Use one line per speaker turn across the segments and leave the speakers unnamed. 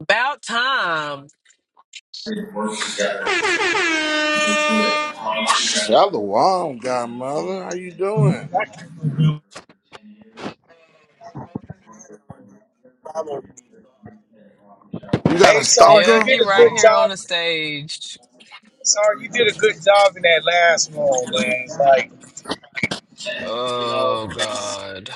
About time.
Shalom, godmother. How you doing?
Hey,
You got a
sorry, you
Yeah,
stalker?
did
he
a
right
Hold
good
here on
job.
the stage.
Sorry, you did a good job in that last one, man. Like,
on. you know,
Oh God.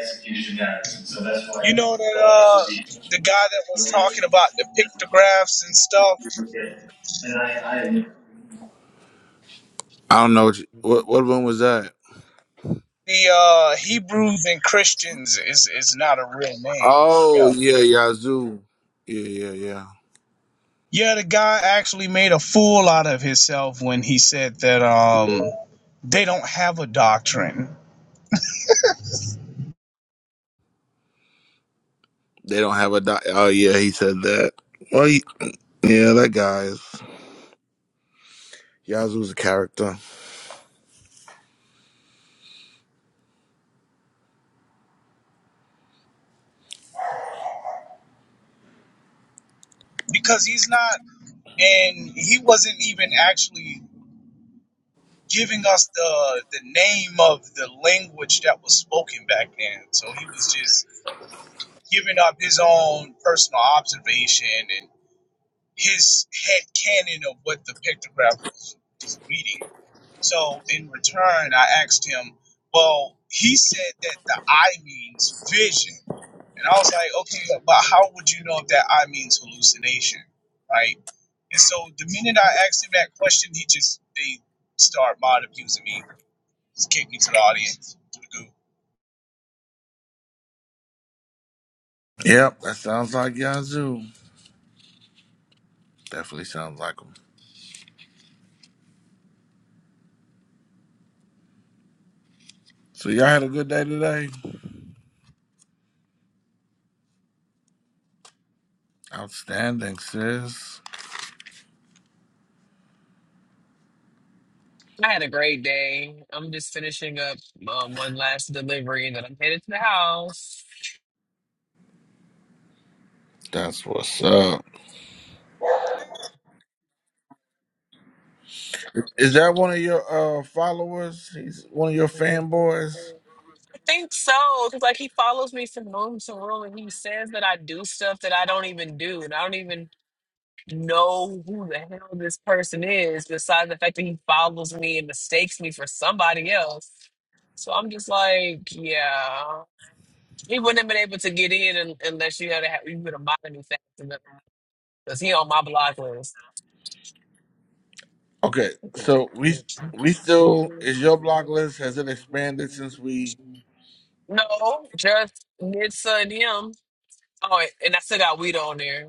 execution matters, and so that's why
you know that
the law should
uh,
be
the guy that was
really
talking about the pictographs and stuff.
good. And I, I I don't know what, you, what what room was that.
The uh, Hebrews and Christians is is not a real name.
Oh
Yeah.
yeah, Yazoo. Yeah, yeah, yeah.
Yeah, the guy actually made a fool out of himself when he said that um they don't have a doctrine
They don't have a doc. Oh yeah, he said that. Well, he, yeah, that guy's Yazoo's a character.
because he's not and he wasn't even actually giving us the the name of the language that was spoken back then. So he was just giving up his own personal observation and his head canon of what the pictograph was, reading. So in return, I asked him, well, he said that the eye means vision. And I was like, okay, but how would you know if that I means hallucination, right? And so the minute I asked him that question, he just they start mod abusing me just kick me to the audience, to the goo.
Yep, that sounds like Yazoo. Definitely sounds like him. So y'all had a good day today. Outstanding, sis.
I had a great day. I'm just finishing up um, one last delivery and then I'm headed to the house.
That's what's up. Is that one of your uh followers? He's one of your
I
fanboys.
think so. Cause like he follows me from room to room and he says that I do stuff that I don't even do. And I don't even know who the hell this person is, besides the fact that he follows me and mistakes me for somebody else. So I'm just like, yeah. He wouldn't have been able to get in un- unless you had a, you would have mocked him fast Cause he on my block list.
Okay, so we we still is your block list has it expanded since we?
No, just Nitsa and him. Oh, and I still got weed on there.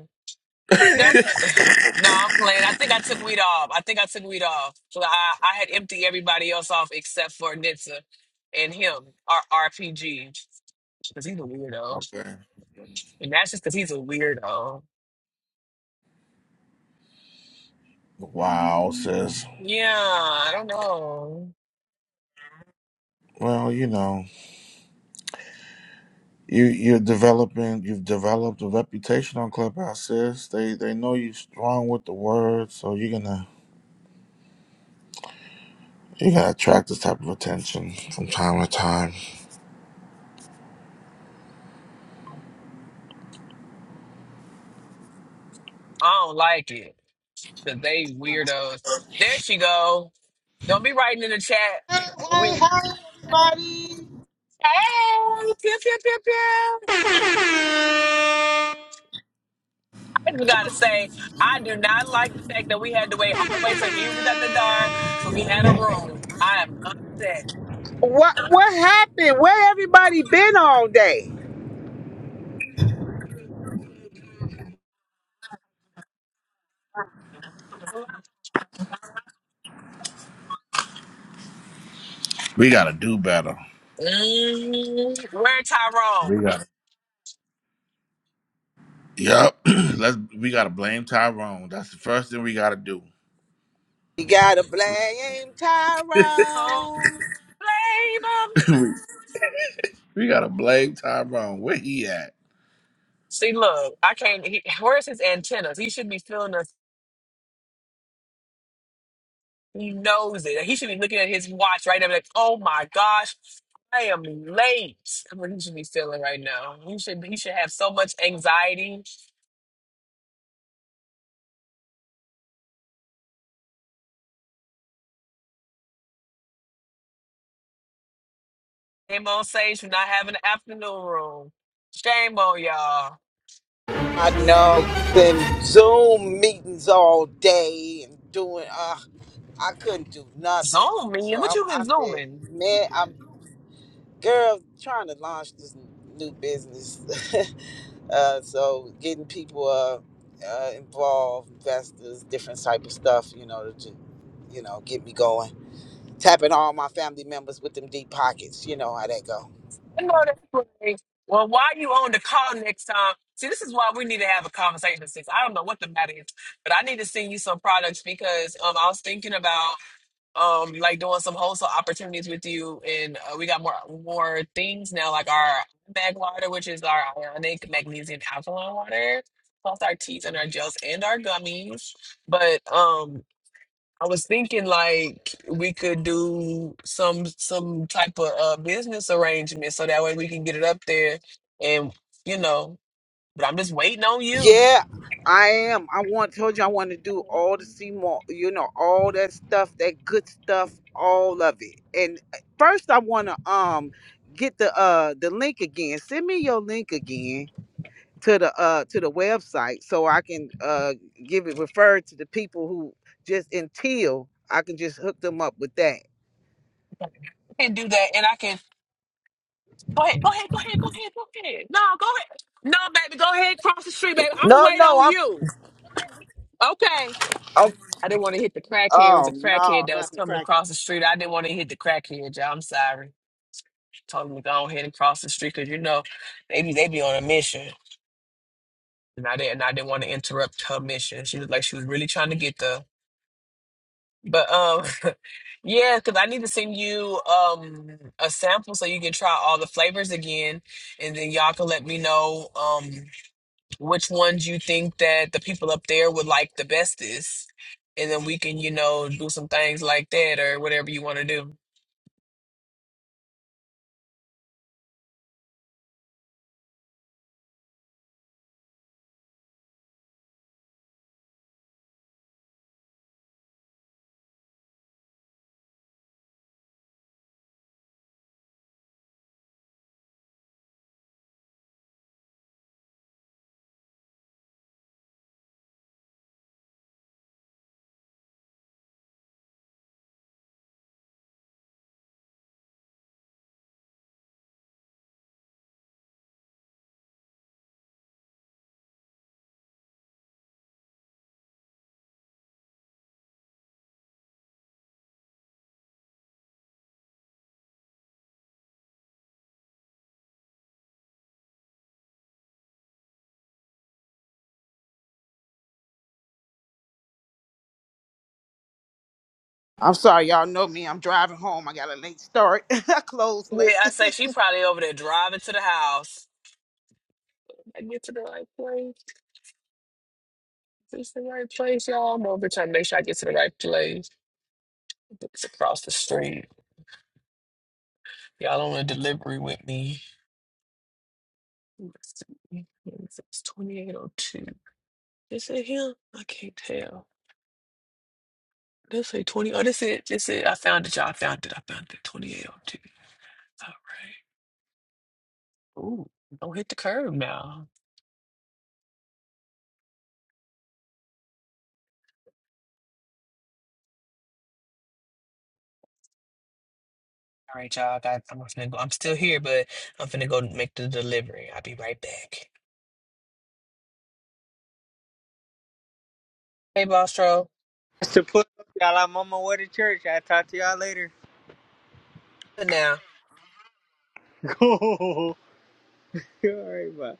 That's
okay.
no, I'm playing. I think I took weed off. I think I took weed off. So I, I had emptied everybody else off except for Nitsa and him, our RPG, because he's a weirdo. And that's just because he's a weirdo.
Wow, sis.
Yeah, I don't know.
Well, you know, you you're developing. You've developed a reputation on Clubhouse, sis. They they know you are strong with the word, so you're gonna you're gonna attract this type of attention from time to time.
I don't like it. Cause they weirdos. There she go. Don't be writing in the chat.
Hey, hey,
We hey,
hey, everybody.
pew pew pew pew. I just gotta say, I do not like the fact that we had to wait all the way till he was at the door, so we had a room. I am upset.
What what happened? Where everybody been all day?
We gotta do better.
Mm, where Tyrone?
We gotta. Yep. Let's we gotta blame Tyrone. That's the first thing we gotta do.
You gotta blame
Don't
Tyrone.
blame him.
we we gotta blame Tyrone. Where he at?
See, look, I can't. He, where's his antennas? He should be feeling us He knows it. He should be looking at his watch right now, like, oh my gosh, I am late. That's what he should be feeling right now. He should he should have so much anxiety. Shame on Sage for not having an afternoon room. Shame on y'all.
I know them Zoom meetings all day and doing uh I couldn't do nothing.
Zooming?
So
What
I'm
you been
out there.
zooming?
Man, I'm girl trying to launch this new business uh, so getting people uh, uh, involved investors different type of stuff you know to you know get me going tapping all my family members with them deep pockets you know how that go
I know that's right. Well, why you on the call next time? See, this is why we need to have a conversation, sis. I don't know what the matter is, but I need to send you some products because um, I was thinking about um like doing some wholesale opportunities with you and uh, we got more more things now like our mag water which is our ionic magnesium alkaline water plus our teas and our gels and our gummies but um I was thinking like we could do some some type of uh, business arrangement so that way we can get it up there and you know but I'm just waiting on you
Yeah, I am. I want told you I want to do all the Seymour, you know, all that stuff, that good stuff, all of it. And uh, first I want to um get the uh the link again. Send me your link again to the uh to the website so I can uh give it referred to the people who just until I can just hook them up with that.
can do that, and I can go ahead, go ahead, go ahead, go ahead, go ahead. No, go ahead. No, baby, go ahead. Cross the street, baby. I'm gonna
No,
wait
no,
on
I'm,
you. Okay.
i
I didn't want to hit the crackhead. It was a
oh
crackhead
no,
that was
not the
coming
crack.
across the street. I didn't want to hit the crackhead, y'all. I'm sorry. Told him to go ahead and cross the street because you know they be they be on a mission. And I didn't. And I didn't want to interrupt her mission. She looked like she was really trying to get there. But um, yeah, because I need to send you um a sample so you can try all the flavors again, and then y'all can let me know um which ones you think that the people up there would like the bestest, and then we can you know do some things like that or whatever you want to do.
I'm sorry, y'all know me. I'm driving home. I got a late start. I close
Yeah, I
late.
say she probably over there driving to the house. I get to the right place. Is this the right place, y'all? I'm over trying to make sure I get to the right place. It's across the street. Y'all on a delivery with me. Let's see. It's 2802. Is it him? I can't tell. This say 20. Oh, this it. This it. I found it, y'all. I found it. I found it. 2802. All right. Ooh, don't hit the curb now. All right, y'all. I got, I'm finna go. I'm still here, but I'm finna go make the delivery. I'll be right back. Hey, Bostro.
Pastor Put, up, y'all, I'm on my way to church. I'll talk to y'all later.
Good Now.
All right, bye.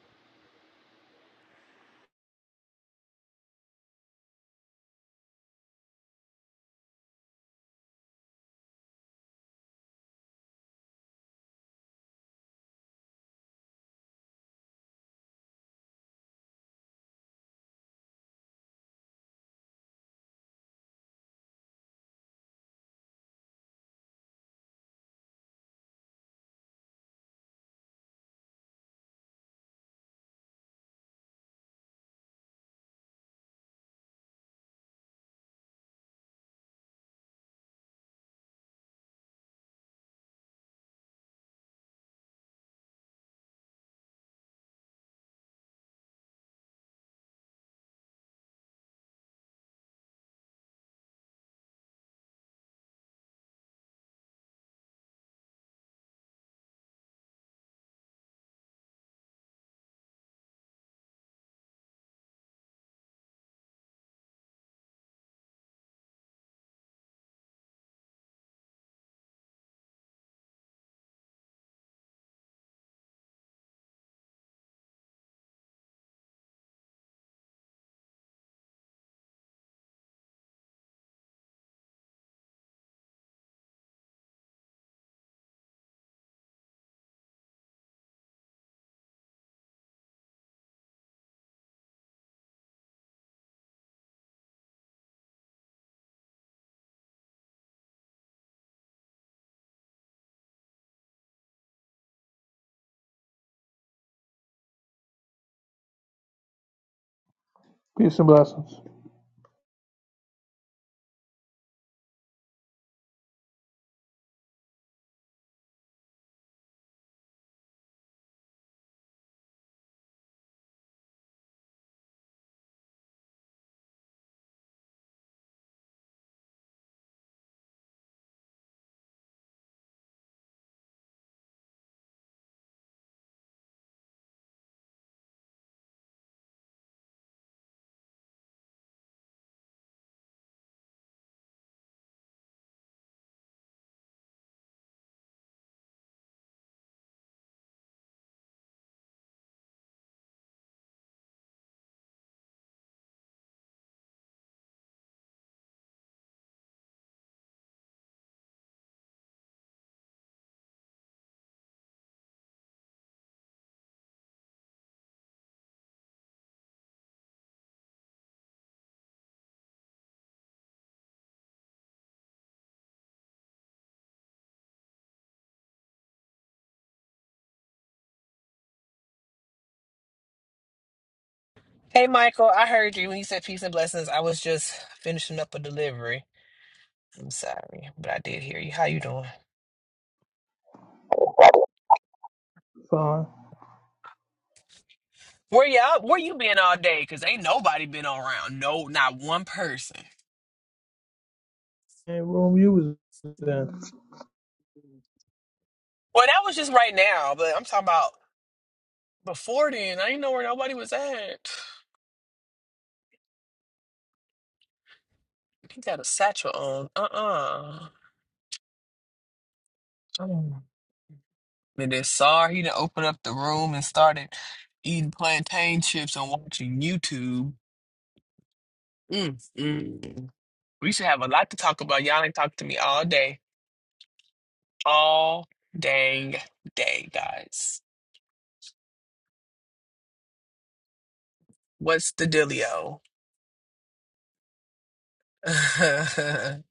Peace and blessings.
Hey, Michael. I heard you when you said peace and blessings. I was just finishing up a delivery. I'm sorry, but I did hear you. How you doing?
Fine.
Where you all Where you been all day? Cause ain't nobody been around. No, not one person.
And room you was in.
Well, that was just right now, but I'm talking about before then. I didn't know where nobody was at. He got a satchel on. Uh-uh. Mm. And then Sar, he done opened up the room and started eating plantain chips and watching YouTube. Mm, mm, mm. We should have a lot to talk about. Y'all ain't talked to me all day. All dang day, guys. What's the dealio? Stop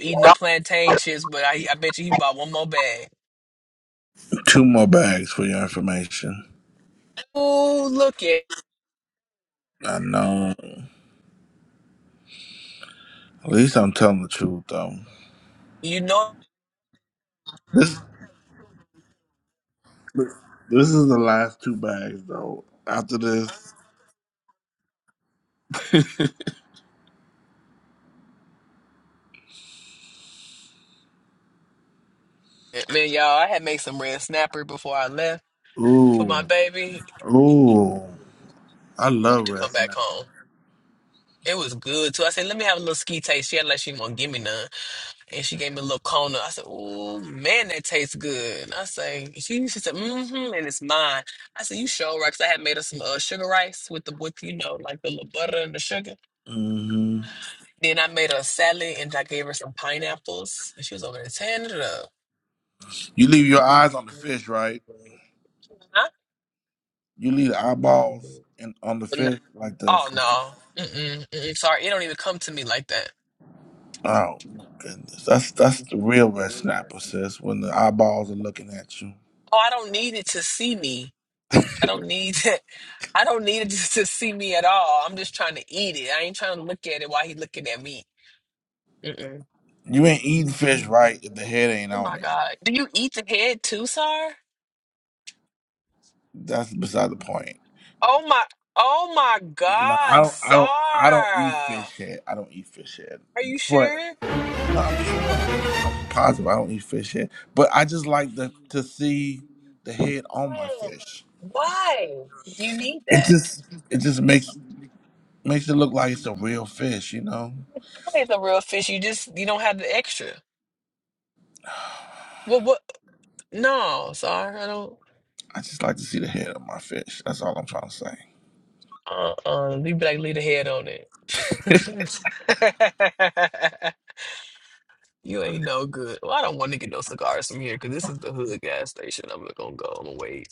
eating the plantain chips, but I I bet you he bought one more bag.
Two more bags for your information.
Oh, look at
I know. At least I'm telling the truth though.
you know
This this is the last two bags though. After this.
it. man, y'all. I had made some red snapper before I left for my
ooh.
baby. Can't
Ooh. I
wait
love
to
red
come back
snapper.
home. It was good too. I said, let me have a little ski taste. She had like she won't give me none. And she gave me a little Kona. I said, Oh man, that tastes good. And I say, she, she said, mm-hmm, and it's mine. I said, You sure right, 'cause I had made her some uh, sugar rice with the with you know, like the little butter and the sugar.
hmm
Then I made her a salad and I gave her some pineapples. And she was over there tearing it up.
You leave your eyes on the fish, right?
I-
You leave the eyeballs and on the
no.
fish like
Oh
the
no. Mm-mm, mm-mm. Sorry, it don't even come to me like that.
Oh goodness, that's that's the real red snapper, sis. When the eyeballs are looking at you,
Oh, I don't need it to see me. I don't need it. I don't need it to to see me at all. I'm just trying to eat it. I ain't trying to look at it while he looking at me. Mm-mm.
you ain't eating fish right if the head ain't
Oh
on
my
it.
God. Do you eat the head too, Sar?
That's beside the point.
Oh my oh my
No, I
God,
don't. I don't.
Sar.
I don't eat fish head. I don't eat fish head.
Are you
But
sure? Yeah.
no, I'm sure. I'm. I'm positive. I don't eat fish head. But I just like the to see the head on my fish.
Why? Do you need
It
that?
just. It just makes makes it look like it's a real fish. You know.
It's a real fish. You just you don't have the extra. Well, what? No, sorry, I don't.
I just like to see the head of my fish. That's all I'm trying to say.
Uh, uh, you be like, leave the head on it. you ain't no good. Well, I don't want to get no cigars from here because this is the hood gas station. I'm not gonna go. I'm gonna wait.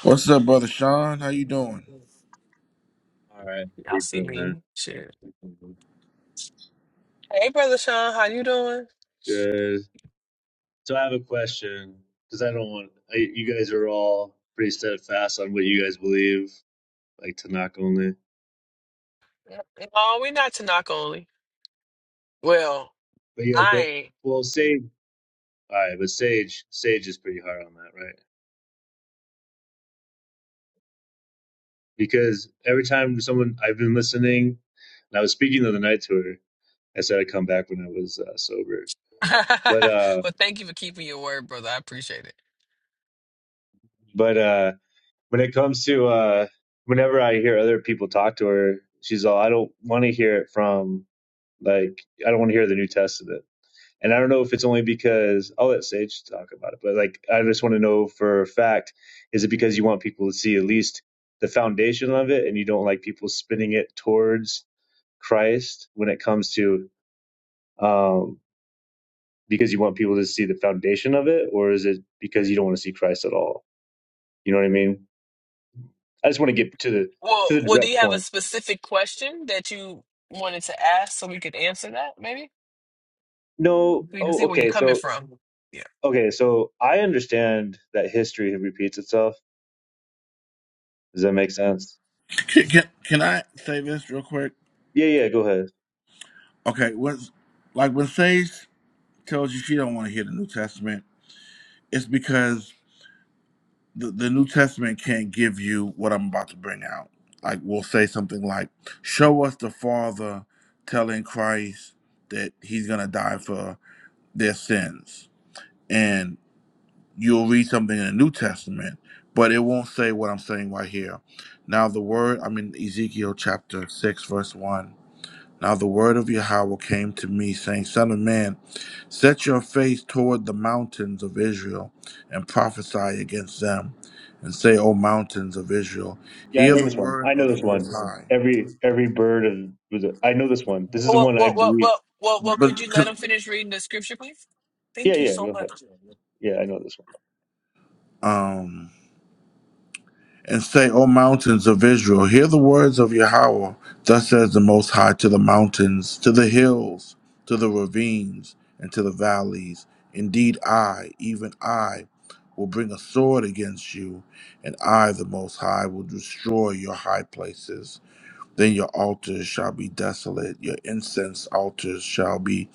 What's up, brother Sean? How you doing?
All right, How
Y'all
you
see
doing, man?
me? Shit. Hey, brother Sean, how you doing?
Good. So I have a question because I don't want I, you guys are all pretty steadfast on what you guys believe, like Tanakh only.
No, we not to knock only. Well,
But you guys don't.
I ain't.
Well, Sage. All right, but Sage, Sage is pretty hard on that, right? Because every time someone I've been listening, and I was speaking the other night to her. I said I'd come back when I was uh, sober, but uh,
well, thank you for keeping your word, brother. I appreciate it.
but uh, when it comes to uh, whenever I hear other people talk to her, she's all I don't want to hear it from Like, I don't want to hear the New Testament. And I don't know if it's only because I'll let Sage talk about it, but like, I just want to know for a fact is it because you want people to see at least the foundation of it and you don't like people spinning it towards Christ when it comes to, um, because you want people to see the foundation of it, or is it because you don't want to see Christ at all? You know what I mean? I just want to get to the
Well,
to the
well, do you
direct
have a
point.
specific question that you wanted to ask so we could answer that? Maybe
No,
we can
oh,
see where you're
okay,
coming
so
from. Yeah.
okay, so I understand that history repeats itself. Does that make sense?
Can, can, can I say this real quick?
Yeah, yeah, go ahead.
Okay, what's like when Sage tells you she don't want to hear the New Testament, it's because the, the New Testament can't give you what I'm about to bring out. Like we'll say something like, "Show us the Father telling Christ that He's gonna die for their sins," and you'll read something in the New Testament, but it won't say what I'm saying right here. Now, the word I'm in Ezekiel chapter six, verse one. Now the word of Yahweh came to me, saying, Son of man, set your face toward the mountains of Israel, and prophesy against them, and say, O mountains of Israel,
Yeah, I
hear
know
the
this one.
word
I
of
know
the
this
Most
one.
High.
Every every bird of was it- I know this one. This is the
Well,
one I
well, well,
believe.
well, well, well
But,
could you let him finish reading the scripture, please?
Yeah,
Thank you
yeah,
so
go ahead.
much.
Yeah, I know this one.
um, and say, O mountains of Israel, hear the words of Yahweh. Thus says the Most High to the mountains, to the hills, to the ravines, and to the valleys. Indeed, I, even I, will bring a sword against you, and I, the Most High, will destroy your high places. Then your altars shall be desolate, your incense altars shall be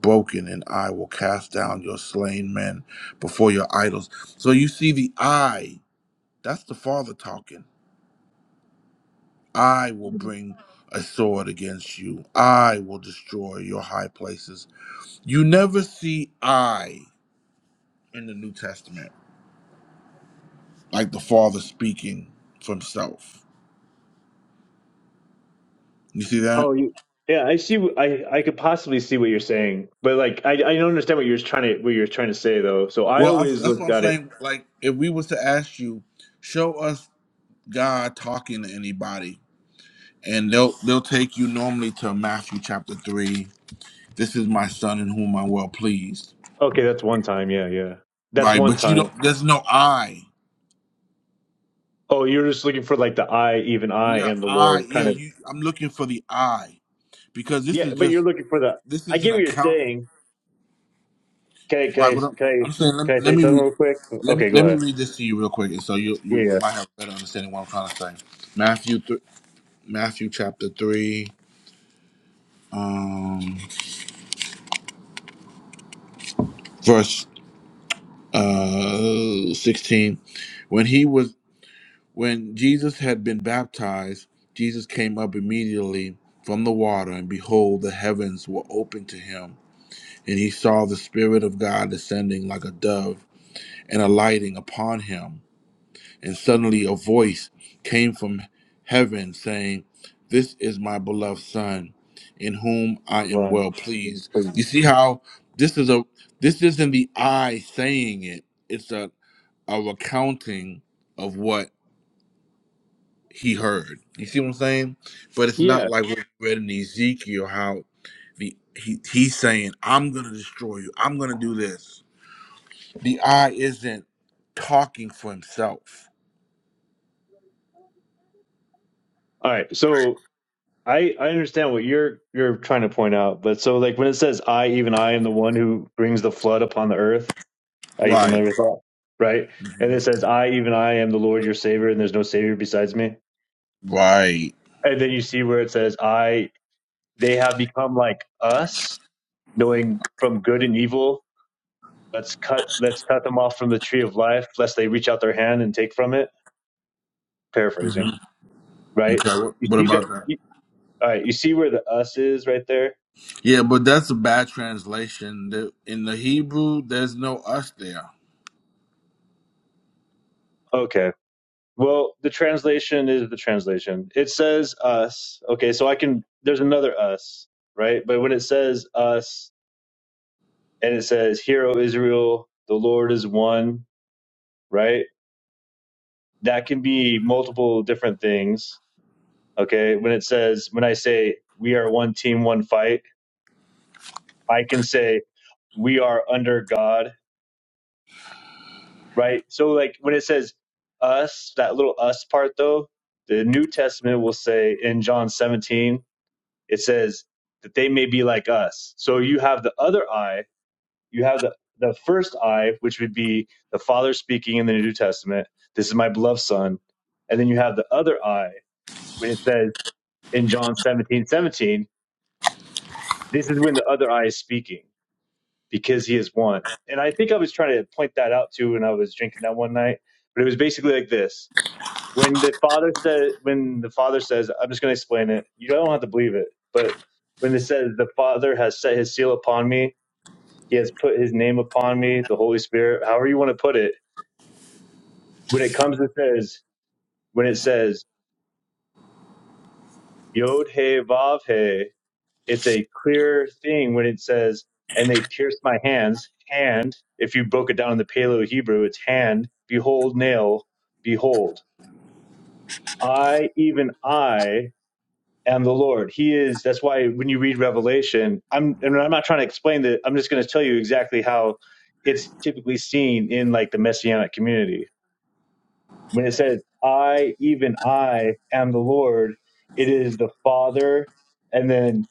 broken, and I will cast down your slain men before your idols. So you see the I, that's the Father talking I will bring a sword against you. I will destroy your high places. You never see I in the New Testament, like the Father speaking for himself. You see that?
Oh, you, yeah, I see. wh- I I could possibly see what you're saying, but like I I don't understand what you're trying to what you're trying to say though. So I
Well, I-
always
that's what
look
I'm
at it.
saying. Like, if we was to ask you, show us God talking to anybody, and they'll they'll take you normally to Matthew chapter three. This is my son in whom I'm well pleased.
Okay, that's one time. Yeah, yeah, that's
Right,
one
but you
time.
don't. There's no I.
Oh, you're just looking for like the I, even I
Yeah,
am the
I.
Lord,
Yeah,
kind of.
you. I'm looking for the I. because this
Yeah,
is
but you're
just
looking for the.
this
I
is an
get what you're
account.
saying. Can I can
Why?
I
What I'm,
can I
I'm saying.
can
Let,
I
let
say
me
something
read.
real quick?
Let me
Okay, go
let me
ahead.
read this to you real quick, and so you you
Yeah,
might have a better understanding of what I'm trying to say. Matthew th- Matthew chapter three, um, verse uh sixteen. When he was when Jesus had been baptized, Jesus came up immediately from the water, and behold, the heavens were opened to him, and he saw the Spirit of God descending like a dove and alighting upon him And suddenly a voice came from heaven saying, This is my beloved son, in whom I am
Right.
well pleased. You see how this is a this isn't the I saying it. It's a, a recounting of what he heard. You see what I'm saying? But it's not
Yeah.
like what we read in Ezekiel how the he, he's saying, I'm gonna destroy you, I'm gonna do this. The I isn't talking for himself.
All right. So I I understand what you're you're trying to point out, but so like when it says I even I am the one who brings the flood upon the earth, are you
Right.
familiar with that? Right? And it says I even I am the Lord your savior and there's no savior besides me.
Right.
And then you see where it says I they have become like us, knowing from good and evil. Let's cut let's cut them off from the tree of life lest they reach out their hand and take from it. Paraphrasing, right?
Okay, what,
You
what
see that
about that?
All right, you see where the us is right there?
Yeah, but that's a bad translation. The, in the Hebrew, there's no us there.
Okay. Well, the translation is the translation. It says us. Okay, so I can there's another us, right? But when it says us and it says "Hear, O Israel, the Lord is one, right? That can be multiple different things. Okay? When it says when I say we are one team, one fight, I can say we are under God right? So like when it says us, that little us part though, the New Testament will say in John 17, it says that they may be like us. So you have the other eye, you have the the first eye, which would be the Father speaking in the New Testament, this is my beloved son. And then you have the other eye when it says in John 17:17. this is when the other eye is speaking because he is one. And I think I was trying to point that out too when I was drinking that one night, but it was basically like this when the father said when the father says i'm just going to explain it you don't have to believe it but when it says the father has set his seal upon me he has put his name upon me the holy spirit however you want to put it when it comes to says when it says yod he vav he it's a clear thing when it says and they pierced my hands hand if you broke it down in the paleo hebrew it's hand behold nail behold i even i am the Lord. He is. That's why when you read Revelation, I'm and I'm not trying to explain that. I'm just going to tell you exactly how it's typically seen in like the messianic community. When it said, "I, even I, am the Lord," it is the Father and then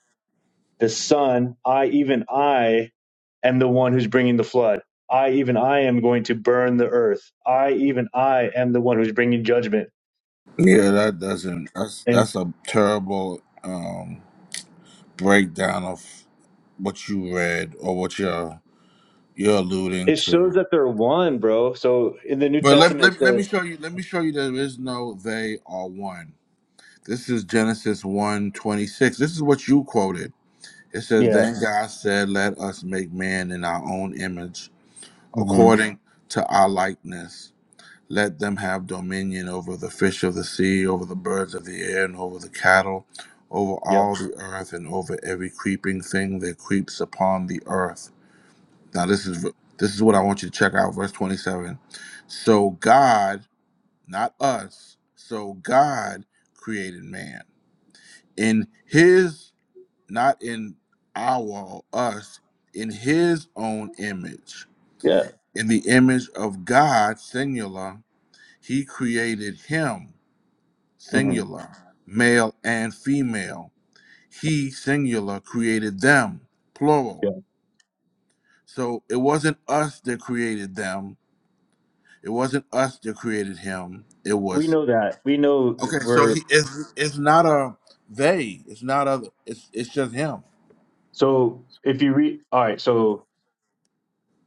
the Son. I, even I, am the one who's bringing the flood. I, even I, am going to burn the earth. I, even I, am the one who's bringing judgment.
Yeah, that doesn't. That's
And
that's a terrible um, breakdown of what you read or what you're you're alluding
it
to.
shows that they're one, bro. So in the New
But let,
Testament,
let,
it
let me
says,
show you. Let me show you. There is no they are one. This is Genesis one twenty six. This is what you quoted. It says,
yeah.
"Then God said, Let us make man in our own image,
hmm
according to our likeness." Let them have dominion over the fish of the sea, over the birds of the air, and over the cattle, over
Yep.
all the earth, and over every creeping thing that creeps upon the earth. Now this is this is what I want you to check out, verse 27. So God, not us, so God created man in his, not in our us, in his own image.
Yeah.
In the image of God, singular, he created him
hmm
singular, male and female. He, singular, created them, plural.
Yeah.
So it wasn't us that created them. It wasn't us that created him. It
We
was
know that. We know that
okay. So
we're
he is. It's it's not a they. It's not a. It's it's just him.
so if you read all right, so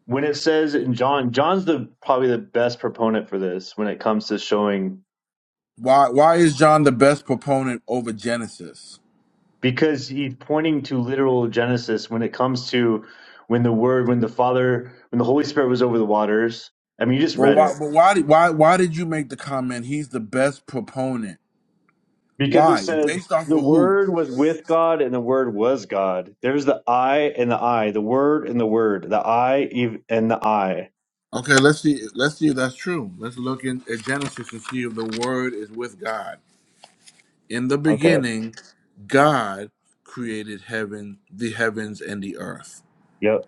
when it says in John, John's the probably the best proponent for this when it comes to showing
Why why is John the best proponent over Genesis?
because he's pointing to literal Genesis when it comes to when the word when the Father when the Holy Spirit was over the waters. I mean you just
But
read
why
it.
but why did why why did you make the comment he's the best proponent?
Because it
Why?
says
Based off
the
of who?
word was with God and the word was God. There's the I and the I, the word and the word, the I ev- and the I.
Okay, let's see. Let's see if that's true. Let's look in at Genesis and see if the Word is with God. In the
Okay.
beginning, God created heaven, the heavens, and the earth.
Yep.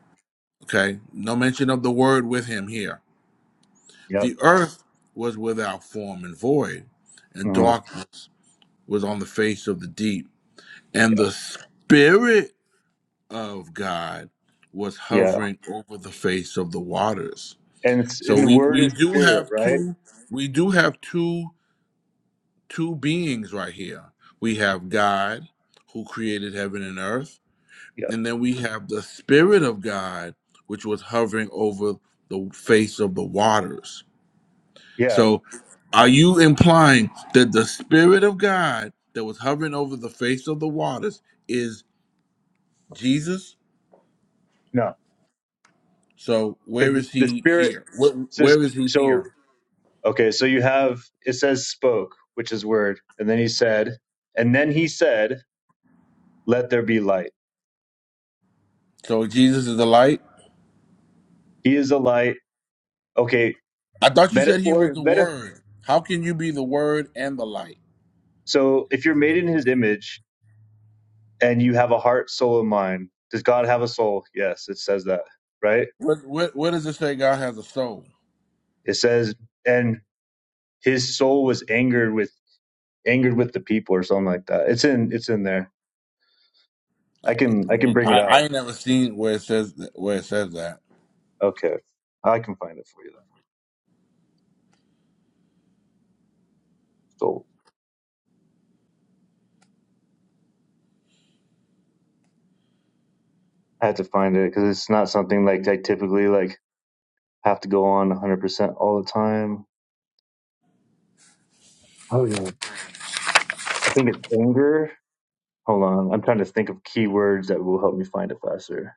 Okay, no mention of the Word with Him here.
Yep.
The earth was without form and void, and
Mm,
darkness was on the face of the deep, and
yeah.
the Spirit of God was
Yeah.
hovering over the face of the waters.
And it's,
So
and the
we
word
we
is
do
spirit,
have
right?
two we do have two two beings right here. We have God who created heaven and earth,
Yeah.
and then we have the Spirit of God, which was hovering over the face of the waters.
Yeah.
So, are you implying that the Spirit of God that was hovering over the face of the waters is Jesus?
No,
So,
because
where is
the
he
spirit
here? Where,
says
where is he
so.
here?
Okay. So you have it says spoke, which is word, and then he said, and then he said, "Let there be light."
So, Jesus is the light?
He is a light. Okay.
I thought you said he was
Metaphor.
the
Meta.
Word. How can you be the Word and the light?
So if you're made in His image and you have a heart, soul, and mind, does God have a soul? Yes. It says that, right?
What, where, where does it say God has a soul?
It says, and His soul was angered with angered with the people or something like that. It's in it's in there. I
I,
can
I
I can
mean,
bring
I,
it
I
out.
ain't never seen where it says th- where it says that.
Okay, I can find it for you. Then. So I had to find it because it's not something like I typically like have to go on 100 percent all the time. Oh yeah, I think it's anger. Hold on, I'm trying to think of keywords that will help me find it faster.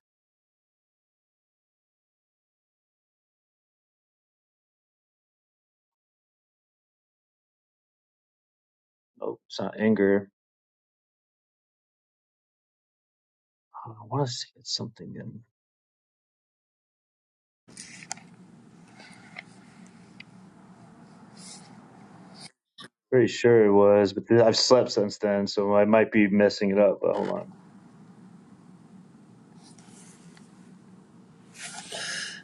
Nope, it's not anger. Uh, I want to say it's something in. Pretty sure it was, but th- I've slept since then, so I might be messing it up. But hold on.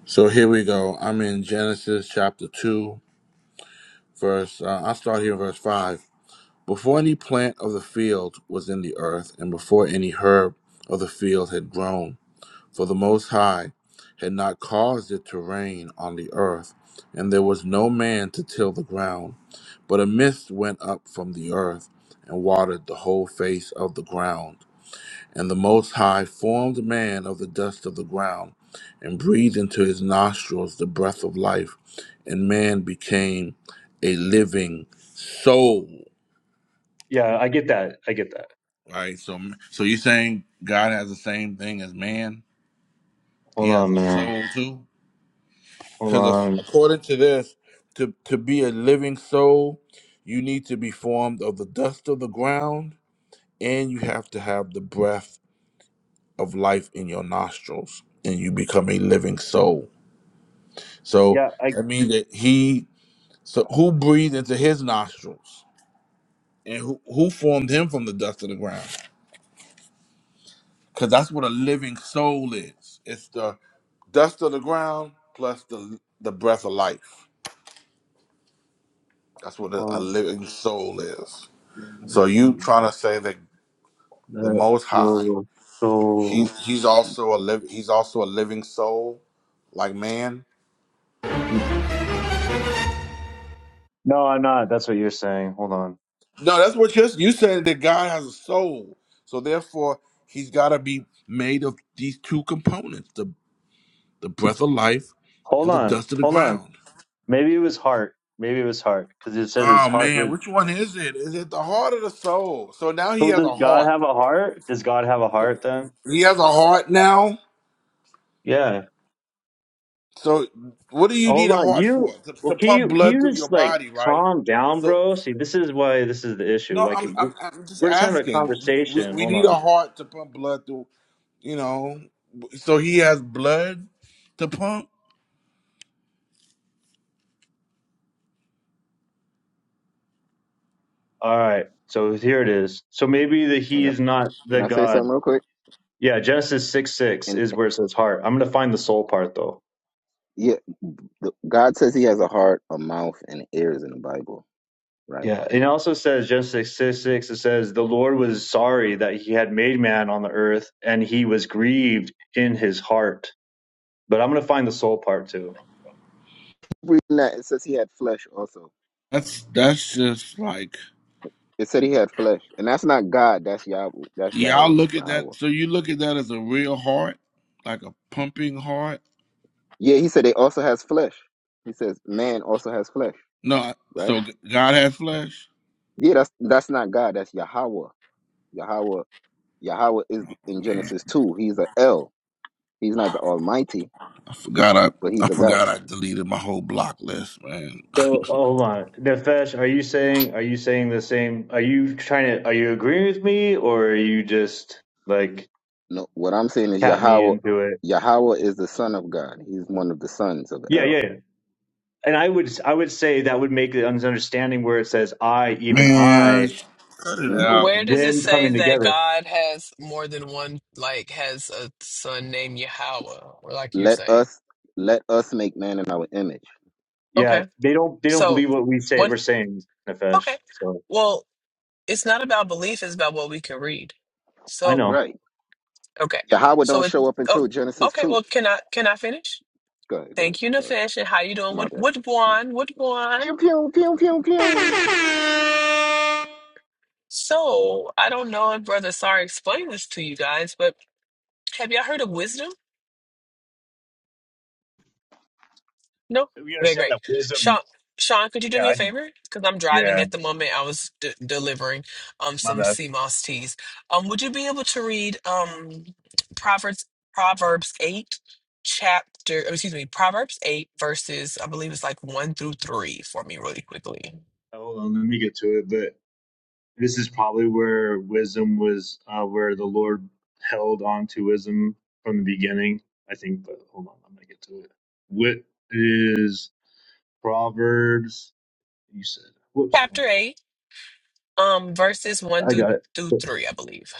So here we go. I'm in Genesis chapter two, verse. Uh, I'll start here, in verse five. Before any plant of the field was in the earth, and before any herb of the field had grown, for the Most High had not caused it to rain on the earth, and there was no man to till the ground, but a mist went up from the earth and watered the whole face of the ground. And the Most High formed man of the dust of the ground, and breathed into his nostrils the breath of life, and man became a living soul.
Yeah, I get that. I get that.
Right. So, so you saying God has the same thing as man? He
Hold
has
on,
a
man.
soul too.
Hold
Because
on.
according to this, to to be a living soul, you need to be formed of the dust of the ground, and you have to have the breath of life in your nostrils, and you become a living soul So
Yeah, I
that means that he so who breathed into his nostrils and who, who formed him from the dust of the ground? Because that's what a living soul is. It's the dust of the ground plus the the breath of life. That's what a, a
um
living soul is. So you trying to say that the
that's
Most High,
your
he
so
he's also a live he's also a living soul, like man.
no, I'm not. That's what you're saying. Hold on.
No, that's what you're, you said that God has a soul. So therefore, he's got to be made of these two components, the, the breath of life
Hold
and the
on.
dust of the
Hold on.
ground.
Maybe it was heart. Maybe it was heart because it said his
Oh
heart
man,
was.
which one is it? Is it the heart or the soul? So now he
So
has
does
a
God
heart.
have a heart? Does God have a heart then?
He has a heart now.
Yeah.
So what do you need
Hold
a
on.
heart for?
You
To,
well,
to
can
pump
you can
blood
you
through your
just like
body, right?
calm down,
So
bro? See, this is why this is the issue.
no,
Like
I'm
it-
I'm, I'm just
we're just having a
asking. We,
conversation.
we
Hold
need a
on.
heart to pump blood through, you know. So he has blood to pump.
All right. So here it is. So maybe the he
And uh,
is not
can
the
I say
God.
something real quick?
Yeah, Genesis 6 6
And
is
and,
where it says heart. I'm going to find the soul part though.
yeah, the, God says He has a heart, a mouth, and ears in the Bible, right?
Yeah. And it also says, Genesis 6 6, it says, The Lord was sorry that he had made man on the earth and he was grieved in his heart. But I'm going to find the soul part too.
Reading that, it says He had flesh also.
That's that's just like
It said He had flesh, and that's not God. That's Yahweh. That's
y'all
Yahweh.
look at that.
Yahweh.
So you look at that as a real heart, like a pumping heart.
Yeah, He said they also has flesh. He says man also has flesh,
No, I-
right?
so g- God had flesh.
Yeah, that's that's not God. That's Yahweh. Yahweh. Yahweh is in
Man,
Genesis two. He's a El. He's not the Almighty,
I forgot
but
I I
He's a God.
forgot I deleted my whole block list. Man,
So oh, hold on. Nefesh, are you saying, are you saying the same? Are you trying to, are you agreeing with me or are you just like
No, what I'm saying is
cat me
Yahweh.
into it?
Yahweh is the son of God. He's one of the sons of
Yeah, yeah,
El.
yeah. And I would, I would say that would make the understanding where it says I, even
man,
I,
cut it
But
hmm
out.
where does it
them
say
coming
that
together.
God has more than one, like has a son named Yahweh, or like you're
Let
saying?
us let us make man in our image.
Yeah,
Okay,
they don't they don't
so
believe what we say
one.
we're saying, Nefesh.
Okay,
So
well, it's not about belief; it's about what we can read. So.
I know.
Right.
Okay.
Yahweh
So
don't
it
show up
oh
until Genesis
okay,
two.
well can I can I finish?
Go ahead. Go ahead.
Thank you,
Sorry,
Nafesh. And how you doing?
my
What
bad.
what one? What one?
Pew pew pew pew pew.
So I don't know if Brother Sar explained this to you guys, but have y'all heard of wisdom? No.
We
Okay,
understand
great.
that wisdom.
Sean, Sean, could you do
Yeah,
me a
I,
favor? Because I'm driving
yeah.
at the moment. I was d delivering um
My
some
bad.
sea moss teas. Um, would you be able to read um Proverbs Proverbs eight chapter? oh, Excuse me, Proverbs eight verses. I believe it's like one through three for me, really quickly.
Hold on, let me get to it. But this is probably where wisdom was, uh, where the Lord held on to wisdom from the beginning. I think. But hold on, I'm gonna get to it. What is Proverbs? You said. Whoops, wrong
Chapter
one.
8, um, verses 1
I
through,
got
through
it.
3, I believe.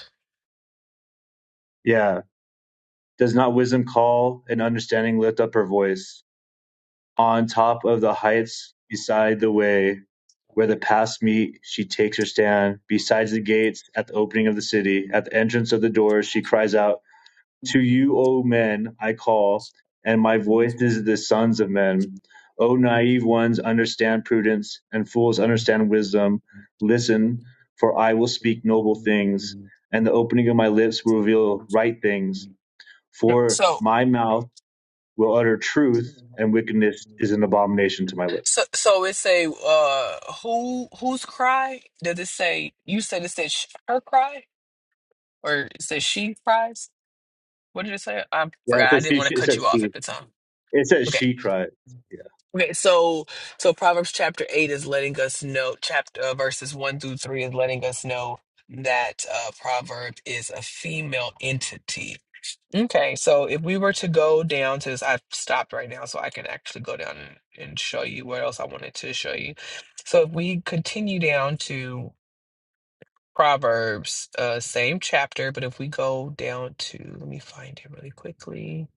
Yeah. Does not wisdom call and understanding lift up her voice? On top of the heights beside the way where the paths meet, she takes her stand. Besides the gates, at the opening of the city, at the entrance of the doors, she cries out, To you, O men, I call, and my voice is the sons of men. O naive ones, understand prudence, and fools, understand wisdom. Listen, for I will speak noble things, and the opening of my lips will reveal right things. For
So,
my mouth will utter truth, and wickedness is an abomination to my
so,
lips.
so it say, uh, who, whose cry? Did it say, you said it said sh- her cry? Or it said she cries? What did it say? I
Yeah, it
forgot. I
says
didn't want to
she. It
cut
says
you off
she.
at the time.
It says
Okay.
she cried. Yeah,
Okay, so so Proverbs chapter eight is letting us know chapter uh, verses one through three is letting us know that uh, proverb is a female entity. Okay, so if we were to go down to this, I've stopped right now, so I can actually go down and, and show you what else I wanted to show you. So if we continue down to Proverbs, uh, same chapter, but if we go down to, let me find it really quickly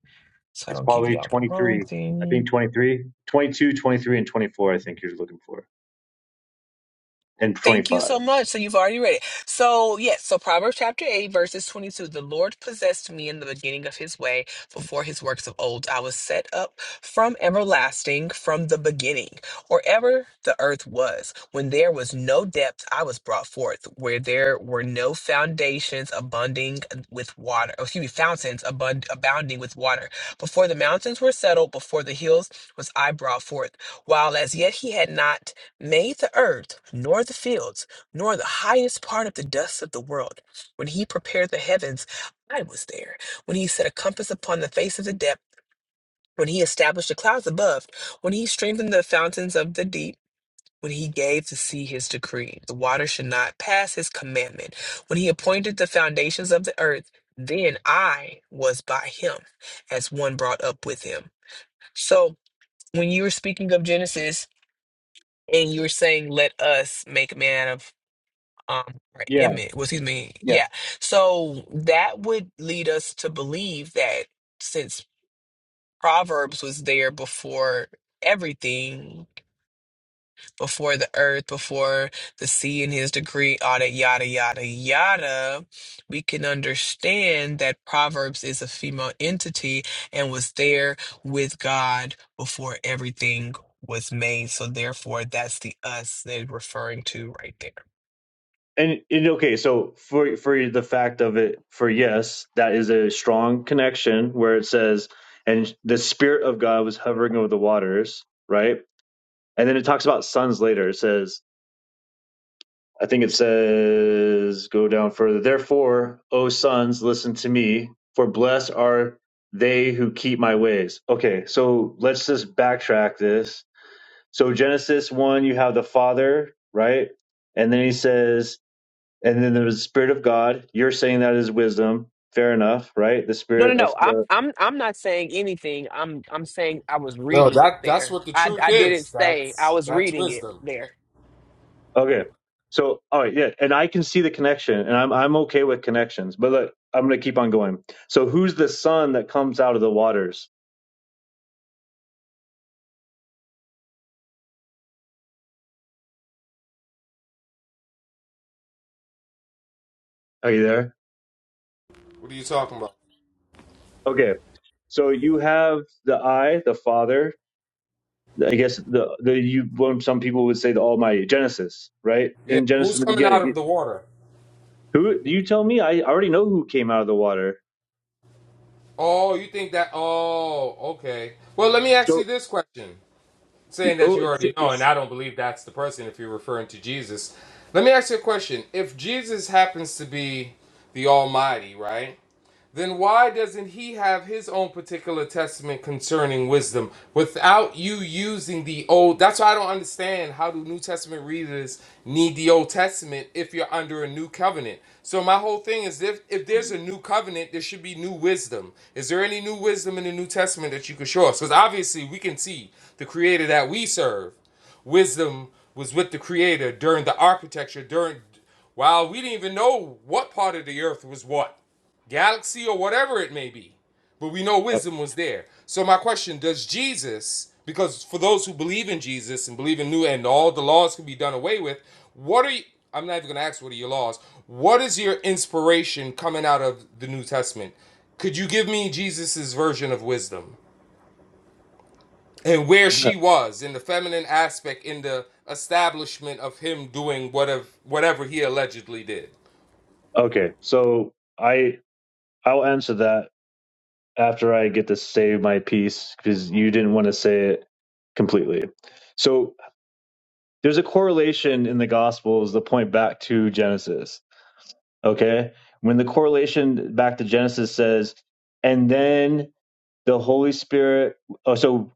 so I
it's
don't give
probably
you all the wrong
23. I
thing.
think 23, 22, 23, and 24. I think you're looking for, and
Thank you
25.
so much. So you've already read it. So yes, so Proverbs chapter 8, verses 22. The Lord possessed me in the beginning of his way before his works of old. I was set up from everlasting, from the beginning, or ever the earth was. When there was no depth, I was brought forth. Where there were no foundations abounding with water, or excuse me, fountains abund- abounding with water. Before the mountains were settled, before the hills was I brought forth. While as yet he had not made the earth, nor the fields, nor the highest part of the dust of the world. When he prepared the heavens, I was there. When he set a compass upon the face of the depth, when he established the clouds above, when he strengthened the fountains of the deep, when he gave the sea his decree, the water should not pass his commandment. When he appointed the foundations of the earth, then I was by him as one brought up with him. So when you were speaking of Genesis and you were saying, let us make man out of um or
Yeah,
Emmett, well, excuse me,
yeah.
yeah. So that would lead us to believe that since Proverbs was there before everything, before the earth, before the sea and his degree, all that yada yada yada, we can understand that Proverbs is a female entity and was there with God before everything was made. So therefore that's the us they're referring to right there.
And, and okay, so for for the fact of it, for yes, that is a strong connection where it says, and the spirit of God was hovering over the waters, right? And then it talks about sons later. It says I think it says, go down further. Therefore, O sons, listen to me, for blessed are they who keep my ways. Okay, so let's just backtrack this. So, Genesis 1, you have the Father, right? And then he says, and then there's the Spirit of God. You're saying that is wisdom. Fair enough, right? The
No, no,
Spirit
no.
of
I'm
the.
I'm I'm not saying anything. I'm I'm saying I was
No,
reading it
that that's
there.
what the
I
truth
I didn't
is.
say I
That's
was
that's
reading it
wisdom.
there.
Okay. So, all right, yeah. And I can see the connection, and I'm, I'm okay with connections, but look, I'm going to keep on going. So, who's the Son that comes out of the waters? Are you there?
What are you talking about?
Okay. So you have the I, the Father. I guess the the you what some people would say the Almighty Genesis, right?
Yeah,
In Genesis
who's
in the
coming out of
beginning,
the water?
who you tell me? I already know who came out of the water.
Oh, you think that? Oh, okay. Well, let me ask you
So
this question.
you-
Saying that
oh,
you
it's,
already know, and
it's
I don't believe that's the person if you're referring to Jesus. Let me ask you a question. If Jesus happens to be the Almighty, right? then why doesn't he have his own particular testament concerning wisdom without you using the old that's why i don't understand how do new testament readers need the old testament if you're under a new covenant so my whole thing is if if there's a
oh,
new covenant there should be new wisdom is there any new wisdom in the new testament that you could show us because obviously we can see the creator that we serve wisdom was with the creator during the architecture during while we didn't even know what part of the earth was what galaxy or whatever it may be. But we know wisdom was there. So my question, does Jesus, because for those who believe in Jesus and believe in new and all the laws can be done away with, what are you I'm not even gonna ask what are your laws. What is your inspiration coming out of the New Testament? Could you give me Jesus's version of wisdom and where
uh,
she was in the feminine aspect in the establishment of him doing whatever whatever he allegedly did?
okay. So I I'll answer that after I get to say my piece because you didn't want to say it completely. So there's a correlation in the Gospels that point back to Genesis Okay. When the correlation back to Genesis says, and then the Holy Spirit, oh, so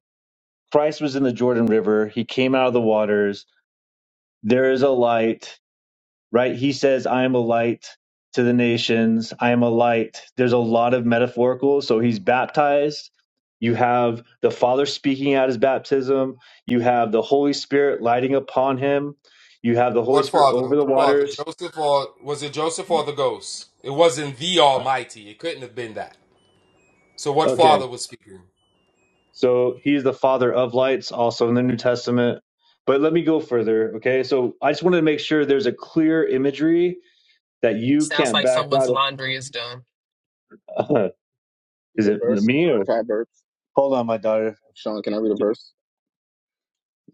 Christ was in the Jordan River. He came out of the waters. There is a light, right? He says, I am a light to the nations. I am a light. There's a lot of metaphorical. So he's baptized. You have the Father speaking at his baptism. You have the Holy Spirit lighting upon him. You have the Holy
What
Spirit
father?
over the
What father?
waters.
Joseph or was it Joseph or the ghost? It wasn't the Almighty. It couldn't have been that. So what
Okay.
father was speaking?
So he's the father of lights, also in the New Testament. But let me go further. Okay. So I just wanted to make sure there's a clear imagery that you
Sounds
can't
like
back
someone's
out
laundry is done.
of.
Read
is
a
it
verse.
me or?
Proverbs.
Hold on, my daughter.
Sean, can I read a verse?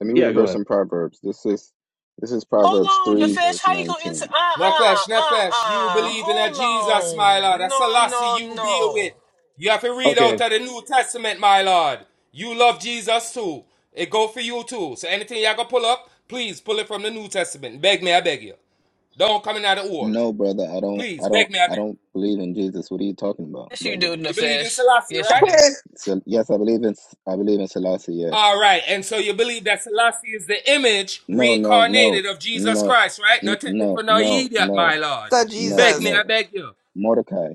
Let me read a
Yeah, go
verse
ahead.
in Proverbs. This is this is Proverbs
Hold on,
three
Nefesh.
verse
How you gonna answer?
nineteen.
Uh uh
Nefesh,
uh
Nefesh, you
uh.
believe in a Jesus,
Hold
my
on.
Lord. That's
No
a lassie
no
you deal with.
no.
You have to read
Okay.
out of the New Testament, my Lord. You love Jesus too. It go for you too. So anything y'all gonna pull up, please pull it from the New Testament. Beg me, I beg you. Don't come in out of all.
No, brother, I don't
Please,
I don't
beg me, I
I
beg.
don't believe in Jesus. What are you talking about,
Yes you
brother?
do,
You believe in
Nefesh.
Selassie,
Yes you
right?
do.
So, yes, I believe in I believe in Selassie. Yes.
All right, and so you believe that Selassie is the image
No, no, no,
reincarnated of Jesus
no,
Christ, right? No,
n-
take me
no,
for no
no,
idiot, my
no,
lord.
So
no,
Beg
Jesus.
me, I
no.
beg you.
Mordecai,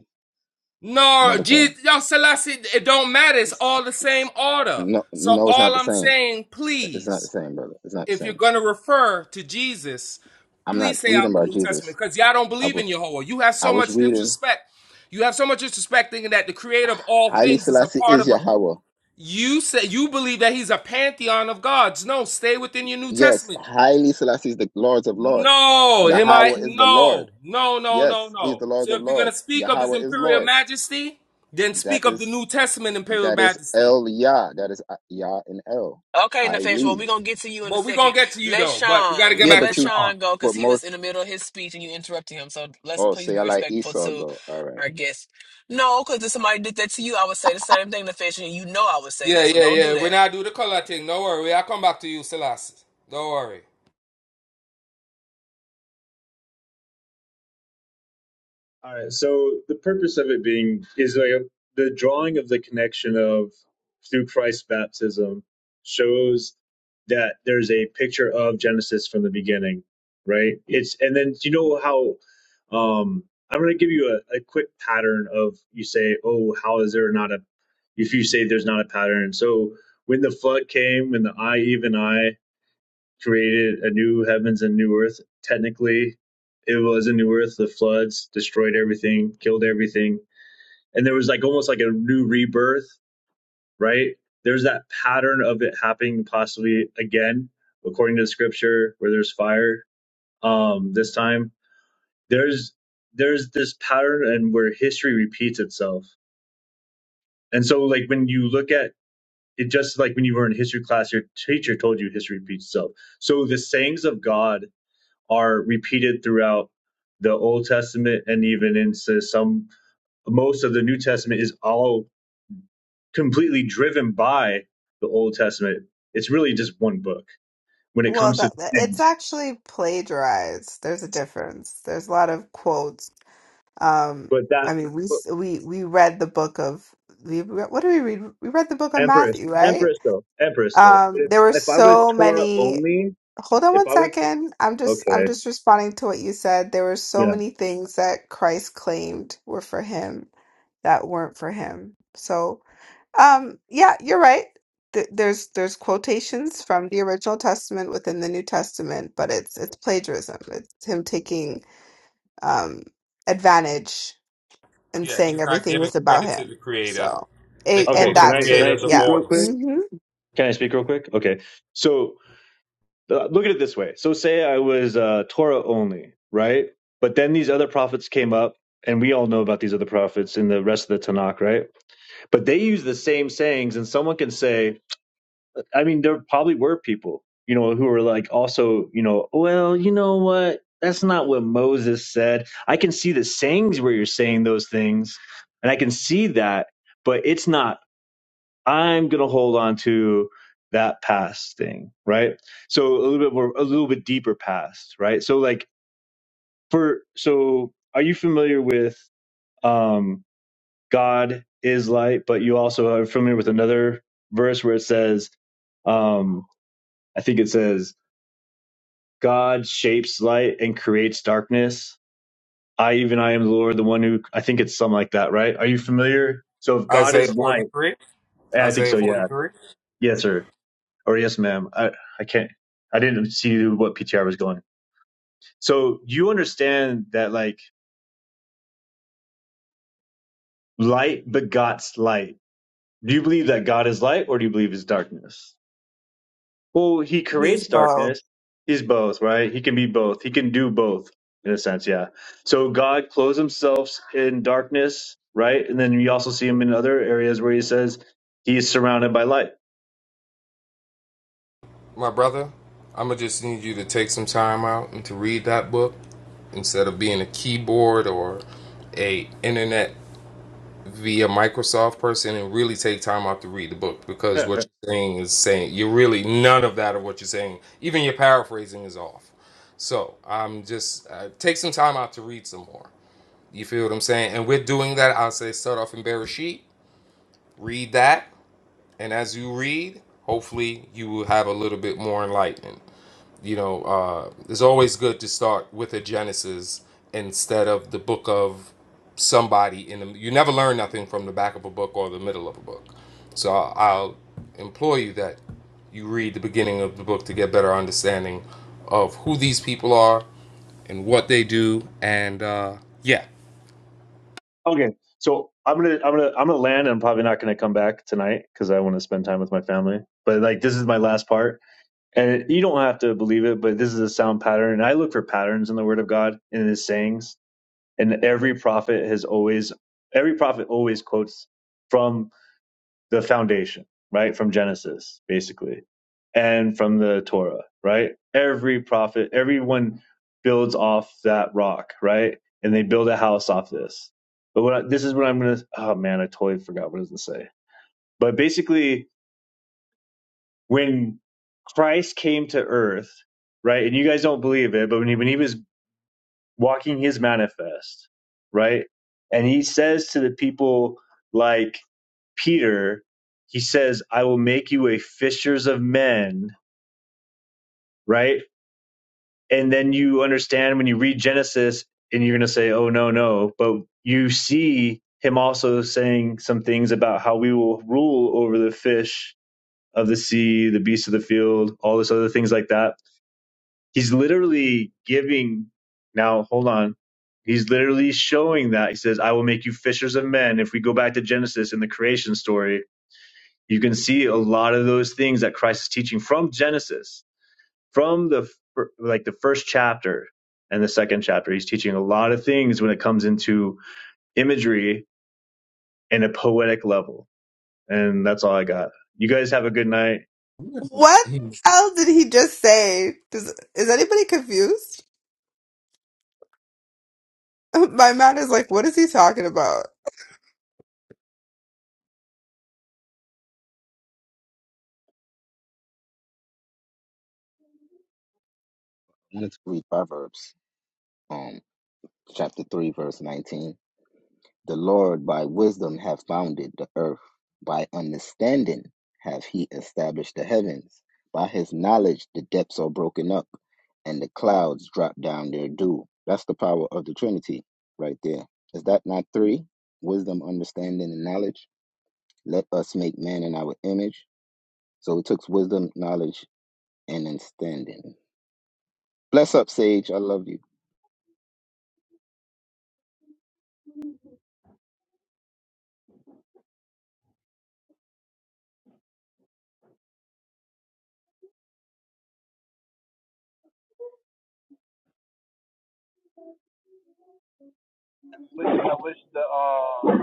No,
Mordecai.
Jesus, yo, Selassie, it don't matter. It's
S-
all the
s-
same order.
No,
So
no, it's not
all
the
I'm
same.
saying,
It's not the
please,
same, brother. It's not the
if you're
same.
gonna refer to Jesus,
I'm not
please say
reading
out the
about
New
Jesus.
Testament because y'all don't
I
believe in
was
Jehovah. You have
I
so
was
much
reading.
disrespect. You have so much disrespect thinking that the creator of all
Highly
things is a
Selassie
part
is
of.
Yahweh.
You say you believe that he's a pantheon of gods. No, stay within your New
Yes,
Testament.
highly Selassie is the Lords of Lords.
No, am I?
Yahweh is the Lord.
No, no, no, no,
Yes, He's
no.
the Lords
So
of
if you're gonna
Lords.
speak of his
Yahweh is
imperial
Lord.
majesty, then
That
speak of the
is
New Testament imperial
That is
majesty.
El Yah. That is uh, Yah and El.
Okay, Nafesh, well,
Highly.
we're going to get to you in a
But we're gonna
second.
get to you
Let
though. But we gotta
Sean,
get
yeah,
Yeah,
back
let
but
to
you,
Sean.
Sean go because
but
he was
most,
in the middle of his speech and you interrupted him. So let's
oh,
please
say
be
I like
respectful
Esau
to
go. All right.
our guest. No, because if somebody did that to you, I would say the same thing, Nafesh, and you know I would say
Yeah,
that. So
yeah,
don't do
yeah. When
that.
I do the color thing, don't worry. I'll come back to you, Selassie. Don't worry.
All right. So the purpose of it being is like a, the drawing of the connection of through Christ's baptism shows that there's a picture of Genesis from the beginning, right? It's and then do you know how um I'm going to give you a, a quick pattern of you say, oh, how is there not a if you say there's not a pattern. So when the flood came, when the eye even eye created a new heavens and new earth. Technically, it was a new earth. The floods destroyed everything, killed everything. And there was like almost like a new rebirth, right? There's that pattern of it happening possibly again, according to the scripture, where there's fire. Um, this time there's there's this pattern and where history repeats itself. And so like when you look at it just like when you were in history class, your teacher told you history repeats itself. So the sayings of God are repeated throughout the Old Testament and even into some most of the New Testament is all completely driven by the Old Testament. It's really just one book when it
Well,
comes to
that, that- it's
things.
actually plagiarized. There's a difference. There's a lot of quotes. Um,
But
I
that
mean, we
but
s- we we read the book of we re- what do we read? We read the book of
Empress,
Matthew, right?
Empress though, Empress though. But
Um,
if
there were
if I was
so
Torah
many.
only,
Hold on
if
one
I was
second. I'm just I'm
okay,
just responding to what you said. There were so
yeah,
many things that Christ claimed were for him that weren't for him. So. Um, yeah, you're right. Th there's there's quotations from the original Testament within the New Testament, but it's it's plagiarism. It's him taking um advantage and
Yeah,
saying
he's not
everything
giving
was about
credit to
him.
the creator.
So,
They
a
call
okay.
and
the
Can
that
I can
too.
I
creator the
speak
Yeah.
real
voice.
quick?
hmm
Can I speak real quick? Okay, so. Uh, Look at it this way. So say I was uh, Torah only, right? But then these other prophets came up, and we all know about these other prophets in the rest of the Tanakh, right? But they use the same sayings, and someone can say, I mean, there probably were people, you know, who were like also, you know, well, you know what? That's not what Moses said. I can see the sayings where you're saying those things, and I can see that, but it's not I'm going to hold on to that past thing, right? So a little bit more, a little bit deeper past, right? So like for, so are you familiar with um, God is light, but you also are familiar with another verse where it says, um, I think it says, God shapes light and creates darkness. I even I am the Lord, the one who I think it's something like that, right? Are you familiar? So if God
Isaiah
is light,
43.
I think
Isaiah
so, yeah,
43.
yes, sir. Or yes, ma'am. I, I can't. I didn't see what PTR was going. So you understand that like light begots light. Do you believe that God is light or do you believe is darkness? Well, he
He's
creates
both.
darkness. He's both, right? He can be both. He can do both in a sense. Yeah. So God clothes himself in darkness, right? And then you also see him in other areas where he says he is surrounded by light.
My brother, I'm gonna just need you to take some time out and to read that book instead of being a keyboard or a internet via Microsoft person and really take time out to read the book because what you're saying is saying you're really none of that of what you're saying. Even your paraphrasing is off. So I'm just uh, take some time out to read some more. You feel what I'm saying? And we're doing that. I'll say start off in Bereshit, read that, and as you read, hopefully you will have a little bit more enlightenment you know, uh, it's always good to start with a Genesis instead of the book of somebody in the. You never learn nothing from the back of a book or the middle of a book. So I'll, I'll implore you that you read the beginning of the book to get better understanding of who these people are and what they do. And uh, yeah,
Okay, so I'm gonna I'm gonna I'm gonna land. I'm probably not gonna come back tonight because I want to spend time with my family. But like this is my last part, and you don't have to believe it, but this is a sound pattern. And I look for patterns in the Word of God and in His sayings, and every prophet has always every prophet always quotes from the foundation, right? From Genesis, basically, and from the Torah, right? Every prophet, everyone builds off that rock, right? And they build a house off this. But what I, this is what I'm gonna. Oh man, I totally forgot what it was gonna say. But basically, when Christ came to Earth, right? And you guys don't believe it, but when he when he was walking his manifest, right? And he says to the people like Peter, he says, I will make you a fishers of men, right? And then you understand when you read Genesis and you're going to say, oh, no, no. But you see him also saying some things about how we will rule over the fish of the sea, the beasts of the field, all this other things like that. He's literally giving, now hold on. He's literally showing that. He says, I will make you fishers of men. If we go back to Genesis in the creation story, you can see a lot of those things that Christ is teaching from Genesis, from the like the first chapter and the second chapter. He's teaching a lot of things when it comes into imagery and a poetic level. And that's all I got. You guys have a good night.
What He- else did he just say? Does, is anybody confused? My man is like, what is he talking about?
Let's read Proverbs, um, chapter 3, verse 19. The Lord by wisdom hath founded the earth. By understanding hath he established the heavens. By his knowledge the depths are broken up and the clouds drop down their dew. That's the power of the Trinity right there. Is that not three? Wisdom, understanding, and knowledge? Let us make man in our image. So it took wisdom, knowledge, and understanding. Bless up, Sage. I love you.
wish I wish the uh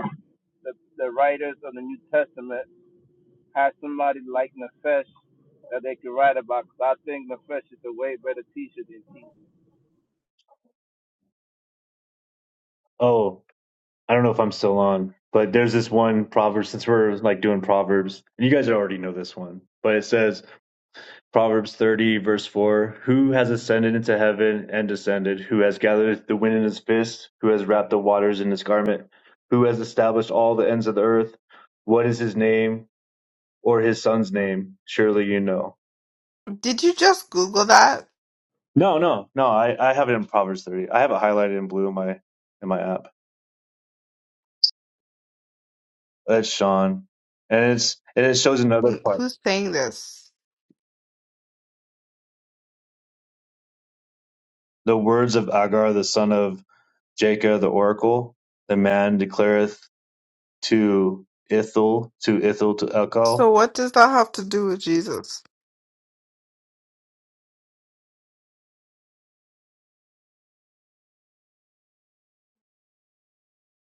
the, the writers of the New Testament had somebody like Nefesh that they could write about. 'cause I think Nefesh is a way better teacher than Jesus.
Oh, I don't know if I'm still on, but there's this one proverb since we're like doing proverbs. you guys already know this one, but it says Proverbs 30, verse 4 Who has ascended into heaven and descended? Who has gathered the wind in his fist? Who has wrapped the waters in his garment? Who has established all the ends of the earth? What is his name or his son's name? Surely you know.
Did you just Google that?
No, no, no. I, I have it in Proverbs 30. I have it highlighted in blue in my in my app. That's Sean. And it's and it shows another
Mm,
part.
Who's saying this?
The words of Agar, the son of Jacob, the oracle. The man declareth to Ithil, to Ithil, to Elkal.
So what does that have to do with Jesus?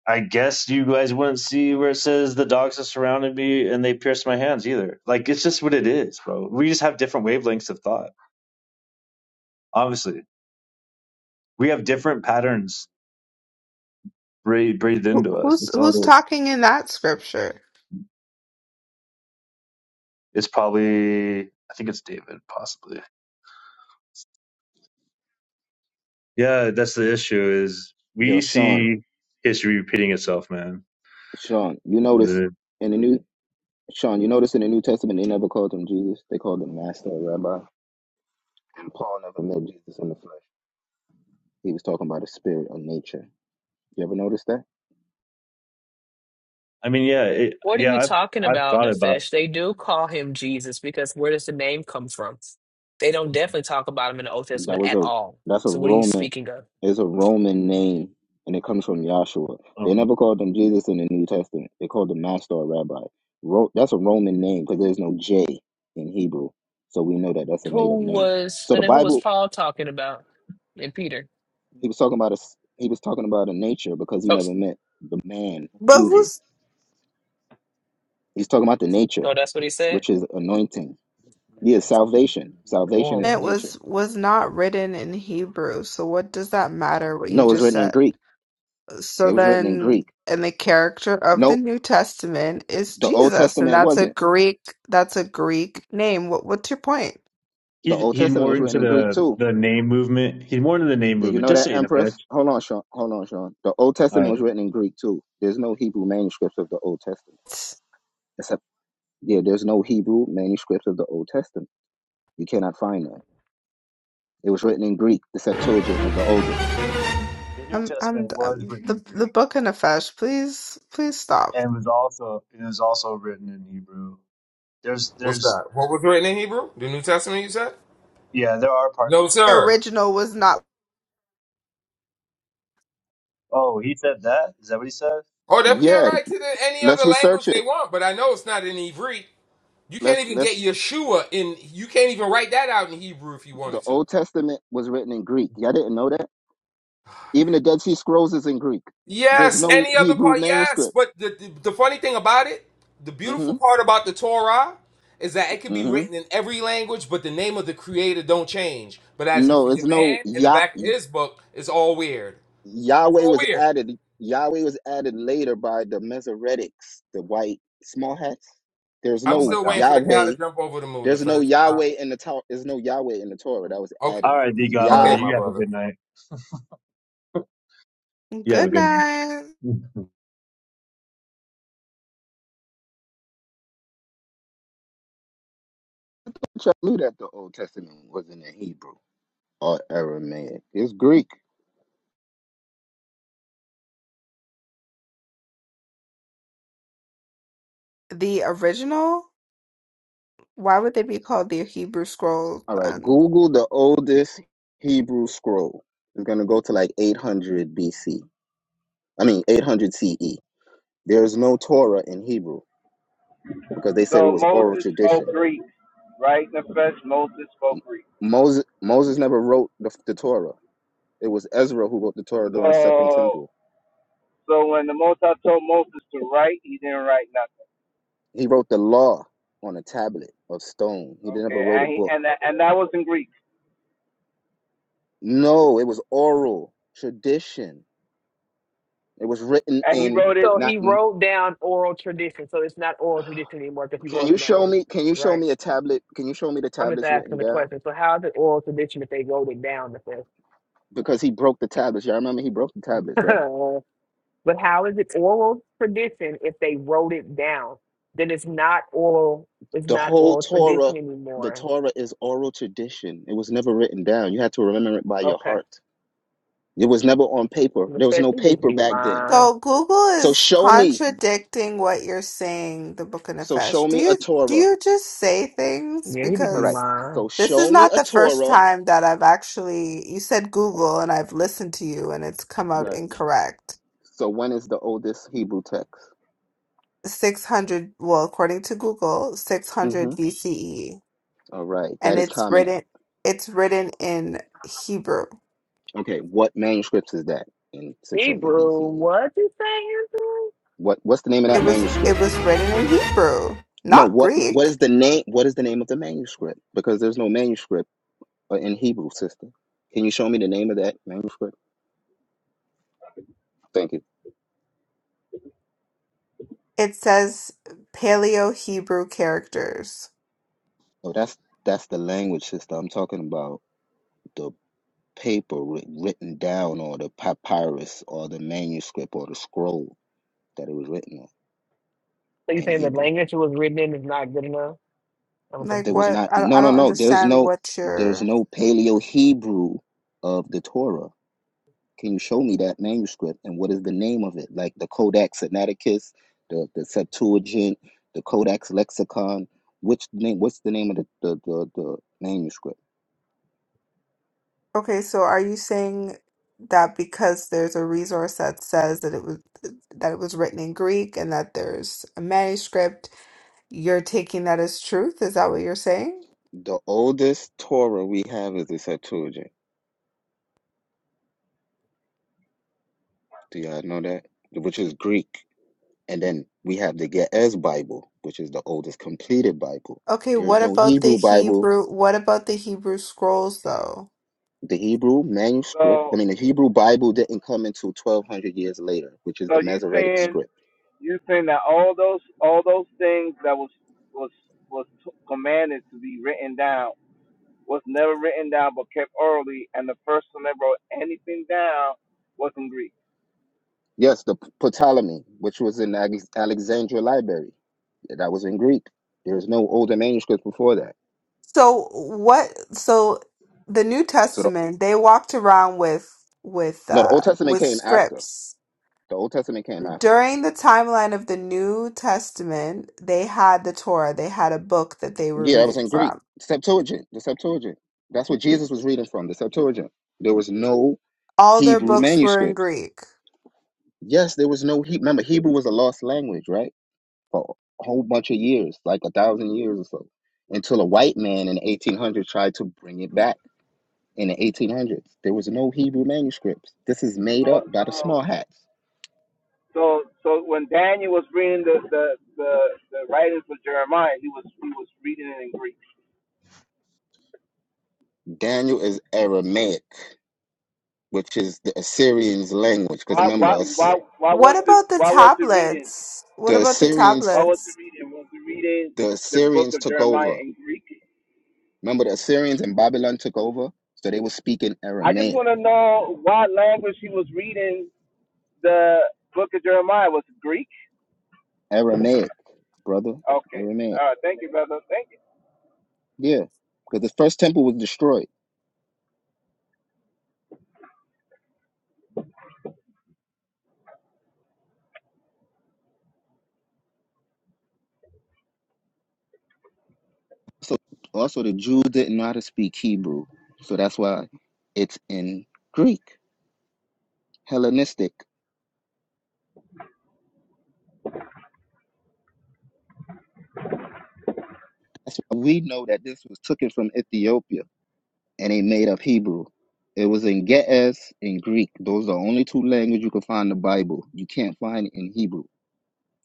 I guess you guys wouldn't see where it says the dogs have surrounded me and they pierced my hands either. Like it's just what it is, bro. We just have different wavelengths of thought. Obviously, we have different patterns breathed, breathed
Who,
into us.
who's
It's
who's
all.
talking in that scripture?
It's probably. I think it's David, possibly. Yeah, that's the issue. Is
Yo,
we
Sean,
see history repeating itself, man.
Sean, you notice
I
in the new Sean, you notice in the New Testament they never called him Jesus. They called him Master or Rabbi. And Paul never met Jesus in the flesh. He was talking about his spirit or nature. You ever notice that?
mean, yeah, it,
What are you
yeah. I've
talking
I've
about,
thought about.
Nefesh? They do call him Jesus because where does the name come from? They don't definitely talk about him in the Old
That
Testament
was
at
a
all.
that's a
So what are you
Roman
speaking of?
is a Roman name and it comes from Yahshua. They
Oh,
never called him Jesus in the New Testament. They called him Master or Rabbi. Ro- that's a Roman name because there's no J in Hebrew, so we know that that's a made
Who
up name.
was
So
and
the
then who was
Bible
Paul talking about? And Peter.
he was talking about a s- he was talking about a nature because he
Oh, s-
never met the man
But
Jesus.
who's
He's talking about the nature,
oh, that's what he said.
which is anointing. Yeah, salvation. Salvation is
it
Oh.
nature.
was was not written in Hebrew. So what does that matter what you
No, it was
just
written in
said?
Greek.
So
It was written in
then,
Greek.
and the character of the
No,
New Testament is
the Old
Jesus, and
Testament
that's a
wasn't.
Greek. That's a Greek name. What, what's your point?
The
He's
Old
he's
Testament
more
was written
into
in Greek
the
too.
the name movement. He's more into the name
Did you
movement.
know
Just
that,
saying a
Empress?
bitch.
Hold on, Sean. Hold on, Sean. The Old
All
Testament
right.
was written in Greek too. There's no Hebrew manuscripts of the Old Testament. Except, yeah, there's no Hebrew manuscripts of the Old Testament. You cannot find them. It was written in Greek. The Septuagint is the oldest.
The New
I'm, I'm,
Testament was
I'm
written
the
in
the
Greek
book in a fesh. Please, please stop.
and was also it was also written in Hebrew. There's
what's
there's
that? What was written in Hebrew? The New Testament, you said?
yeah, there are parts.
No,
The
sir.
original was not
Oh, he said that? Is that what he said?
Oh, they can
Yeah,
write to the, any
let's
other language
research
they
it.
want, but I know it's not in Hebrew. You can't
Let's
even get
let's.
Yeshua in. You can't even write that out in Hebrew if you
The
wanted to.
Old Testament was written in Greek. Y'all didn't know that. Even the Dead Sea Scrolls is in Greek. There's
Yes,
no
any other
Hebrew
part, yes.
manuscript.
But the, the, the funny thing about it, the
hmm
beautiful part about the Torah is that it could be
hmm
written in every language, but the name of the creator don't change. But as in for
No, it's
your
no
man, in the
Yah.
back of his book, it's all weird. It's
Yahweh
all
was
weird.
added. Yahweh was added later by the Mesoretics, the white small hats. There's
I'm
Oh my
no
still
god.
waiting for the cow to
Yahweh.
jump over the moon,
There's no
Nefesh. Uh,
Yahweh in the Torah. There's no Yahweh in the Torah that was
okay,
All
added.
right, D
okay,
Godmother,
Yah.
my
you have a
brother.
good night. You have a
good
good
night.
night.
I knew that the Old Testament wasn't in Hebrew or Aramaic. It's Greek.
The original. Why would they be called the Hebrew Scrolls
All right.
then?
Google the oldest Hebrew scroll. It's gonna go to like 800 BC. I mean 800 CE. There's no Torah in Hebrew because they said it
So
was oral
Moses spoke
tradition.
Greek, right? Nefesh, Moses spoke
M-
Greek.
Moses Moses never wrote the, the Torah. It was Ezra who wrote the Torah during Second
So
Temple.
so when the Most High told Moses to write, he didn't write nothing.
He wrote the law on a tablet of stone. He never
Okay,
wrote a
and he, and
book.
that, and that was in Greek,
No, it was oral tradition. It was written
and he
in
wrote it.
So
not.
he
In,
wrote down oral tradition. So it's not oral tradition anymore because he
can
wrote
you
it down,
show me? Can you show
right?
me a tablet? Can you show me the
I'm just
tablets
asking
written
the
down?
question. So how's it oral tradition if they wrote it down, Nefesh?
Because he broke the tablets. Y'all remember he broke the tablets, right?
But how is it oral tradition if they wrote it down? Then it's not oral. It's
The
not
whole
oral
Torah,
tradition
the
anymore.
Torah is oral tradition. It was never written down. You had to remember it by your
Okay,
heart. It was never on paper.
the
There was no
should just
paper
be
back then.
lying.
So Google
So
is
show me.
contradicting what you're saying, the Book of
So
Nefesh.
show
Do
me a
you do
Torah.
you just say things?
Yeah, he just
All
be
right.
Because
lying.
So
this is
show me
not
a
the first
Torah.
time that I've actually you said Google and I've listened to you and it's come out
Right.
incorrect.
So when is the oldest Hebrew text?
Six hundred well, according to Google, six hundred
Mm-hmm.
BCE.
All right. That
And
is
it's
common.
written it's written in Hebrew.
Okay. What manuscripts is that in 600
Hebrew,
BCE?
what you saying? Hebrew?
What What's the name of
It
that
was it
manuscript?
was written in Hebrew,
No.
not
What What
Greek.
is the name? What is the name of the manuscript? Because there's no manuscript uh, in Hebrew, sister. Can you show me the name of that manuscript? Thank you.
It says Paleo Hebrew characters.
Oh, that's that's the language, sister. I'm talking about. The paper writ- written down or the papyrus or the manuscript or the scroll that it was written on
So you
in
saying the
Hebrew.
language it was written in is not good enough? I'm
Like
There
confused.
was
what?
not
I don't- I
no no
don't
no there's
understand
no
what
there's
you're.
no paleo Hebrew of the Torah. Can you show me that manuscript and what is the name of it? Like the Codex Sinaiticus, the, the Septuagint, the Codex Lexicon. Which name what's the name of the, the, the, the manuscript?
Okay, so are you saying that because there's a resource that says that it was that it was written in Greek and that there's a manuscript, you're taking that as truth? Is that what you're saying?
The oldest Torah we have is the Septuagint. Do y'all know that? Which is Greek. And then we have the Ge'ez Bible, which is the oldest completed Bible.
Okay, what
There's no
about the
Hebrew Bible.
Hebrew? What about the Hebrew scrolls though?
The Hebrew manuscript,
So
I mean, the Hebrew Bible didn't come until 1200 years later, which is
so
the
you
Masoretic
saying
script.
You're saying that all those all those things that was was was t- commanded to be written down was never written down but kept orally, and the first one that wrote anything down was in Greek.
Yes, the P- Ptolemy, which was in Alex- Alexandria Library, Yeah, that was in Greek. There's no older manuscript before that.
So what? So the New
So the,
Testament, they walked around with with
no, the
uh,
Old Testament
with
came after.
scripts.
The Old Testament came after.
During the timeline of the New Testament, they had the Torah. They had a book that they were
Yeah, that was
reading
in Greek.
from.
Septuagint, the Septuagint. That's what Jesus was reading from, the Septuagint. There was no
All their
Hebrew
books were in
manuscripts.
Greek.
Yes, there was no Hebrew. Remember, Hebrew was a lost language, right? For a whole bunch of years, like a thousand years or so, until a white man in 1800 tried to bring it back. In the 1800s, there was no Hebrew manuscripts. This is
So
made up by the
so
small hats.
so so when Daniel was reading the the the, the writings of Jeremiah, he was he was reading it in Greek.
Daniel is Aramaic, which is the Assyrians' language. Because
Why
remember,
why why
Ass-
why
What
was it
about the
why was he reading
tablets? What
the
about the
Assyrians,
why was he
tablets?
reading was he reading
the
the book
Assyrians
of
took
Jeremiah
over.
in Greek?
Remember, the Assyrians and Babylon took over, so they were speaking
I just
Aramaic.
want to know what language he was reading The book of Jeremiah was Greek.
Aramaic, brother,
Okay.
Aramaic.
All right. Thank you, brother. Thank you.
Yeah, because the first temple was destroyed. So also the Jews didn't know how to speak Hebrew, so that's why it's in Greek, Hellenistic. That's why we know that this was taken from Ethiopia and they made up Hebrew. It was in Ge'ez and Greek. Those are the only two languages you can find in the Bible. You can't find it in Hebrew.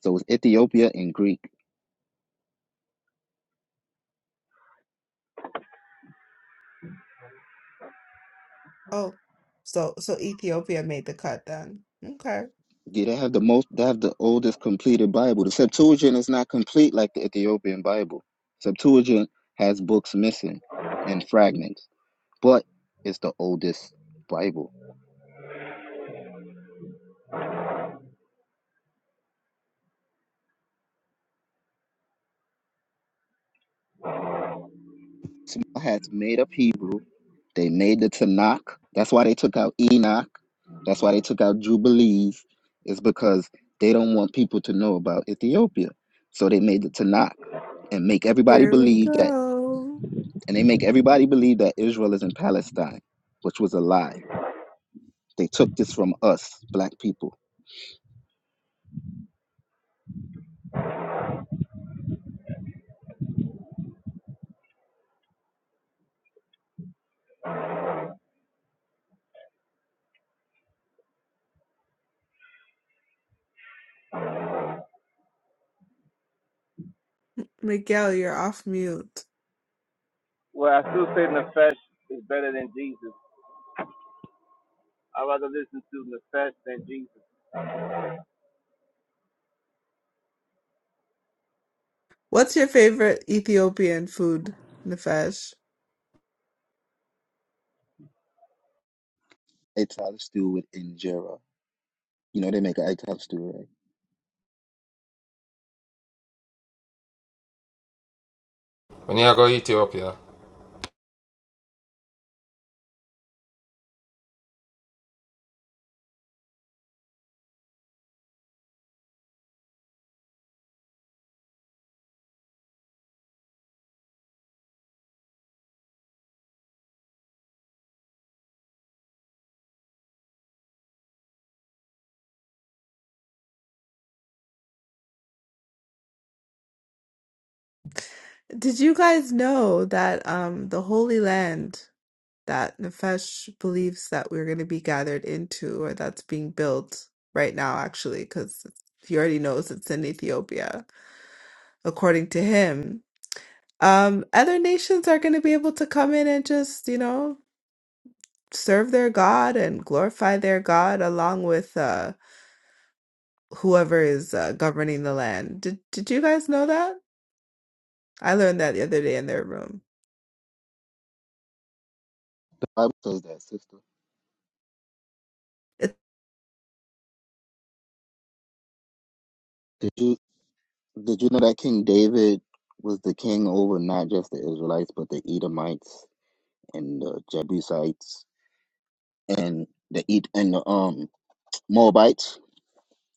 So it's Ethiopia and Greek.
Oh, so so Ethiopia made the cut then. Okay.
Yeah, they have the most, they have the oldest completed Bible. The Septuagint is not complete like the Ethiopian Bible. Septuagint has books missing and fragments, but it's the oldest Bible. Small hats made up Hebrew. They made the Tanakh. That's why they took out Enoch. That's why they took out Jubilees. It's because they don't want people to know about Ethiopia. So they made the Tanakh and make everybody
Here we
believe that,
go.
and they make everybody believe that Israel is in Palestine, which was a lie They took this from us, black people.
Miguel, you're off mute.
Well, I still say Nefesh is better than Jesus. I'd rather listen to Nefesh than Jesus.
What's your favorite Ethiopian food, Nefesh?
Egg salad stew with injera. You know they make an egg salad stew, right?
When y'all go to Ethiopia,
Did you guys know that um the Holy Land that Nefesh believes that we're going to be gathered into or that's being built right now actually cuz he already knows it's in Ethiopia according to him. Um other nations are going to be able to come in and just, you know, serve their god and glorify their god along with uh whoever is uh, governing the land. Did did you guys know that? I learned that the other day in their room.
The Bible says that, sister.
It's
Did you did you know that King David was the king over not just the Israelites but the Edomites and the Jebusites and the Ed and the um Moabites?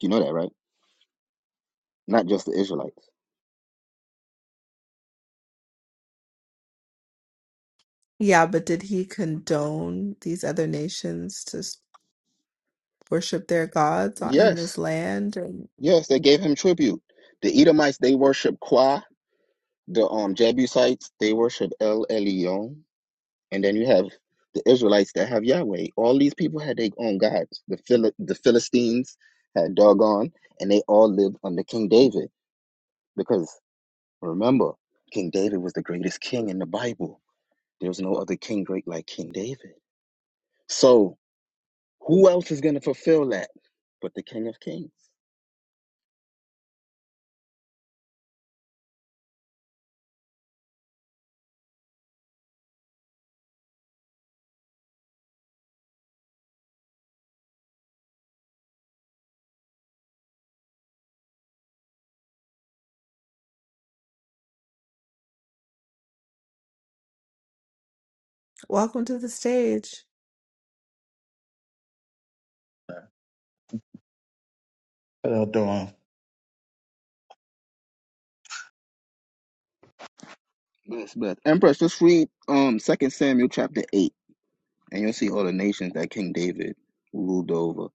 You know that, right? Not just the Israelites.
yeah, but did he condone these other nations to s- worship their gods on- in this
Yes,
land? And
yes, they gave him tribute. The Edomites they worship Qua. The um Jebusites they worship El Elyon and then you have the Israelites that have Yahweh. All these people had their own gods. The Phil- the Philistines had doggone, and they all lived under King David. Because remember, King David was the greatest king in the Bible. There's no other king great like King David. So who else is gonna fulfill that but the King of Kings?
welcome to the stage.
uh, Dawn,
Yes, but Empress, just read um Second Samuel chapter eight, and you'll see all the nations that King David ruled over.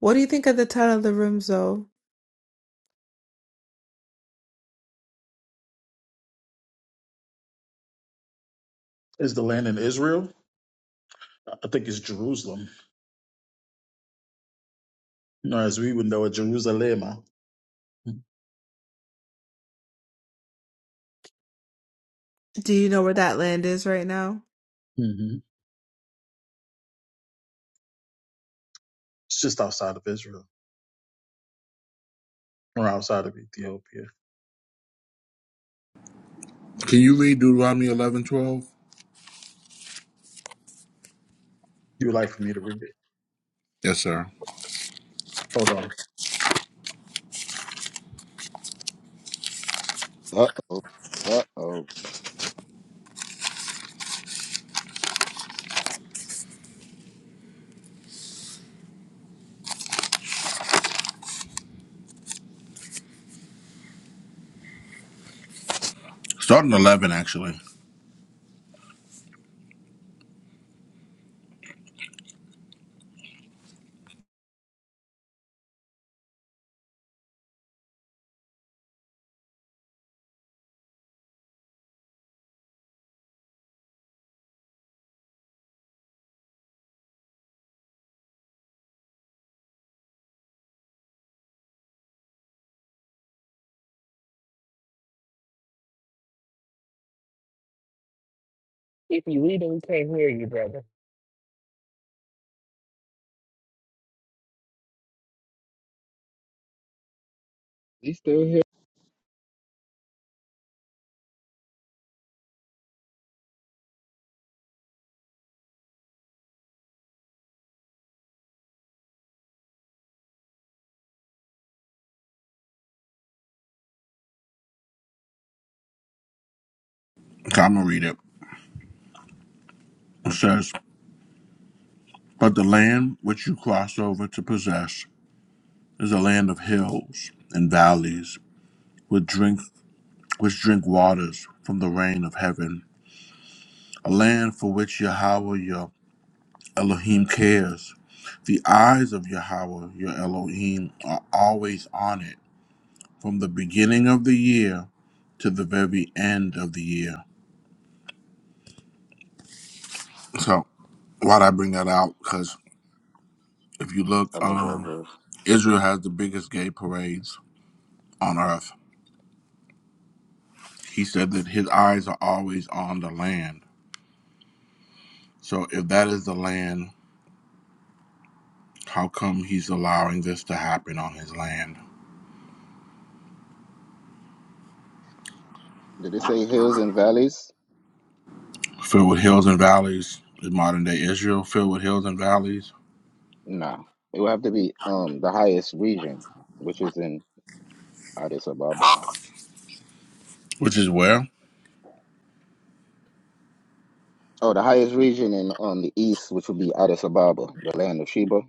What do you think of the title of the room, Zoe?
is the land in Israel. I think it's Jerusalem, or as we would know it, Jerusalem. hmm
Do you know where that land is right now?
It's just outside of Israel or outside of Ethiopia.
Can you read Deuteronomy 11, 12?
You would like for me to read it?
Yes, sir.
Hold on.
Uh uh oh,
Starting eleven actually.
If you read it, we can't hear you, brother.
he's still here?
Okay, I'm gonna read it. It says, "But the land which you cross over to possess is a land of hills and valleys, with drink." which drink waters from the rain of heaven, a land for which Yahweh your Elohim cares. The eyes of Yahweh your Elohim are always on it, from the beginning of the year to the very end of the year. So, why'd I bring that out? Because if you look,
I love that
um,
verse.
Israel has the biggest gay parades on earth. He said that his eyes are always on the land. So, if that is the land, how come he's allowing this to happen on his land?
Did it say hills and valleys?
filled with hills and valleys is modern day Israel, filled with hills and valleys,
No. It would have to be um the highest region, which is in Addis Ababa.
which is where
Oh, the highest region in on the east, which would be Addis Ababa, the land of Sheba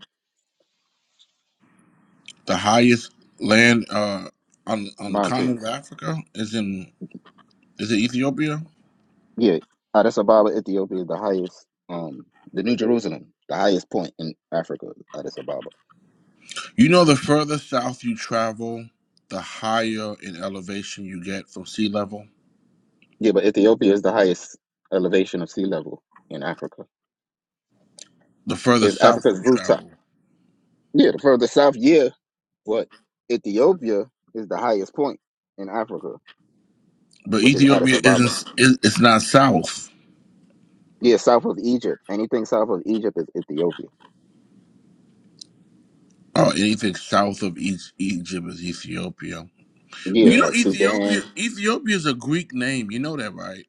the highest land uh, on on the
mountains.
continent of Africa is in is it Ethiopia?
Yeah, Addis Ababa, Ethiopia is the highest. Um, the New Jerusalem, the highest point in Africa, Addis Ababa.
You know, the further south you travel, the higher in elevation you get from sea level.
Yeah, but Ethiopia is the highest elevation of sea level in Africa.
The further
Is
south
Africa's
you
rooftop?
travel,
Yeah, the further south. Yeah, but Ethiopia is the highest point in Africa.
but
which is Addis
Ethiopia
Ababa.
isn't is- it's not south.
Yeah, south of Egypt. Anything south of Egypt is Ethiopia.
or anything south of East Egypt is Ethiopia. But
Yeah,
you know,
like
Ethiopia
Sudan.
Ethiopia is a Greek name. You know that, right?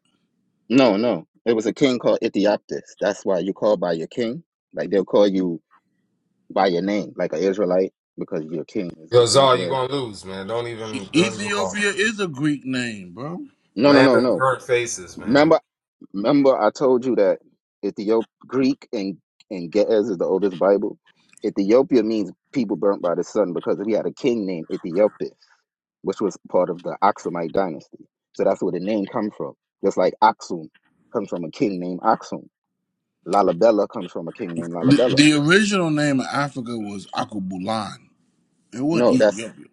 No, no. It was a king called Ethiopis. That's why you call by your king. Like they'll call you by your name, like an Israelite, because your king is the
yo, Zar, you're
Israel.
gonna lose, man. Don't
E-
even, don't even bother.
S-
Ethiopia is a Greek name, bro.
No, no,
Land
no,
of
no.
burnt faces, man.
Remember, remember, I told you that Ethiop Greek and and Ge'ez is the oldest Bible. Ethiopia means people burnt by the sun because we had a king named Ethiopis. which was part of the Aksumite dynasty. So that's where the name comes from. Just like Aksum comes from a king named Aksum. Lalabella comes from a king named
The,
Lalabella.
the original name of Africa was Akubulan. It wasn't
No, that's
Ethiopia.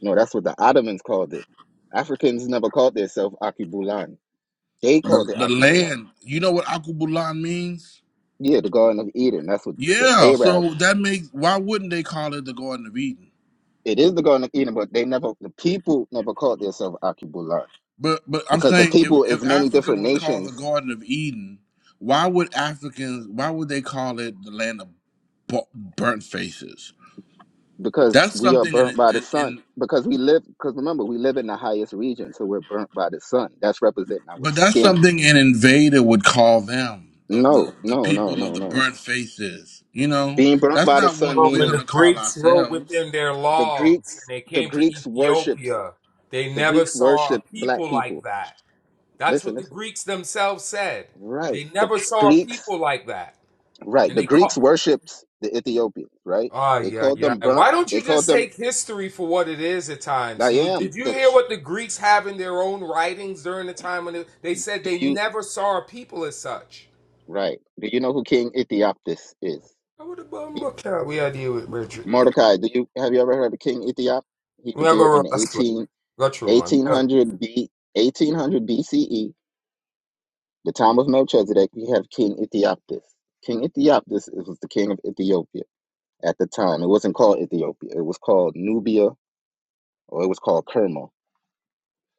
no, that's what the Ottomans called it. Africans never called themselves Akibulan. They
The,
called it
the
Akibulan.
land, you know what Akubulan means?
Yeah, the Garden of Eden. That's what the
Yeah,
Arabs.
so that makes why wouldn't they call it the Garden of Eden?
It is the Garden of Eden, but they never. The people never called themselves Akibulan
But but I'm
because the
saying if
people is
if
many
Africa
different
was called the
nations
Garden of Eden, why would Africans why would they call it the land of bu- burnt faces?
because
That's
we are
something
burnt
in
by the sun
in,
because we live because remember we live in the highest region so we're burnt by the sun that's representing our
But that's
skin
something an invader would call them, the, the
no
the
no no
people of
no
the
no
burnt faces. You know,
being burnt
that's
by the
not what
sun
Well,
we're
when
meaning
the
gonna call
Greeks wrote
ourselves.
within their
the
logs and
greeks
they
the
came to
greeks worshipped
Ethiopia, they
the
never
greeks
saw a
worshipped black
people like
people
that. That's
listen
what the
listen
Greeks themselves said.
right
They
the
never saw a people
greeks
like that.
right
And
the
they
greeks
call
worshipped the ethiopians right
Ah,
they
yeah,
called
yeah.
them burnt
Why don't you
they called
just
them
take history for what it is at times,
i
dude?
am
Did you
the
hear
k-
what the Greeks have in their own writings during the time when they, they said
do
they
you
never saw a people as such?
right do you know who king ethiopis is
I would have bummed We idea with Richard. Yeah.
Mordecai, do you have you ever heard of King Ethiop? He
We
was
are
there
gonna
in
roll.
the
That's good.
18,
Go true,
eighteen
man.
hundred B, 1800 BCE, the time of Melchizedek. We have King Ethiopus. King Ethiopus is- was the king of Ethiopia at the time. It wasn't called Ethiopia. It was called Nubia, or it was called Kerma.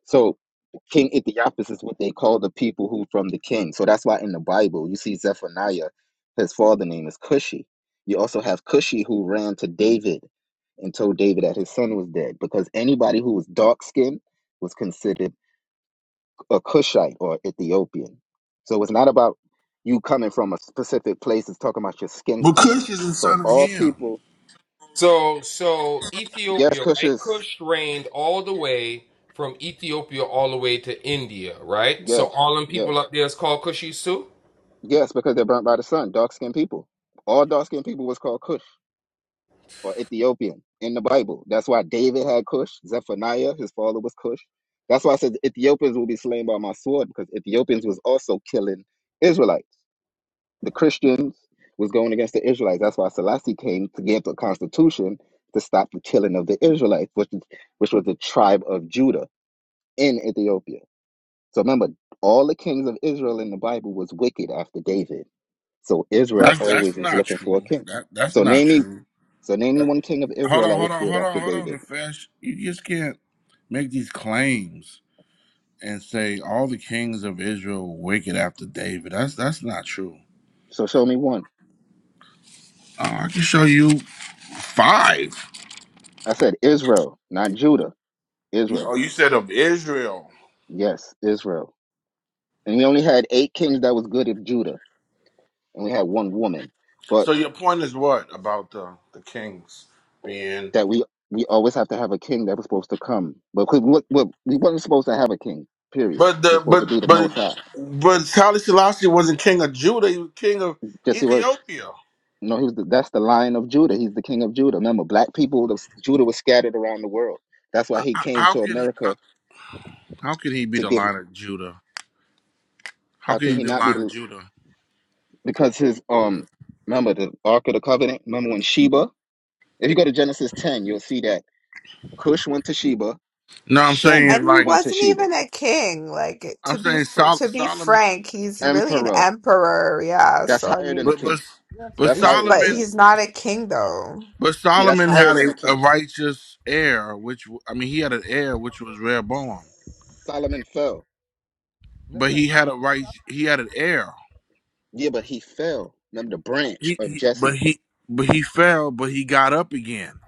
So King Ethiopius is what they call the people who from the king. So that's why in the Bible you see Zephaniah, his father name is Cushi. You also have Cushi who ran to David and told David that his son was dead because anybody who was dark skinned was considered a Cushite or Ethiopian. So it's not about you coming from a specific place, it's talking about your skin
But
color.
Cush is a
So
son of
all
him.
people,
So, so
yes,
Ethiopia,
Cush
right? Kush reigned all the way from Ethiopia all the way to India, right? So
yes,
all them
yes,
people up there is called Kushis too.
yes, because they're burnt by the sun, dark skinned people. All dark skinned people was called Cush. or Ethiopian in the Bible. That's why David had Cush. Zephaniah, his father was Cush. That's why I said Ethiopians will be slain by my sword because Ethiopians was also killing Israelites. The Christians was going against the Israelites. That's why Selassie came to give the constitution to stop the killing of the Israelites, which is, which was the tribe of Judah in Ethiopia. So remember, all the kings of Israel in the Bible was wicked after David. So Israel
That's
always
that's
was
not
looking for a
true.
king.
That that's
So
not
name me
true.
so name me
That-
one king of
hold
Israel
on,
that
hold
was
on,
good
hold on,
after
hold on,
David.
Nefesh. You just can't make these claims and say all the kings of Israel were wicked after David. That's that's not true.
So show me one.
Uh, I can show you five.
I said Israel, not Judah.
You-
Israel.
Oh, you said of Israel.
Yes, Israel. And we only had eight kings that was good of Judah, and we had one woman. But
So your point is what about the the kings being,
that we we always have to have a king that was supposed to come. But 'cause we, we, we wasn't supposed to have a king. Period.
but
It was
the
supposed
but
to be the
but
Most High.
but Haile Selassie wasn't king of Judah; he was king of
Yes, he was.
Ethiopia.
No, he was. The, that's the Lion of Judah. He's the King of Judah. Remember, black people, the, Judah was scattered around the world. That's why he
H-
came
How
to
can he- how
America
how can he be
to
the
give.
line of Judah? How
How
can
can
he
he
be the
not be
line of
the?
Judah?
Because his um, remember the Ark of the Covenant. Remember when Sheba If you go to Genesis 10, you'll see that Cush went to Sheba,
No, I'm
Shem
And
saying
he
like
went to
wasn't
Sheba.
even a king. Like
I'm
to be
saying
fr
Sol-
to be
Solomon,
frank, he's really an
Emperor,
emperor. Yeah.
that's
So I
higher than
mean,
a
but but
king.
Yeah, that's your
but
That's
question.
he's
higher than a
but
Solomon.
king.
he's not a king though.
But
Yeah, that's
Solomon
higher
had
than
a,
a
a
king.
righteous heir, which I mean, he had an heir which was Rehoboam.
Solomon fell.
But he had a right, he had an heir.
Yeah, but he fell. Remember the branch
He,
of
he but
Jesse.
he but he fell, but he got up again.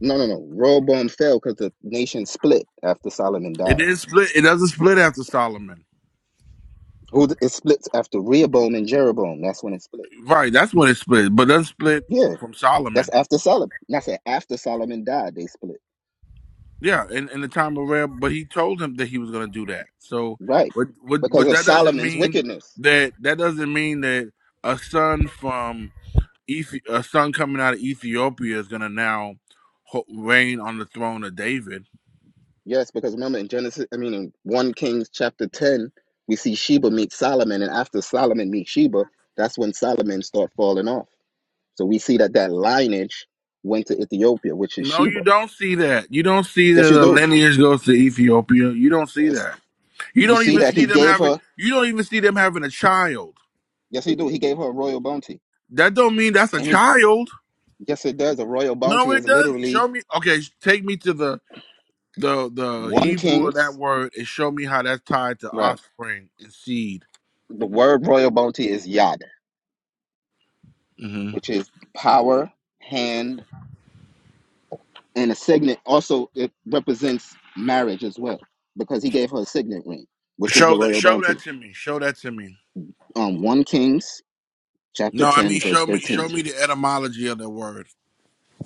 No, no, no. Rehoboam fell because the nation split after Solomon
It
died.
didn't split. It doesn't split after Solomon.
Who it splits after Rehoboam and Jeroboam. That's when it split.
Right, that's when it split, but it doesn't split
Yeah,
from
that's
Solomon.
after Solomon. That's after Solomon died. They split.
Yeah, in, in the time of Reb, but he told him that he was going to do that. So,
Right,
but but
because
but
of
that doesn't
Solomon's
mean
wickedness.
that that doesn't mean that a son from Ethi- a son coming out of Ethiopia is going to now ho- reign on the throne of David.
Yes, because remember in Genesis, I mean in 1 Kings chapter 10, we see Sheba meet Solomon, and after Solomon meets Sheba, that's when Solomon start falling off. So we see that that lineage went to Ethiopia, which is
No,
Sheba.
you don't see that. You don't see that
Yes, you
the
do.
lineage goes to Ethiopia. You don't see
It's,
that. You
you
don't
see
even
that he
see them
gave
having
her.
you don't even see them having a child.
Yes, he do. He gave her a royal bounty,
That don't mean that's a
and he
child.
yes, it does. A royal
No,
bounty
it
is
does.
literally
Show me okay, sh- take me to the the the
one
Hebrew of that
king's
word and show me how that's tied to
right.
offspring and seed.
The word royal bounty is yad,
hmm
which is power, hand, and a signet also it represents marriage as well because he gave her a signet ring which is the
Show that
royal
show
bounty
that to me. Show that to me.
um 1 kings chapter
No, I
10
mean
verse
show me show
13
me the etymology of the word.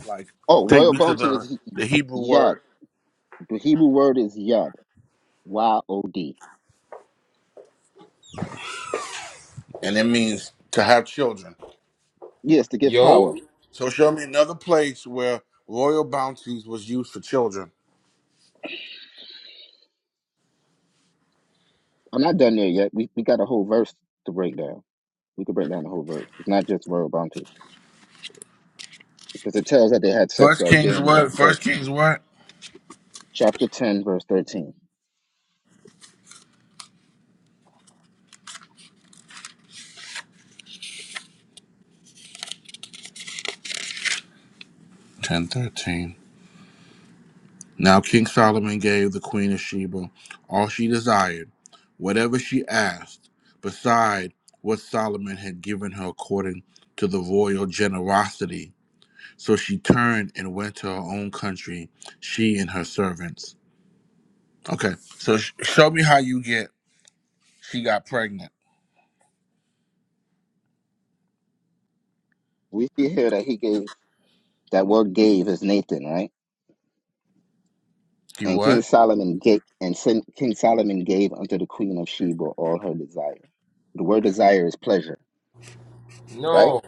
Like
oh
take
royal
me to
bounty is
the
he-
the Hebrew
yod
word
the hebrew word is yod y-o-d
and it means to have children.
yes to give power
Yo,
So show me another place where royal bounties was used for children.
i'm not done there yet we, we got a whole verse to break down we could break down the whole verse it's not just royal bounty because it tells that they had sex
First
right there
Kings
in that
what?
verse
First Kings what?
chapter 10 verse 13
Ten thirteen. Now King Solomon gave the Queen of Sheba all she desired, whatever she asked, beside what Solomon had given her according to the royal generosity. So she turned and went to her own country, she and her servants. Okay, so sh- show me how you get. She got pregnant.
we see here that he gave that word gave is nathan right
She
And King
what?
Solomon gave, and Sin- King Solomon gave unto the queen of Sheba all her desire. The word desire is pleasure, right?
no,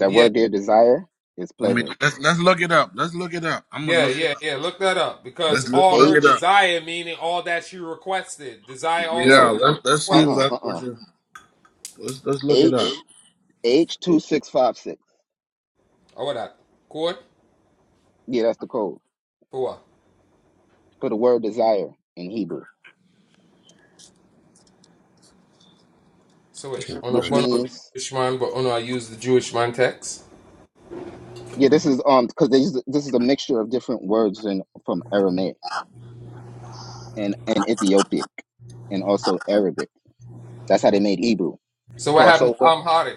That
yeah,
word there, desire, is
Let me
pleasure.
let's let's look it up. Let's look it up. I'm gonna
yeah,
look it
yeah,
up.
yeah. Look that up because
Let's let's
all
look
her
it up.
H,
desire, meaning all that she requested, desire also
Yeah,
no,
can be
let's let's see if
request.
uh-uh,
that's what
uh-uh.
you. Let's let's look it up.
H, H2656.
Oh, what that? Court
Yeah, that's the code
for what?
for the word desire in Hebrew,
So wait, on a
which
bun
Okay,
out the
means,
Jewish man, but on I use the Jewish man text.
yeah, this is, um, because this is a mixture of different words in, from Aramaic and, and Ethiopic and also Arabic. That's how they made Hebrew.
So what happened?
Crossover
I'm What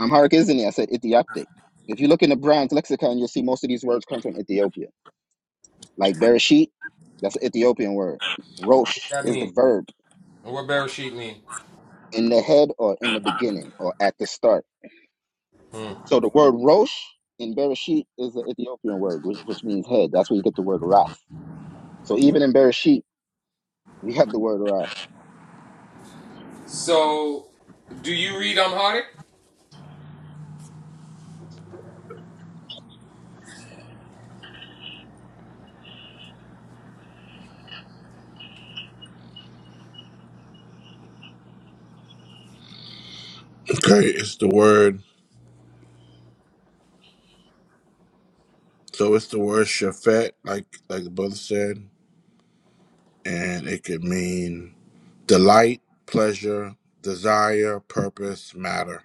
Amharic isn't it? I said Ethiopic. If you look in the Brown's lexicon, you'll see most of these words come from Ethiopia. Like Bereshit, that's an Ethiopian word. Rosh
that
is the
mean?
verb
And what Bereshit mean?
in the head or in the beginning or at the start.
Hmm.
So the word Rosh in Bereshit is an Ethiopian word, which, which means head. That's where you get the word Wrath. So even in Bereshit, we have the word Wrath.
So, do you read Amharic?
it's the word. So it's the word shafet, like like the brother said, and it could mean delight, pleasure, desire, purpose, matter.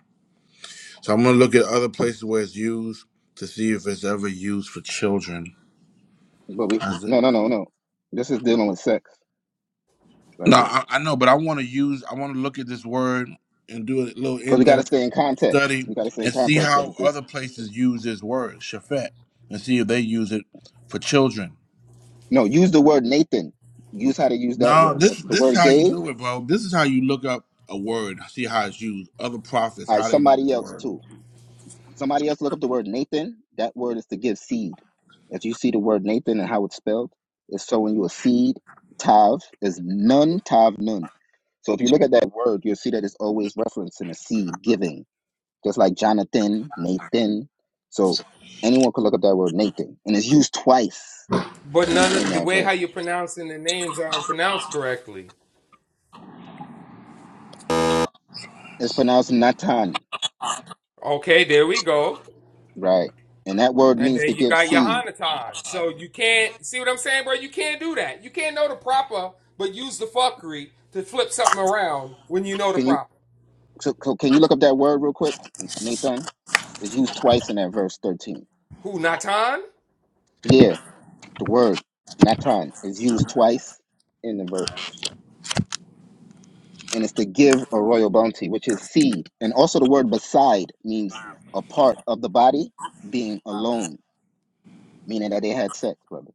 So I'm gonna look at other places where it's used to see if it's ever used for children.
But we,
As it-
no, no, no, no. This is dealing with sex right
no,
here.
I, I know, but I want to use. I want to look at this word and do a little
Because we got to
in-depth
stay in context.
study
We got to stay in
and see
context of
how
this
other places use this word shafet and see if they use it for children.
No, use the word Nathan. Use how to use that
No,
word.
this
The
this is
word
how you
gave,
do it, bro. This is how you look up a word, see how it's used. Other prophets,
I
how they use
somebody
the
else
word.
too. Somebody else look up the word Nathan. That word is to give seed. If you see the word Nathan and how it's spelled, it's sowing you a seed. Tav is nun, tav nun. So if you look at that word, you'll see that it's always referencing a seed giving, just like Jonathan, Nathan. So anyone could look up that word Nathan, and it's used twice
But none
in
of the
that
way how
verse.
you're pronouncing the names aren't pronounced correctly.
It's pronounced Natan,
Okay, there we go.
right? And that word
And
means
then
to
you
give
got
seed.
Yohanatan. So you can't see what I'm saying, bro? You can't do that. You can't know the proper, but use the fuckery to flip something around when you know the
Can you
proper.
so, so can you look up that word real quick, Nathan? It's used twice in that verse thirteen.
Who Natan?
Yeah, the word natron is used twice in the verse, and it's to give a royal bounty, which is seed, and also the word beside means a part of the body being alone, meaning that they had sex, brother.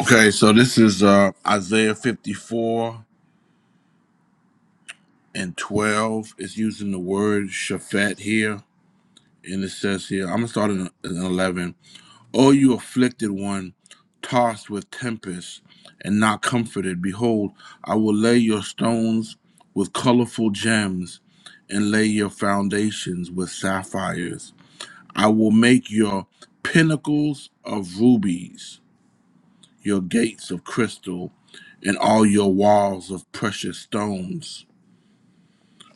Okay, so this is uh Isaiah 54 and 12. It's using the word Shaphat here, and it says here, I'm gonna start in, in 11. Oh, you afflicted one, tossed with tempest and not comforted. Behold, I will lay your stones with colorful gems, and lay your foundations with sapphires. I will make your pinnacles of rubies, your gates of crystal, and all your walls of precious stones.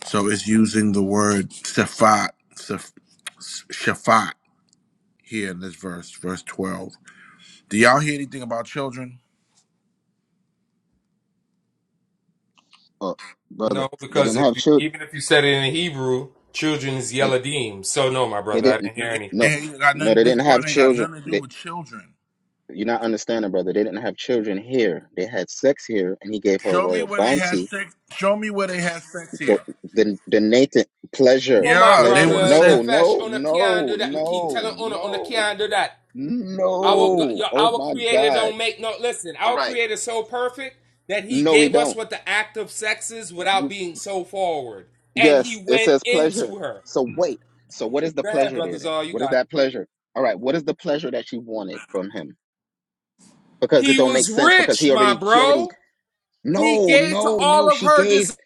So it's using the word shaphat, shaf- shaphat here in this verse, verse 12. Do y'all hear anything about children?
Or brother,
No,
they
because
didn't
if
have
you,
children.
even if you said it in Hebrew, children is
They
Yeladim. So no, my
they
brother, I
didn't
didn't hear
It
no
anything.
ain't got
no
nothing,
they
this
didn't
word
have
ain't got
children.
nothing to do
They
with children.
you're not understanding, brother. They didn't have children here. They had sex here, and he gave her a
Show me
royal
where they had
bounty
sex. Show me where they had sex
The
here.
the the Nathan pleasure
Oh my
Yeah, they
pleasure.
would have
brother,
said,
No
Nefesh,
no
ona kian do
no
that, keep
no
telling ona ona
no
kian do that. Our
no.
your,
Oh
our
my
creator
God.
don't make no listen.
All
Our
right.
creator is so perfect that he
No, we
gave us
don't.
what the act of sex is without
You
being so forward, and
yes.
he
It
went
says
into
pleasure.
her.
So wait. So what is the
Go ahead,
pleasure there
brothers.
then?
All you
What is
got it.
that pleasure? All right. What is the pleasure that she wanted from him? Because it
He
don't make
was
sense. Because
rich,
he
my
already she already
bro. He
no
gave to
no
all
no.
of
She
her
gave
desires.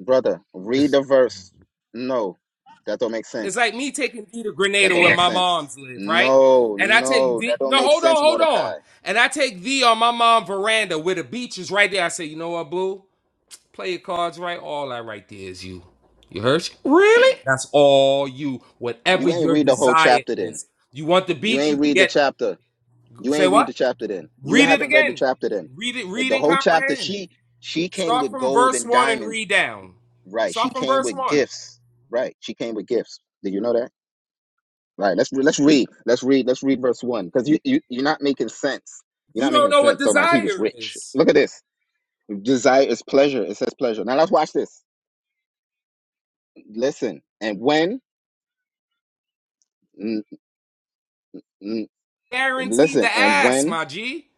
brother. Read
It's
the verse. No, that don't make
It's
sense.
like me taking Vita
That
Grenada
don't
where
make
my
sense.
moms live, right?
No,
And I take
no, that
the
don't
no,
make
hold on,
sense,
hold on.
Mordecai.
And I take thee on my mom's veranda where the beach is right there. I say, you know what, boo? Play your cards right. All that right there is you. You heard? You? Really? That's all you. Whatever
You ain't
your
read the whole
desire
chapter then.
is. You want the
You
beach, you
ain't read the
get.
chapter. You
Say
ain't read
what?
the chapter then. You
Read it
haven't read the
again.
chapter then.
Read it.
Uh,
Read
The
and
whole chapter,
comprehend.
she she came
Start
with
from
gold
verse
and
one and
diamonds.
read down.
Right. She
Start from
came
verse
with
one.
gifts. Right. She came with gifts. Did you know that? Right. Let's let's read. Let's read. Let's read verse one. Because you, you you're not making sense. You're
You
not
don't
making
know what
sense. So my he was
desire
rich.
is.
Look at this. Desire is pleasure. It says pleasure. Now let's watch this. Listen. And when? N-
Guaranteed to
Listen, and
ask,
when
my G.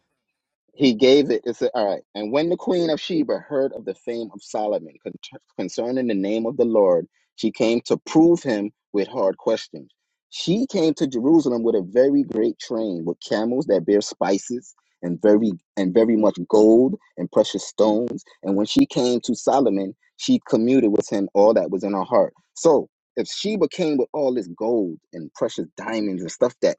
he gave it, it said, all right. And when the queen of Sheba heard of the fame of Solomon con- concerning the name of the Lord, she came to prove him with hard questions. She came to Jerusalem with a very great train, with camels that bear spices and very and very much gold and precious stones. And when she came to Solomon, she commuted with him all that was in her heart. So if Sheba came with all this gold and precious diamonds and stuff that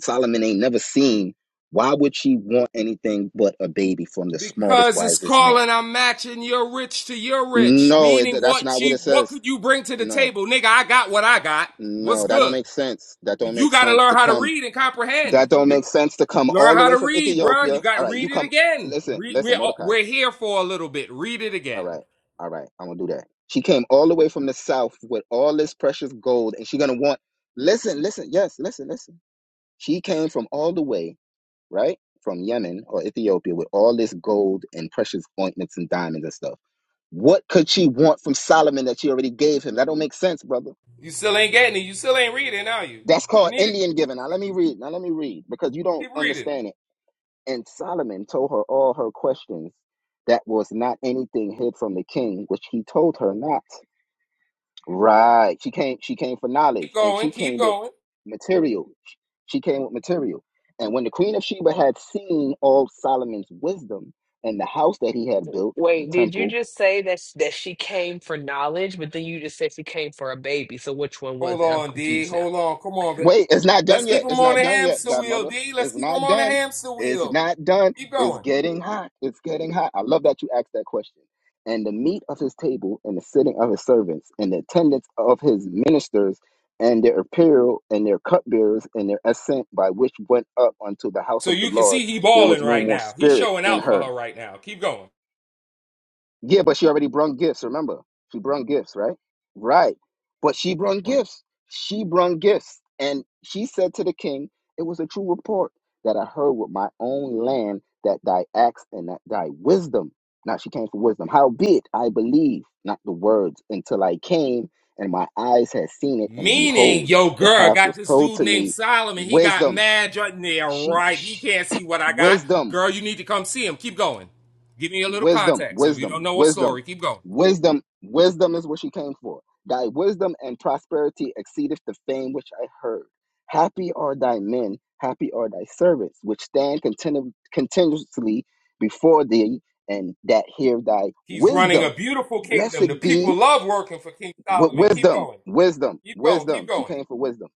Solomon ain't never seen, why would she want anything but a baby from the smartest,
Because it's
wisest man?
calling, I'm matching your rich to your rich.
No, it,
Meaning,
that's
what
not what
you,
it
what
says.
could you bring to the
No,
table, nigga? I got what I got. What's
no, that don't
good?
make sense. That don't
You
make
got to
sense
learn
to
how to
come.
read and comprehend.
That don't
And
make sense to come
learn
all the
how
way
to
from
read, bro. You
Ethiopia.
got
All
to
right,
read
you
it
come.
again.
Listen,
Read, we're
listen, Mordecai.
we're here for a little bit. Read it
All
again.
right, all right, I'm gonna do that. She came all the way from the south with all this precious gold, and she gonna want. Listen, listen, yes, listen, listen. She came from all the way, right, from Yemen or Ethiopia with all this gold and precious ointments and diamonds and stuff What could she want from Solomon that she already gave him? That don't make sense, brother.
You still ain't getting it. You still ain't reading, are you?
That's
You
called
need to
Indian giving. Now let me read. Now let me read because you don't
keep reading.
understand it. And Solomon told her all her questions that was not anything hid from the king, which he told her not. Right. She came she came for knowledge
Keep
and
going.
she
Keep
came with
going.
material. She came with material. And when the queen of Sheba had seen all Solomon's wisdom and the house that he had built, the
Wait, did you
temple,
just say that sh- that she came for knowledge, but then you just said she came for a baby? So which one
Hold
was it? I'm
on, D.
confused now.
Hold on. Come on. but
Wait, it's not
Let's
done
keep
yet.
him
It's
on
not
the
done yet,
hamster wheel,
Godmother.
D. Let's
It's
keep him
not
on the
done.
hamster
It's
wheel.
not done.
Keep
It's
going.
getting hot. It's getting hot. I love that you asked that question. And the meat of his table and the sitting of his servants and the attendance of his ministers and their apparel and their cupbearers and their ascent by which went up unto the house
So
of the
you can
Lord,
see he
there
balling
was no
right
more
now. He's
spirit
showing
in
out for
her.
her right now. Keep going.
Yeah, but she already brung gifts. Remember, she brung gifts, right? Right. But she brung gifts. She brung gifts, and she said to the king, "It was a true report that I heard with my own land that thy acts and that thy wisdom." Now she came for wisdom. Howbeit, I believe not the words until I came, and my eyes had seen it, and
Meaning,
behold,
yo,
the
girl
half
got
was
this
told
dude
to
named
me.
Solomon. He got
Wisdom.
mad. yeah,
She,
right. He
she
can't see what I got.
wisdom
Girl, you need to come see him. Keep going. Give me a little
wisdom,
context. If you don't
wisdom,
know a
wisdom,
story, keep going.
wisdom, wisdom is what she came for. Thy wisdom and prosperity exceedeth the fame which I heard. Happy are thy men, happy are thy servants, which stand continu- continuously before thee, and that hear thy
He's running a
wisdom.
beautiful kingdom. The
Blessed be
people love working for King
Wi-
Solomon. Keep
wisdom,
going.
wisdom,
Keep going. Keep
wisdom. She
going.
came for wisdom.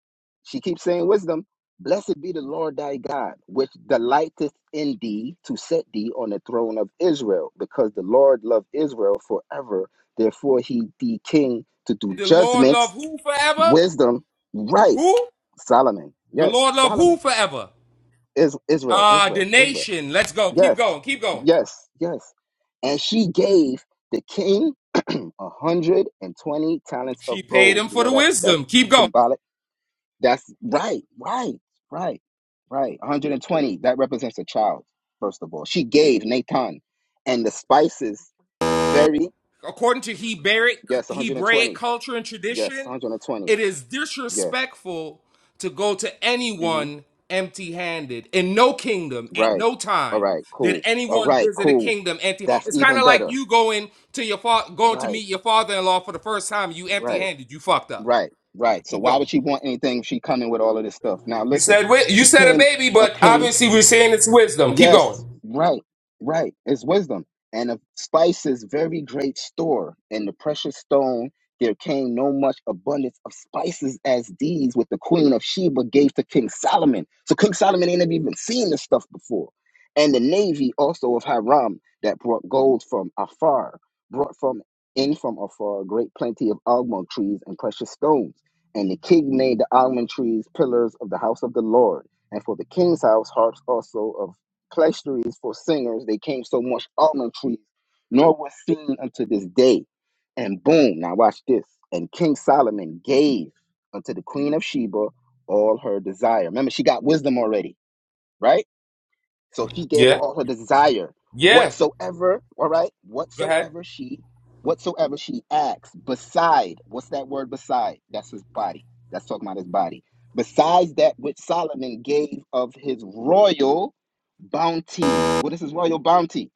She keeps saying wisdom. Blessed be the Lord thy God, which delighteth in thee to set thee on the throne of Israel, because the Lord loved Israel forever. Therefore he be king to do
The Lord love
judgments.
who forever?
wisdom, right.
Who?
Solomon.
The
Yes,
Lord love who
Solomon.
forever?
Is Israel,
Uh, the
Israel, Israel.
nation. Let's go. Keep
Yes,
going. Keep going.
yes, yes. And she gave the king a hundred and twenty talents
She
of
paid
gold.
him
We
for
know
the
that's that's
wisdom. Keep going.
symbolic. That's right, right, right, right. One hundred and twenty. That represents a child. First of all, she gave Nathan and the spices. Very
according to Hebraic
yes, one hundred and
Hebraic
twenty.
culture and
Yes,
tradition,
one hundred and twenty.
it is
Yes.
disrespectful to go to
hmm
anyone empty-handed. In no kingdom, at
Right.
no
All
time
right.
did
Cool. All
anyone
right.
visit a
Cool.
kingdom empty.
That's
It's kind
even
of like
better.
you going to your fa- going to
Right.
meet your father-in-law for the first time. You
right.
empty-handed. You fucked up.
Right, right. So
Keep
why
going.
would she want anything if she come in with all of this stuff? Now
You
listen,
said wi- you
she
said a
came
baby,
a
but
king
obviously we're saying it's wisdom. Keep
Yes,
going.
right, right. It's wisdom. And of spices, very great store. And the precious stone, there came no much abundance of spices as these with the queen of Sheba gave to King Solomon. So King Solomon ain't never even seen this stuff before. And the navy also of Hiram that brought gold from afar, brought from in from afar great plenty of almond trees and precious stones. And the king made the almond trees pillars of the house of the Lord and for the king's house harps also of Clash trees for singers. They came so much almond trees, nor was seen unto this day. And boom, now watch this. And King Solomon gave unto the queen of Sheba all her desire. Remember, she got wisdom already, right? So he gave her
Yeah.
all her desire,
Yeah.
whatsoever, all right,
Go ahead.
whatsoever she, whatsoever she acts, beside, what's that word beside? That's his body. That's talking about his body. Besides that which Solomon gave of his royal bounty. What is his royal bounty?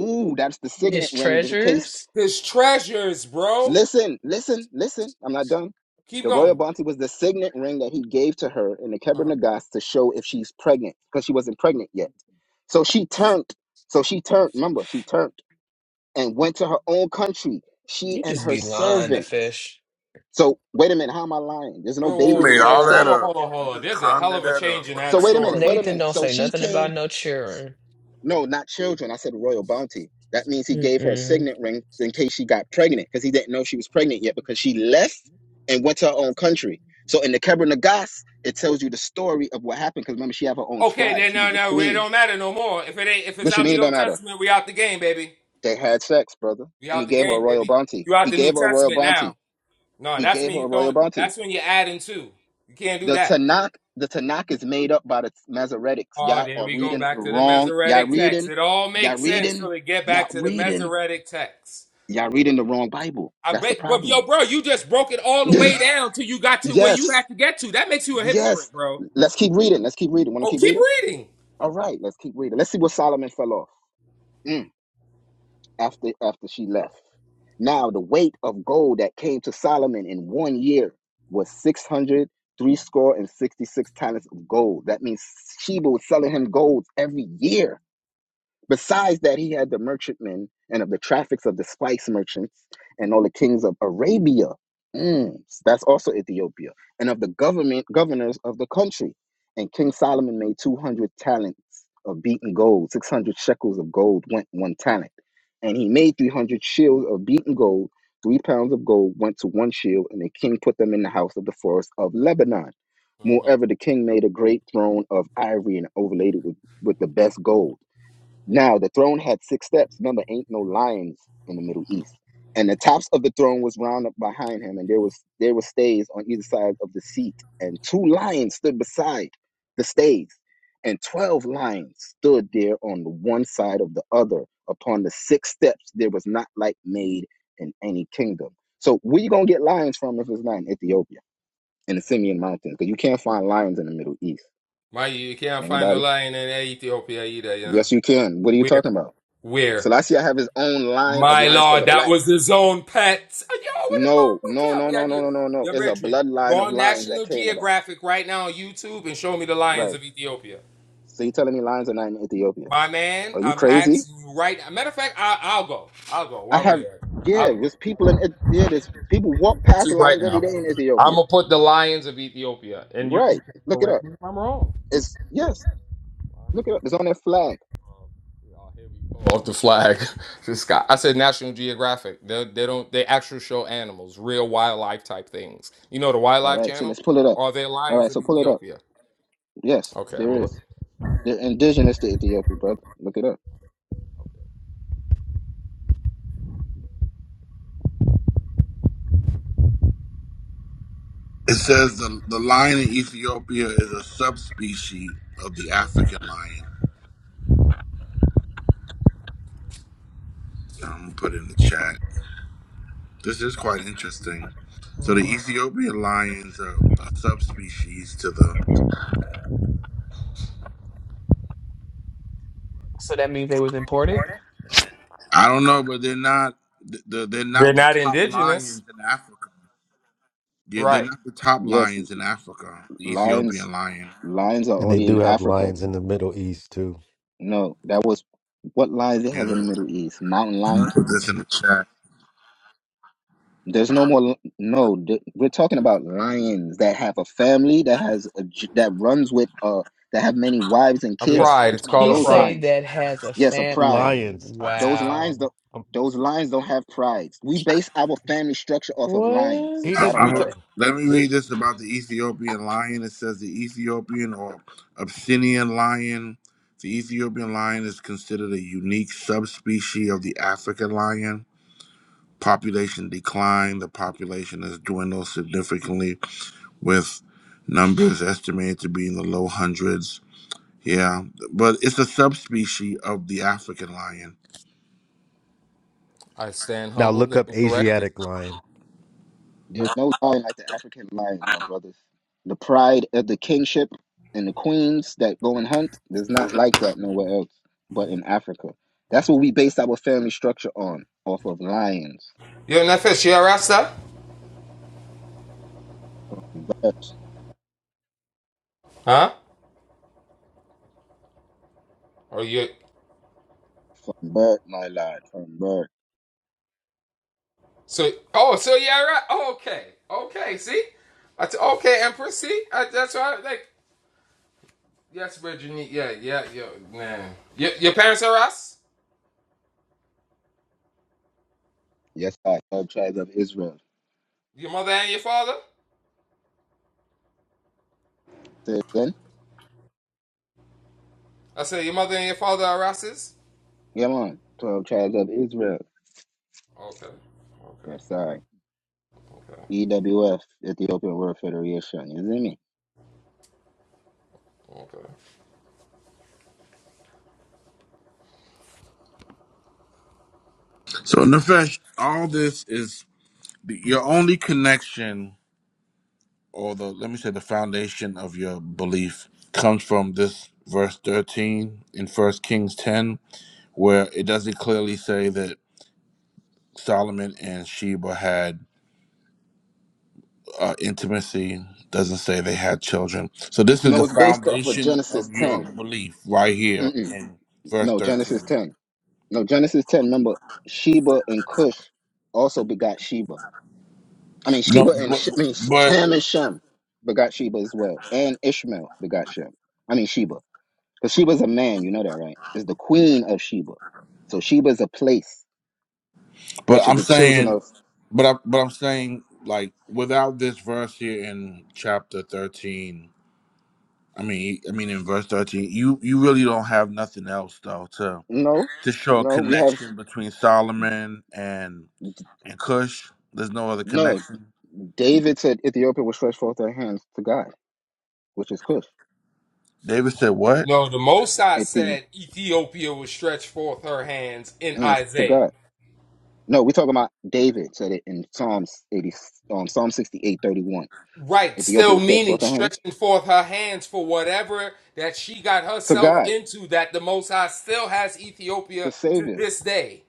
Ooh, that's the
His
signet ring, the case
treasures?
His treasures, bro.
Listen, listen, listen. I'm not done.
Keep
The
going.
royal bounty was the signet ring that he gave to her in the
Uh-huh.
Kebra Nagas to show if she's pregnant because she wasn't pregnant yet. So she turned. So she turned. Remember, she turned and went to her own country. She
You
and
just
her
be lying to
servants.
fish.
So wait a minute. How am I lying? There's no
Whoa,
You
baby
whoa,
here
made
that had
all
whoa,
that
hold on,
sex.
up.
hold on, hold
You
on.
just
There's a hell
conjured
of a
that up.
change in
So
that
wait a
story.
minute. Wait a
Nathan
minute.
don't
So
say
she
nothing
came
about no children.
No, not children. I said royal bounty. That means he gave her a
Mm-mm.
signet ring in case she got pregnant because he didn't know she was pregnant yet because she left and went to her own country. So in the Kebra Nagas, it tells you the story of what happened because remember, she had her own
Okay,
scribe.
then
She
no,
was a
no, it
queen.
don't matter no more. If it ain't, if it's
But you
out
mean
the
it don't
Old
matter.
Testament, we out the game, baby.
They had sex, brother.
We
And
out
he
the
gave her
game,
a royal
baby.
bounty.
You out
He
the New
gave her a royal
Testament now.
bounty.
No,
He
that's
gave
when
her
you
a royal
throwing.
bounty.
That's when you're adding two. You can't do
The
that.
Tanakh, the Tanakh is made up by the Masoretics.
Oh,
Y'all
there
are
we go
reading
back to the
wrong. Y'all
Masoretic text.
reading.
It all
Y'all
makes sense till
reading.
we get
Y'all
back to the
reading.
Masoretic text.
Y'all reading the wrong Bible.
I
That's the
bet, but yo,
problem.
bro, you just broke it all the way down till you got to where you had
yes.
to get to. That makes you a
Yes.
hypocrite, bro.
Let's keep reading. Let's keep reading. Want to
Oh,
keep
keep
reading?
reading.
All right. Let's keep reading. Let's see what Solomon fell off Mm. after after she left. Now the weight of gold that came to Solomon in one year was six hundred three score and sixty six talents of gold. That means Sheba was selling him gold every year Besides that, he had the merchantmen and of the traffics of the spice merchants and all the kings of Arabia.
Mhm,
Mm, that's also Ethiopia. And of the government governors of the country. And King Solomon made 200 talents of beaten gold. 600 shekels of gold went one talent. And he made 300 shields of beaten gold. Three pounds of gold went to one shield, and the king put them in the house of the forest of Lebanon.
mhm.
Moreover, the king made a great throne of ivory and overlaid it with, with the best gold. Now the throne had six steps. Remember, ain't no lions in the Middle East. And the tops of the throne was round up behind him, and there was there were stays on either side of the seat, and two lions stood beside the stays, and twelve lions stood there on the one side of the other. Upon the six steps, there was not like made in any kingdom. So where you gonna get lions from if it's not in Ethiopia in the Simeon Mountains? Because you can't find lions in the Middle East.
My, you can't find no
Anybody?
lion in Ethiopia either, you know.
Yes, you can. What are you
Where?
talking about?
Where?
Selassie have his own line of
My
lions called
lord,
the
that was
Blacks.
his own pet. Yo, what the
No,
bumper
no,
clap
no,
me
no,
idea?
no, no, no, no.
Your
It's a
brethren, go
bloodline of
on
lions that
National
came about.
Geographic right now on YouTube and show me the lions
Right.
of Ethiopia.
So you telling me lions are not in Ethiopia?
My man,
Are you
I'm
crazy?
asking you right now. Matter of fact, I, I'll go. I'll go
I
while we're
have,
here. I'll
yeah,
go.
there's people in, Eth- yeah, there's people walk past
YouTube right
lions every
now.
day in
I'm
Ethiopia.
going to put the lions of Ethiopia, and you can
Right. Look it
correct
up.
me if I'm wrong.
It's, yes, look it up. It's on their flag.
Oh, here we go. Off the flag, this guy. I said National Geographic. They they don't they actually show animals, real wildlife type things. You know the
All
Wildlife
right, so
Channel?
let's pull it up.
Are they
All
lions
right,
of
so pull it up.
Ethiopia?
Yes,
Okay, I'm gonna
there
look.
is. They're indigenous to Ethiopia, brother. Look it up.
It says the, the lion in Ethiopia is a subspecies of the African lion. I'm gonna put it in the chat. This is quite interesting. So the
Mhm.
Ethiopian lions are a subspecies to the.
So that means they was imported?
I don't know, but they're not. th- They're, they're
They're
not the
not
top
indigenous,
lions in Africa. Yeah, they're
right?
not the top
Yes,
lions in Africa. The
lions,
Ethiopian lion.
lions are
And they
only in
do have
Africa.
lions in the Middle East too.
No, that was what lions they have in the
Yeah,
Middle East. Mountain
I'm gonna
lions.
put this in the chat.
There's no more. li- No, th- we're talking about lions that have a family that has a, j- that runs with uh that have many wives and
A
yeah.
kids.
pride.
We're
It's
talking about
He
called a
I'm
those
pride.
talking
say
lions.
that has a
Yes, a pride.
family.
lions. I,
Those lions don't.
Wow.
I'm,
Those lions don't have prides. We base our family structure off of lions. If
he,
I,
y'all
What?
don't know
I'm,
that.
let me read this about the Ethiopian lion. It says the Ethiopian or Abyssinian lion. The Ethiopian lion is considered a unique subspecies of the African lion. Population decline. The population has dwindled significantly, with numbers estimated to be in the low hundreds. Yeah, but it's a subspecies of the African lion.
I stand
Now
humbled
look up
and corrected.
Asiatic lion.
There's no lion like the African lion, my brothers. The pride of the kingship and the queens that go and hunt, there's not like that nowhere else but in Africa. That's what we base our family structure on, off of lions.
Yo, Nefesh, you a Rasta?
Bird,
Huh? Or you?
from bird, my lord, from bird.
So oh, so yeah, right. Oh, okay, okay. See, I t- okay, Empress. See, I, that's why. Like. Yes, Virginia. Yeah, yeah, yeah, man. Your, your parents are Ras?
Yes, I. 12 tribes of Israel.
Your mother and your father?
Say it again?
I said your mother and your father are Rases?
Come on. 12 tribes of Israel.
Okay, okay,
Yes, I.
okay,
EWF, Ethiopian World Federation. You see me?
okay.
So, Nefesh, all this is your only connection or the let me say the foundation of your belief comes from this verse 13 in first kings 10 where it doesn't clearly say that solomon and sheba had uh, intimacy doesn't say they had children so this is
No,
the
it's based off of
foundation
Genesis
of your
10.
belief right here
Mm-mm.
in verse
No, Genesis
13
10. No, Genesis 10, remember, Sheba and Cush also begot Sheba. I mean, Sheba
no
and
but
Sh- I mean, Sh-
but,
Ham and Shem begot Sheba as well. And Ishmael begot Shem. I mean, Sheba. Because Sheba's a man, you know that, right? Is the queen of Sheba. So Sheba's a place,
but
which is
i'm
the children
saying
of.
but I, but i'm saying like without this verse here in chapter 13 I mean, I mean, in verse thirteen, you you really don't have nothing else though to
No,
to show a
no, we have.
connection between Solomon and and Cush. There's no other
No,
connection.
David said Ethiopia will stretch forth their hands to God, which is Cush.
David said, "What?
No, the Mosai
At the
said Ethiopia will stretch forth her hands in
hands to
Isaiah.
God. No, we're talking about David said it in Psalms 80, um, Psalm sixty-eight thirty-one.
Right,
Ethiopia
still
would stretch
meaning
forth her hands
stretching forth her hands for whatever that she got
to
herself
God,
into that the Most High still has Ethiopia
the
to
Savior.
this day.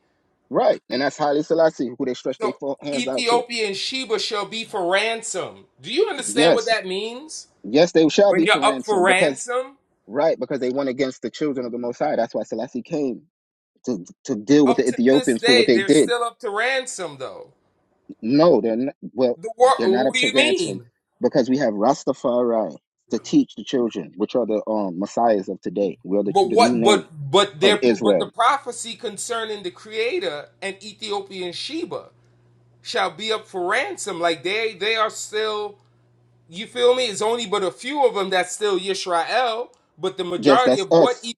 Right. And that's Haile Selassie, who they stretch their
So
fo- hands out to.
Ethiopia and Sheba shall be for ransom. Do you understand what
Yes.
that means?
Yes, they shall
When
be
you're
for
up for
ransom because,
ransom?
right, because they went against the children of the Most High. That's why Selassie came to, to deal with
Up
the
to this
Ethiopians for what
day,
they
they're
did.
still up to ransom though.
No, they're not, well,
The what,
they're not
what
up
do
to
you
ransom
mean?
because we have Rastafari to teach the children, which are the um, messiahs of today. We are the,
But
the new
what but
name
but
of
their but the
Israel.
prophecy concerning the creator and Ethiopian Sheba shall be up for ransom. Like they they are still You feel me? It's only but a few of them that's still Yisrael, but the
Yes,
majority
that's
of what
us,
e-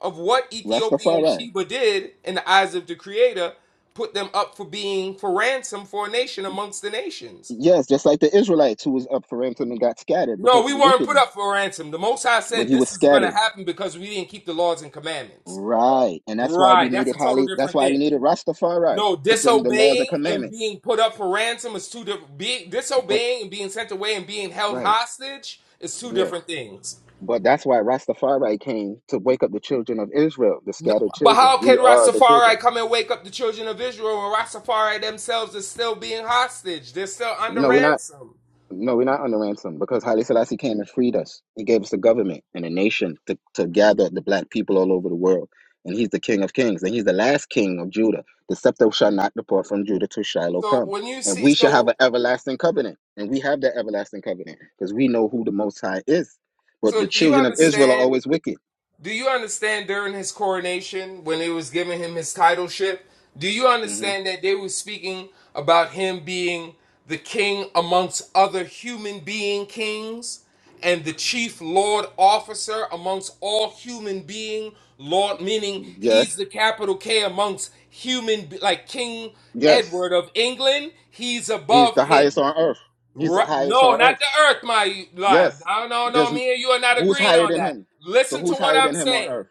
of what Ethiopian
Rastafari.
Sheba did in the eyes of the Creator put them up for being for ransom for a nation amongst the nations.
Yes, just like the Israelites who was up for ransom and got scattered because
No, we
of the
weren't put
wickedness.
up for ransom. The Most High
But
said
you were
this is going to
scattered.
happen because we didn't keep the laws and commandments.
Right. And that's why
Right,
we
that's a
needed
total
highly that's
different
why
thing.
we needed Rastafari
No,
to bring the laws and
disobeying and
commandments.
being put up for ransom is two different. Being
But
disobeying and being sent away and being held
right,
hostage is two
yes.
different things.
But that's why Rastafari came to wake up the children of Israel, the scattered
But
children.
how
We
can
are the
Rastafari
children.
come and wake up the children of Israel when Rastafari themselves is still being hostage? They're still under
No, we're not.
ransom.
No, we're not under ransom because Haile Selassie came and freed us. He gave us a government and a nation to, to gather the black people all over the world. And he's the king of kings. And he's the last king of Judah. The scepter shall not depart from Judah till Shiloh
So
come.
when you
And
see,
we shall have an
so
everlasting covenant. And we have that everlasting covenant because we know who the Most High is. But the
so do you
children of Israel are
understand
always wicked.
Do you understand during his coronation, when they was giving him his titleship, do you
hmm
understand that they were speaking about him being the king amongst other human being kings and the chief lord officer amongst all human being lord meaning he's
Yes.
the capital K amongst human like King
Yes.
Edward of England, he's
He's
above
the highest
him.
on earth. He's the
Right.
highest on
No, not
earth.
the earth, my love.
Yes.
No, no, no.
There's,
Me and you are not
who's
agreeing
higher
on
than
that.
him? So
Listen to
who's
what
higher
I'm
than him on
saying.
earth?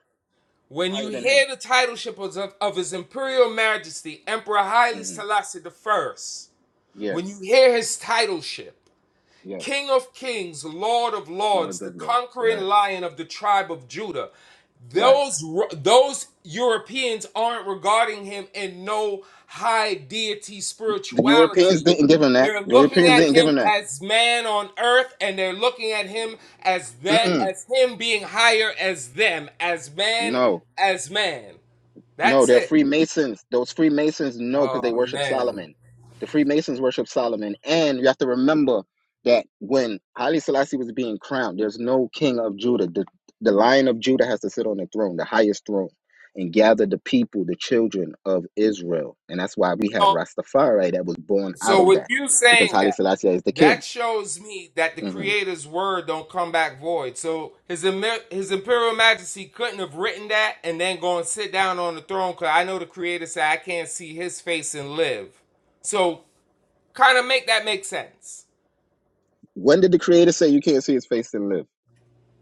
Who's
When you
higher than him?
hear the titleship of, of His Imperial Majesty, Emperor Haile
hmm
Selassie the First,
Yes,
when you hear his titleship,
yes.
King of kings, Lord of lords,
Lords
the
of love.
conquering
Right,
lion of the tribe of Judah.
right.
Those those Europeans aren't regarding him in no high deity
The Europeans
spirituality.
didn't give him that.
They're
The
looking
Europeans
at
didn't give
him
him that.
as man on earth, and they're looking at him as that
Mm-mm.
as him being higher as them, as man,
No,
as man.
No,
That's
they're
it.
Freemasons. Those Freemasons know because they
Oh
worship
man.
Solomon. The Freemasons worship Solomon. And you have to remember that when Haile Selassie was being crowned, there's no king of Judah. The, the lion of Judah has to sit on the throne, the highest throne, and gather the people, the children of Israel. And that's why we have Rastafari that was born out
So
of
with
that
you
because
saying
Haile
that,
Selassie is the king.
that shows me that the
hmm
creator's word don't come back void. So his his imperial majesty couldn't have written that and then go and sit down on the throne cuz I know the creator said I can't see his face and live. So kind of make that make sense.
When did the Creator say you can't see his face and live?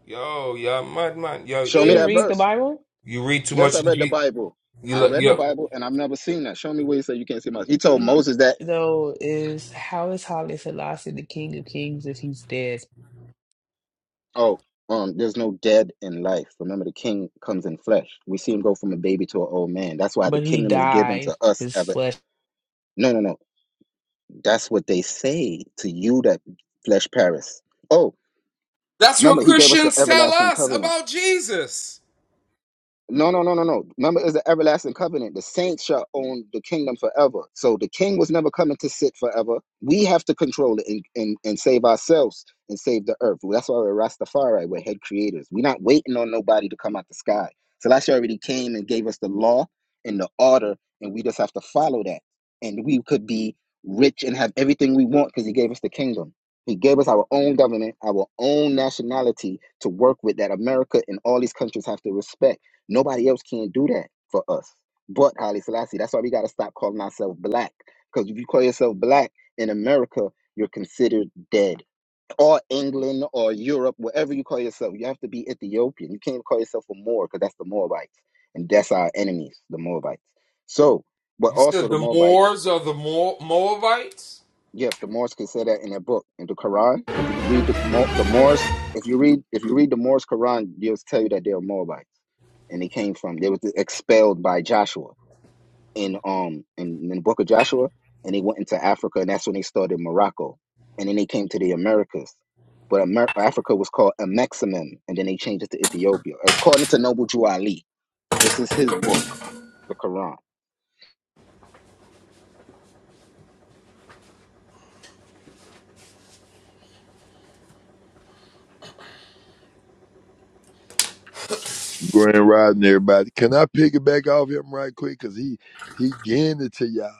Yo, yo, mud mud. Yo,
You
Show me
yeah.
didn't
that
read the
verse.
Bible?
You read too
Yes, I
much in
read the
Jesus.
Bible.
You
I
look,
read the
yo.
Bible and I've never seen that. Show me where he said you can't see Moses. He told Moses that,
Though is how is Holly Selassie the King of Kings if he's dead?
oh, um, there's no dead in life. Remember, the king comes in flesh. We see him go from a baby to an old man. That's why the
But he
kingdom is given to
died.
us.
His
Ever.
flesh.
No, no, no. That's what they say to you that flesh Paris. Oh,
That's
remember,
what
he gave us an
Christians tell
everlasting
us
covenant.
about Jesus.
No, no, no, no, no. Remember, it's the everlasting covenant. The saints shall own the kingdom forever. So the king was never coming to sit forever. We have to control it and, and, and save ourselves and save the earth. Well, That's why we're Rastafari. We're head creators. We're not waiting on nobody to come out the sky. Celestia already came and gave us the law and the order, and we just have to follow that. And we could be rich and have everything we want because he gave us the kingdom. He gave us our own government, our own nationality to work with that America and all these countries have to respect. Nobody else can do that for us but Haile Selassie. That's why we got to stop calling ourselves black. Because if you call yourself black in America, you're considered dead. Or England or Europe, wherever you call yourself, you have to be Ethiopian. You can't call yourself a Moor because that's the Moabites. And that's our enemies, the Moabites. So, but
You
also
said
the
the
Moabites
Moors are the Mo- Moabites?
Yes, the Moors can say that in their book, in the Quran. If you read the, Mo- the Moors, if you read if you read the Moors Quran, they'll tell you that they are Moabites, and they came from they were expelled by Joshua in um in, in the book of Joshua, and they went into Africa, and that's when they started Morocco, and then they came to the Americas, but Amer- Africa was called Ameximim, and then they changed it to Ethiopia, according to Noble Jew Ali. This is his book, the Quran.
Grand Rising, everybody. Can I pick it back off him right quick? Cause he he getting it to y'all.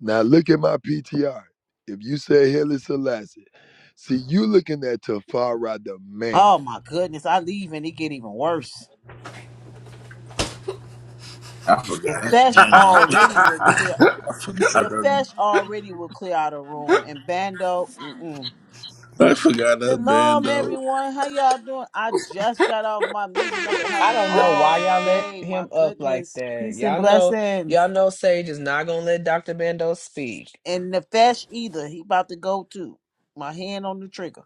Now look at my PTR. If you say Haile Selassie, see you looking at Tafara the man.
Oh my goodness, I leave and it get even worse.
I forgot that
Nefesh
bando.
already will clear.
I forgot that.
Nefesh already will clear out a room, and Bando. Mm-mm.
I forgot that
Shalom,
bando.
everyone. How y'all doing? I just got off my meeting I've been
I
having
don't know
all
why y'all let
day. My
him up like
goodness,
that.
peace and
Y'all know,
blessings.
y'all know Sage is not gonna let Dr. Bando speak.
And Nefesh either he about to go too. My hand on the trigger.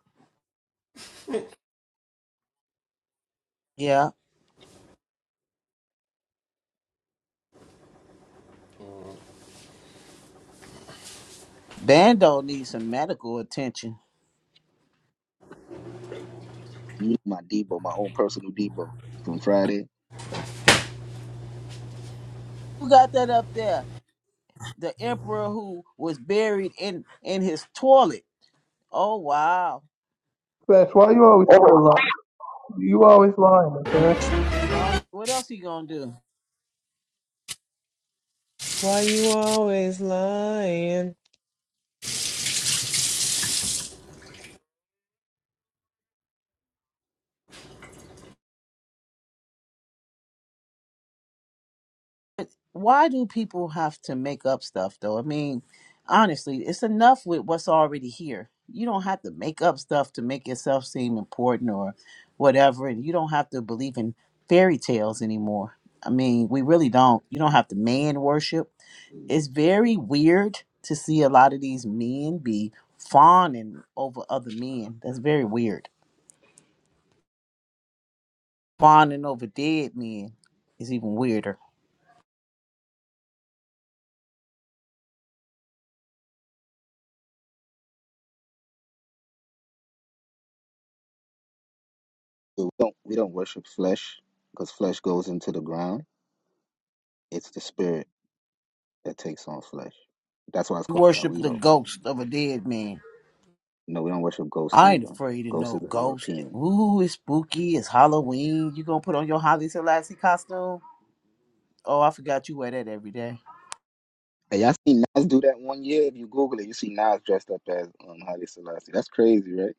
Yeah, Bando needs some medical attention.
You, my Debo, my own personal Debo from Friday.
Who got that up there? The emperor who was buried in in his toilet. Oh wow.
Fetch, why you always so lying? You always lying, Nefesh.
So uh, what else you gonna do?
Why you always lying?
Why do people have to make up stuff though? I mean, honestly, it's enough with what's already here. You don't have to make up stuff to make yourself seem important or whatever. And you don't have to believe in fairy tales anymore. I mean, we really don't. You don't have to man worship. It's very weird to see a lot of these men be fawning over other men. That's very weird. Fawning over dead men is even weirder.
So We don't we don't worship flesh because flesh goes into the ground. It's the spirit that takes on flesh. That's why it's
You
called
worship the
Tawido.
ghost of a dead man.
No, we don't worship ghosts
I ain't
either.
afraid of
Ghosts is
no
a
ghost.
European.
Ooh, it's spooky. It's Halloween. You gonna put on your Holly Selassie costume? Oh, I forgot you wear that every day.
And y'all seen Nas do that one year. If you Google it, you see Nas dressed up as um, Haile Selassie. That's crazy, right?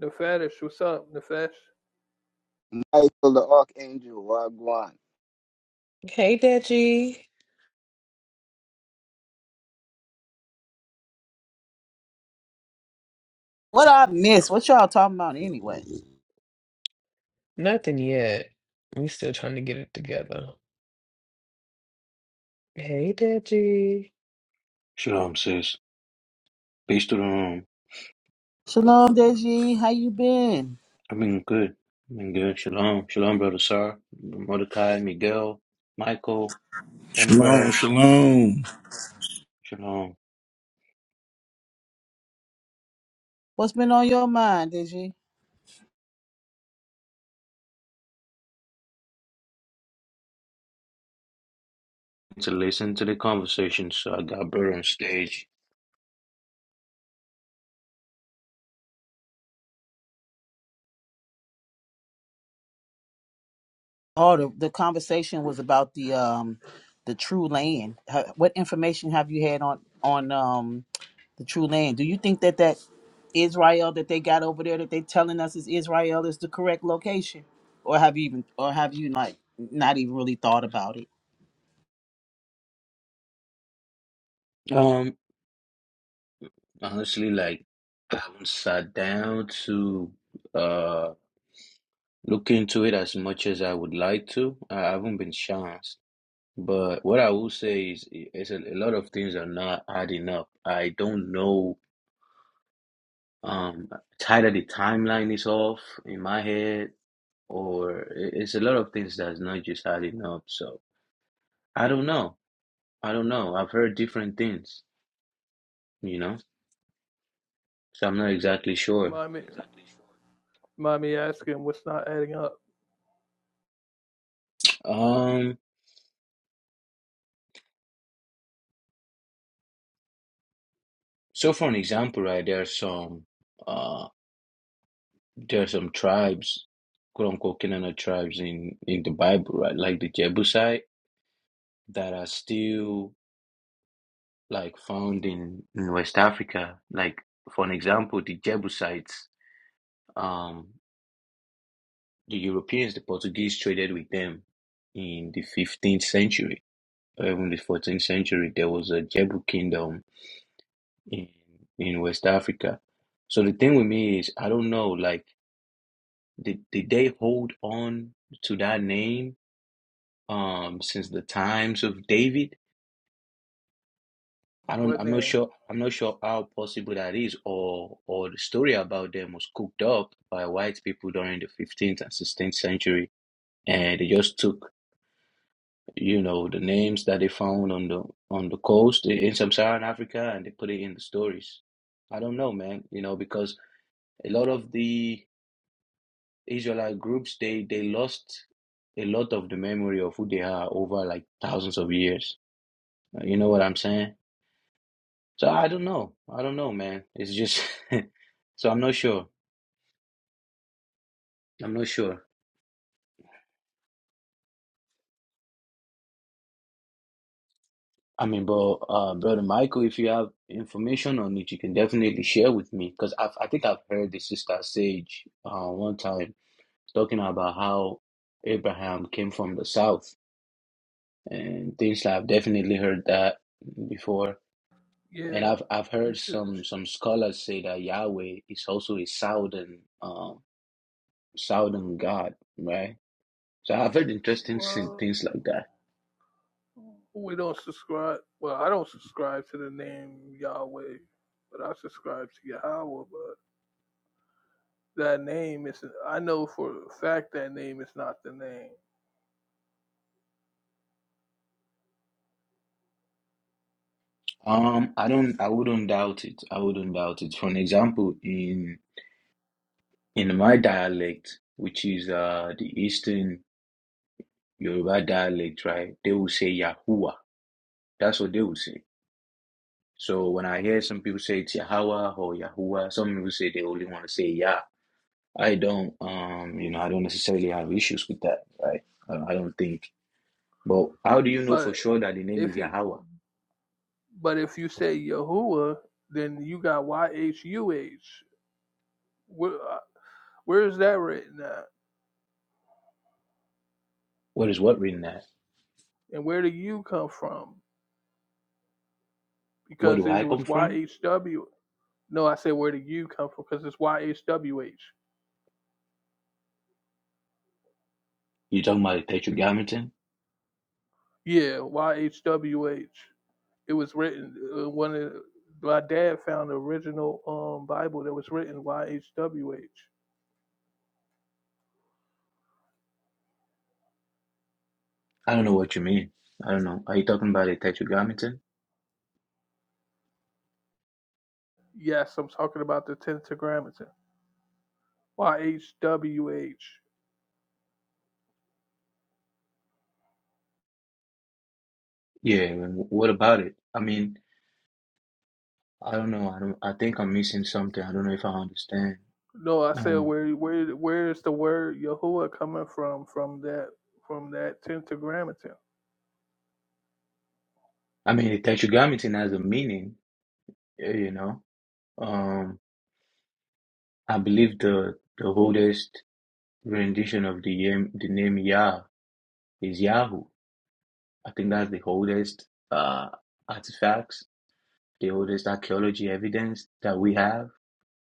Nefesh, what's up, Nefesh?
Michael the Archangel, Wagwan.
Hey, Deji.
What I miss? What y'all talking about anyway?
Nothing yet. We still trying to get it together. Hey, Deji.
Shalom, sis. Peace to the room.
Shalom, Deji. How you been?
I've been good. I've been good. Shalom. Shalom, brother Sar, Mordecai, Miguel, Michael,
Shalom,
Empress.
shalom.
Shalom.
What's been on your mind, Deji?
To listen to the conversation, so I got brother on stage.
Oh, the, the conversation was about the um the true land. Ha- What information have you had on on um the true land? Do you think that that Israel that they got over there that they telling us is Israel is the correct location? Or have you even or have you like not even really thought about it?
Um, honestly, like I haven't sat down to uh look into it as much as I would like to. I haven't been chanced. But what I will say is, is a, a lot of things are not adding up. I don't know um either the timeline is off in my head or i- it's a lot of things that's not just adding up so i don't know i don't know i've heard different things you know so i'm not exactly sure
Mommy, mommy asking what's not adding up.
um so for an example right there are some uh there are some tribes quote unquote Canaanite tribes in in the bible right like the Jebusite that are still like found in in West Africa like for an example the Jebusites um. The Europeans, the Portuguese traded with them in the 15th century, or even the 14th century. There was a Jebu kingdom in, in West Africa. So the thing with me is, I don't know, like, did, did they hold on to that name um, since the times of David? I don't,
What
I'm not
then?
sure, I'm not sure how possible that is, or, or the story about them was cooked up by white people during the 15th and 16th century, and they just took you know the names that they found on the on the coast in in sub-Saharan Africa and they put it in the stories. I don't know, man, you know, because a lot of the Israelite groups they they lost a lot of the memory of who they are over like thousands of years. Uh, You know what I'm saying? So I don't know. I don't know, man. It's just so I'm not sure. I'm not sure. I mean, bro, uh, brother Michael, if you have information on it, you can definitely share with me because I I think I've heard the sister Sage uh, one time talking about how Abraham came from the south and things like I've definitely heard that before. And
Yeah.
I've I've
He
heard
says,
some some scholars say that Yahweh is also a southern um southern god, right? So I've heard interesting sin-
well,
things like that.
we don't subscribe. Well, I don't subscribe to the name Yahweh, but I subscribe to Yahweh. But that name is, I know for a fact that name is not the name.
Um, I don't, I wouldn't doubt it. I wouldn't doubt it. For an example, in in my dialect, which is uh the Eastern Yoruba dialect, right? They will say Yahuwah. That's what they will say. So when I hear some people say it's Yahweh or Yahuwah, some people say they only want to say Yah. I don't, um, you know, I don't necessarily have issues with that, right? I, I don't think. But how do you know for
But
sure that the name is
if you
Yahweh?
But if you say Yahuwah, then you got Y H U H. Where uh, where is that written at?
What is what written there?
And where do you come from?
Where
Because
do
it
I come
was Y
from?
H W. No, I said where do you come from? Because it's Y H W H.
You talking about the Tetragrammaton?
Yeah, Y H W H. It was written uh, one of my dad found the original um Bible that was written Y H W H.
I don't know what you mean. I don't know. Are you talking about the Tetragrammaton?
Yes, I'm talking about the Tentagrammaton. Y H W H.
Yeah. What about it? I mean, I don't know. I don't. I think I'm missing something. I don't know if I understand.
No, I said
Um,
where where where is the word Yahuwah coming from from that from that tetragrammaton?
I mean, the Tetragrammaton has a meaning, eh, you know. Um, I believe the the oldest rendition of the yam, the name Yah is Yahoo. I think that's the oldest uh, artifacts, the oldest archaeology evidence that we have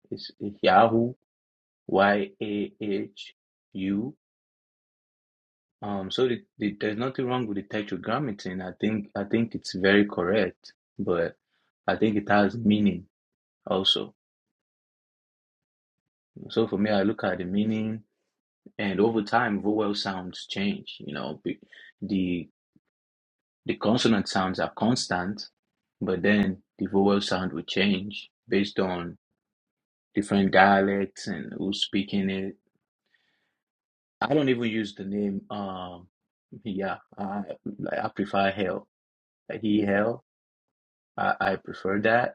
is Yahoo, Y A H U. Um, so the, the, there's nothing wrong with the tetragrammaton. I think I think it's very correct, but I think it has meaning also. So for me, I look at the meaning and over time vowel sounds change you know be- the the consonant sounds are constant but then the vowel sound will change based on different dialects and who's speaking it i don't even use the name um yeah i like, i prefer hell like he hell I, I prefer that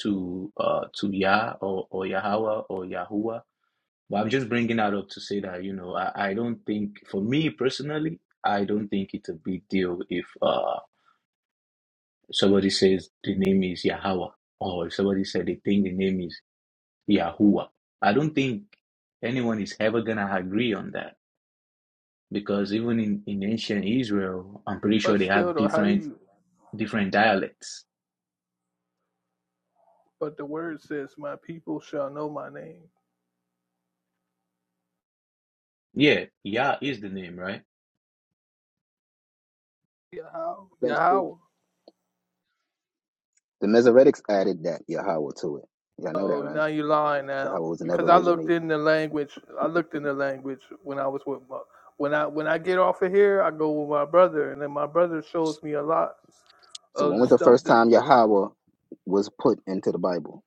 to uh to Yah or, or Yahweh or Yahuwah But I'm just bringing that up to say that, you know, I, I don't think, for me personally, I don't think it's a big deal if uh, somebody says the name is Yahweh or if somebody said they think the name is Yahuwah. I don't think anyone is ever going to agree on that because even in, in ancient Israel, I'm pretty sure
But
they
still
have
though, how do
different
you
different dialects.
but the word says my people shall know my name.
Yeah, Yah is the name, right?
Yahweh.
That's cool.
Yahweh.
The Mesoretics added that Yahweh to it. Y'all know that,
Oh
right?
now you lying
Yahweh
now.
was never
Because I looked
originally.
in the language I looked in the language when I was with my when I when I get off of here I go with my brother and then my brother shows me a lot
So
of
when was
the
the
stuff
first
that
time Yahweh was put into the Bible?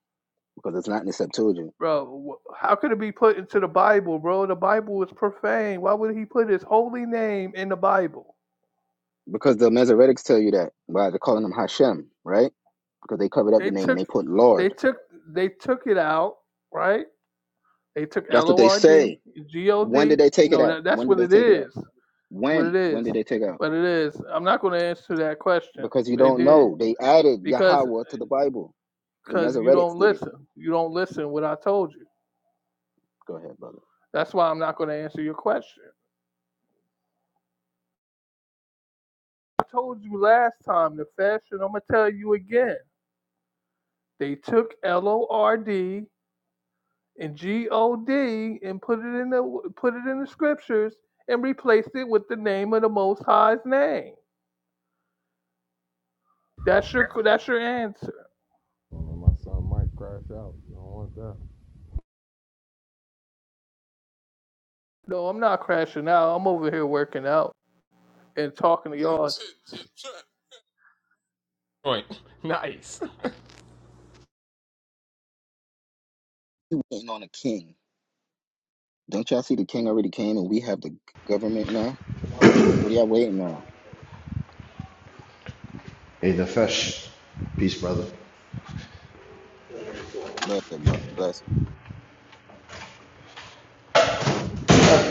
Because it's not in the Septuagint.
Bro, wh- how could it be put into the Bible, bro? The Bible is profane. Why would he put his holy name in the Bible?
Because the Masoretics tell you that by they're calling them Hashem, right? Because they covered up the
They
name and
took
they put
they
Lord.
took they took it out, right? They took
That's
L
what
O
they
R D,
say.
G O
When
D.
did they take it
No,
out?
that that's
When did
what
they
it
take it out?
is. It's what it
When? When
is.
did they take it out?
What it is. I'm not gonna answer that question.
Because you
They
don't
did.
know. They added
Because
Yahweh to the Bible. The
because you
Masoretics
don't
did it.
listen. You don't listen what I told you.
Go ahead, brother.
That's why I'm not gonna answer your question. I told you last time the fashion, I'm gonna tell you again They took L O R D and G O D and put it in the put it in the scriptures and replaced it with the name of the Most High's name. That's your that's your answer. No, I'm not crashing out. I'm over here working out and talking to y'all.
Right. Nice.
Waiting on a king. Don't y'all see the king already came and we have the government now? What are y'all waiting on?
Hey, Nefesh. Peace, brother.
Bless it, brother. Bless it.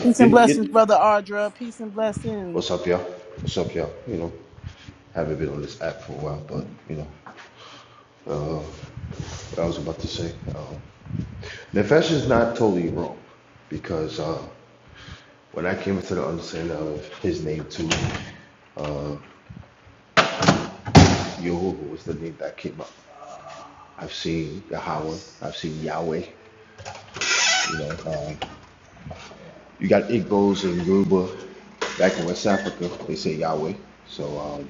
Peace
You,
and blessings,
you,
brother Ardra. Peace and blessings.
what's up, y'all? What's up, y'all? You know, haven't been on this app for a while, but you know, what I was about to say. Um, Nefesh is not totally wrong because uh, when I came into the understanding of his name too, Yehovah was the name that came up. I've seen Yahweh, I've seen Yahweh. You know, uh, you got Igbos and Yoruba back in West Africa, they say Yahweh. So um,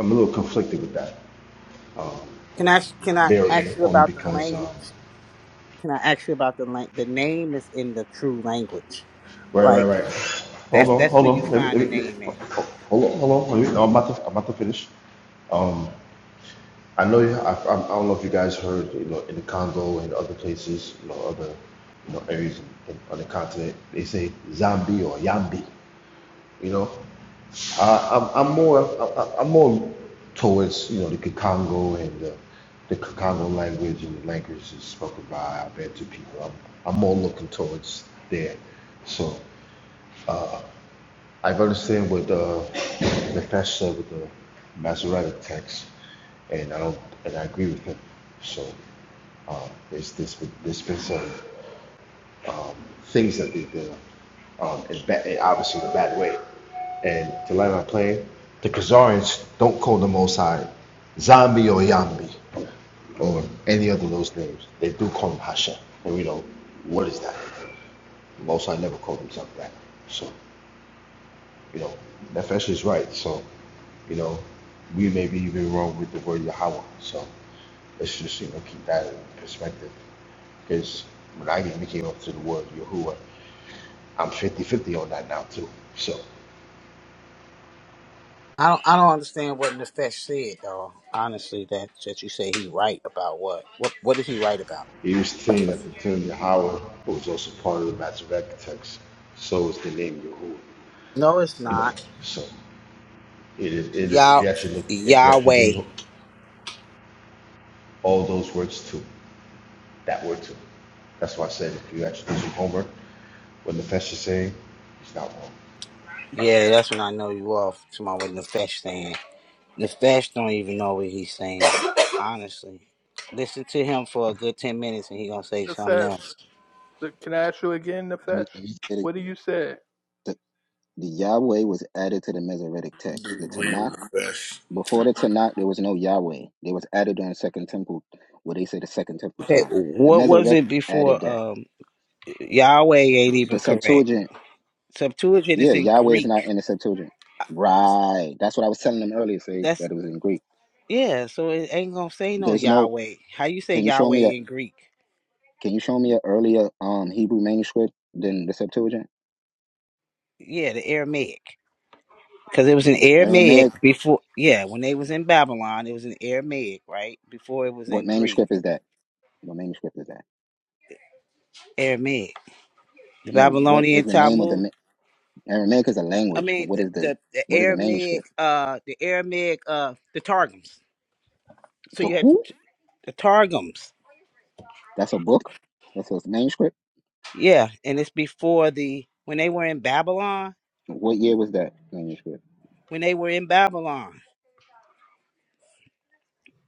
I'm a little conflicted with that.
Can I can I
Bury
ask
me
you
only
about the
because um,
language? Can I ask you about the lang- the name is in the true language,
Right, right,
right?
right. Hold
That's
on,
that's
hold
where you
on. Let me,
find the
let me,
name at.
hold on, hold on. Let me, I'm about to, I'm about to finish. I know. You, I, I, I don't know if you guys heard. You know, in the Congo and other places, you know, other, you know, areas in, on the continent, they say Zambi or Yambi. You know, I, I'm, I'm more, I, I- am more towards you know the Congo and the, the Congo language and the languages spoken by our Bantu people. I'm, I'm more looking towards there. So. I've done the same with uh, the pastor with the Masoretic text, and I don't, and I agree with him. So um, there's this, there's been some things that they did, um, in ba- in obviously the bad way. And to land my plane, the Khazarians don't call the Most High Zombie or Yambi or any other of those names. They do call him Hashem, and we know what is that. Most High never called himself that. So you know, Nefesh is right. So You know, we may be even wrong with the word Yahweh. So let's just, you know, keep that in perspective. Because when I even came up to the word Yahuwah, I'm fifty-fifty on that now too. So
I don't I don't understand what Nefesh said though. Honestly, that that you say he right about what? What what is he right about?
he was saying that the term Yahweh was also part of the Masoretic text. So is the name Yahuwah.
No, it's
You know,
not.
so it is it is if
Yah
you actually look if you actually do
Yahweh.
all those words too, that word too. That's why I said if you actually do some homework, what the Nefesh is saying, it's not wrong.
Yeah, that's when I know you off. Tomorrow with Nefesh saying. Nefesh don't even know what he's saying. Honestly. Listen to him for a good ten minutes and he gonna say something
Nefesh.
else.
Look, can I ask you again,
Let me
Nefesh?
let me say it
What do you
again.
say?
The, the Yahweh was added to the Masoretic text. The
Dude, we ain't
Tanakh
with the best.
Before the Tanakh, there was no Yahweh. They was added during the Second Temple, where they say the Second Temple
Okay,
time. The
what was it
Mesoretics added
before
that.
um Yahweh ain't
The
even correct.
Septuagint,
Septuagint
yeah,
is in
Yahweh is not
Greek.
in the Septuagint. Right. That's what I was telling them earlier, say
That's
that it was in Greek.
yeah, so it ain't gonna say no
There's no.
Yahweh. How you say
Can you show
Yahweh
me a?
in Greek?
Can you show me a earlier um Hebrew manuscript than the Septuagint?
Yeah, the Aramaic. Because it was in Aramaic
Aramaic.
before yeah, when they was in Babylon, it was in Aramaic, right? Before it was
What
in Greek.
manuscript is that? What manuscript is that?
Aramaic. The
No. What is
Babylonian
the name of the
Talmud.
ma- Aramaic is a
I
language, but
mean
what
the
is the
the, the
what is the
Aramaic,
manuscript?
uh, the Aramaic, uh, the Targums. So
The
you had
who?
t- the Targums.
That's a book. That's a manuscript.
Yeah, and it's before the when they were in Babylon.
What year was that manuscript?
When they were in Babylon.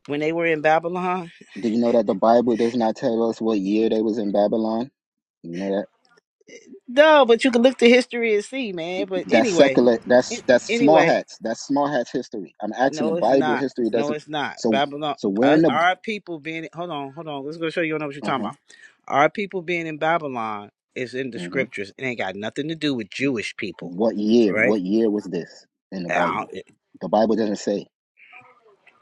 When they were in Babylon.
Do you know that the Bible does not tell us what year they was in Babylon? You know that
No, but you can look the history and see, man. But
that's
anyway,
secular. That's
an-
that's small
anyway.
hats. That's small hats history. I'm asking the
No, it's
Bible
not.
history
No,
doesn't.
it's not.
So
Babylon.
so we're
Uh,
in the
our people being hold on, hold on. Let's go show you. You don't know what you're
uh
talking
huh.
about. Our people being in Babylon is in the
hmm
scriptures. It ain't got nothing to do with Jewish people.
What
All
year?
right.
What year was this in the
Uh,
Bible?
It
The Bible doesn't say.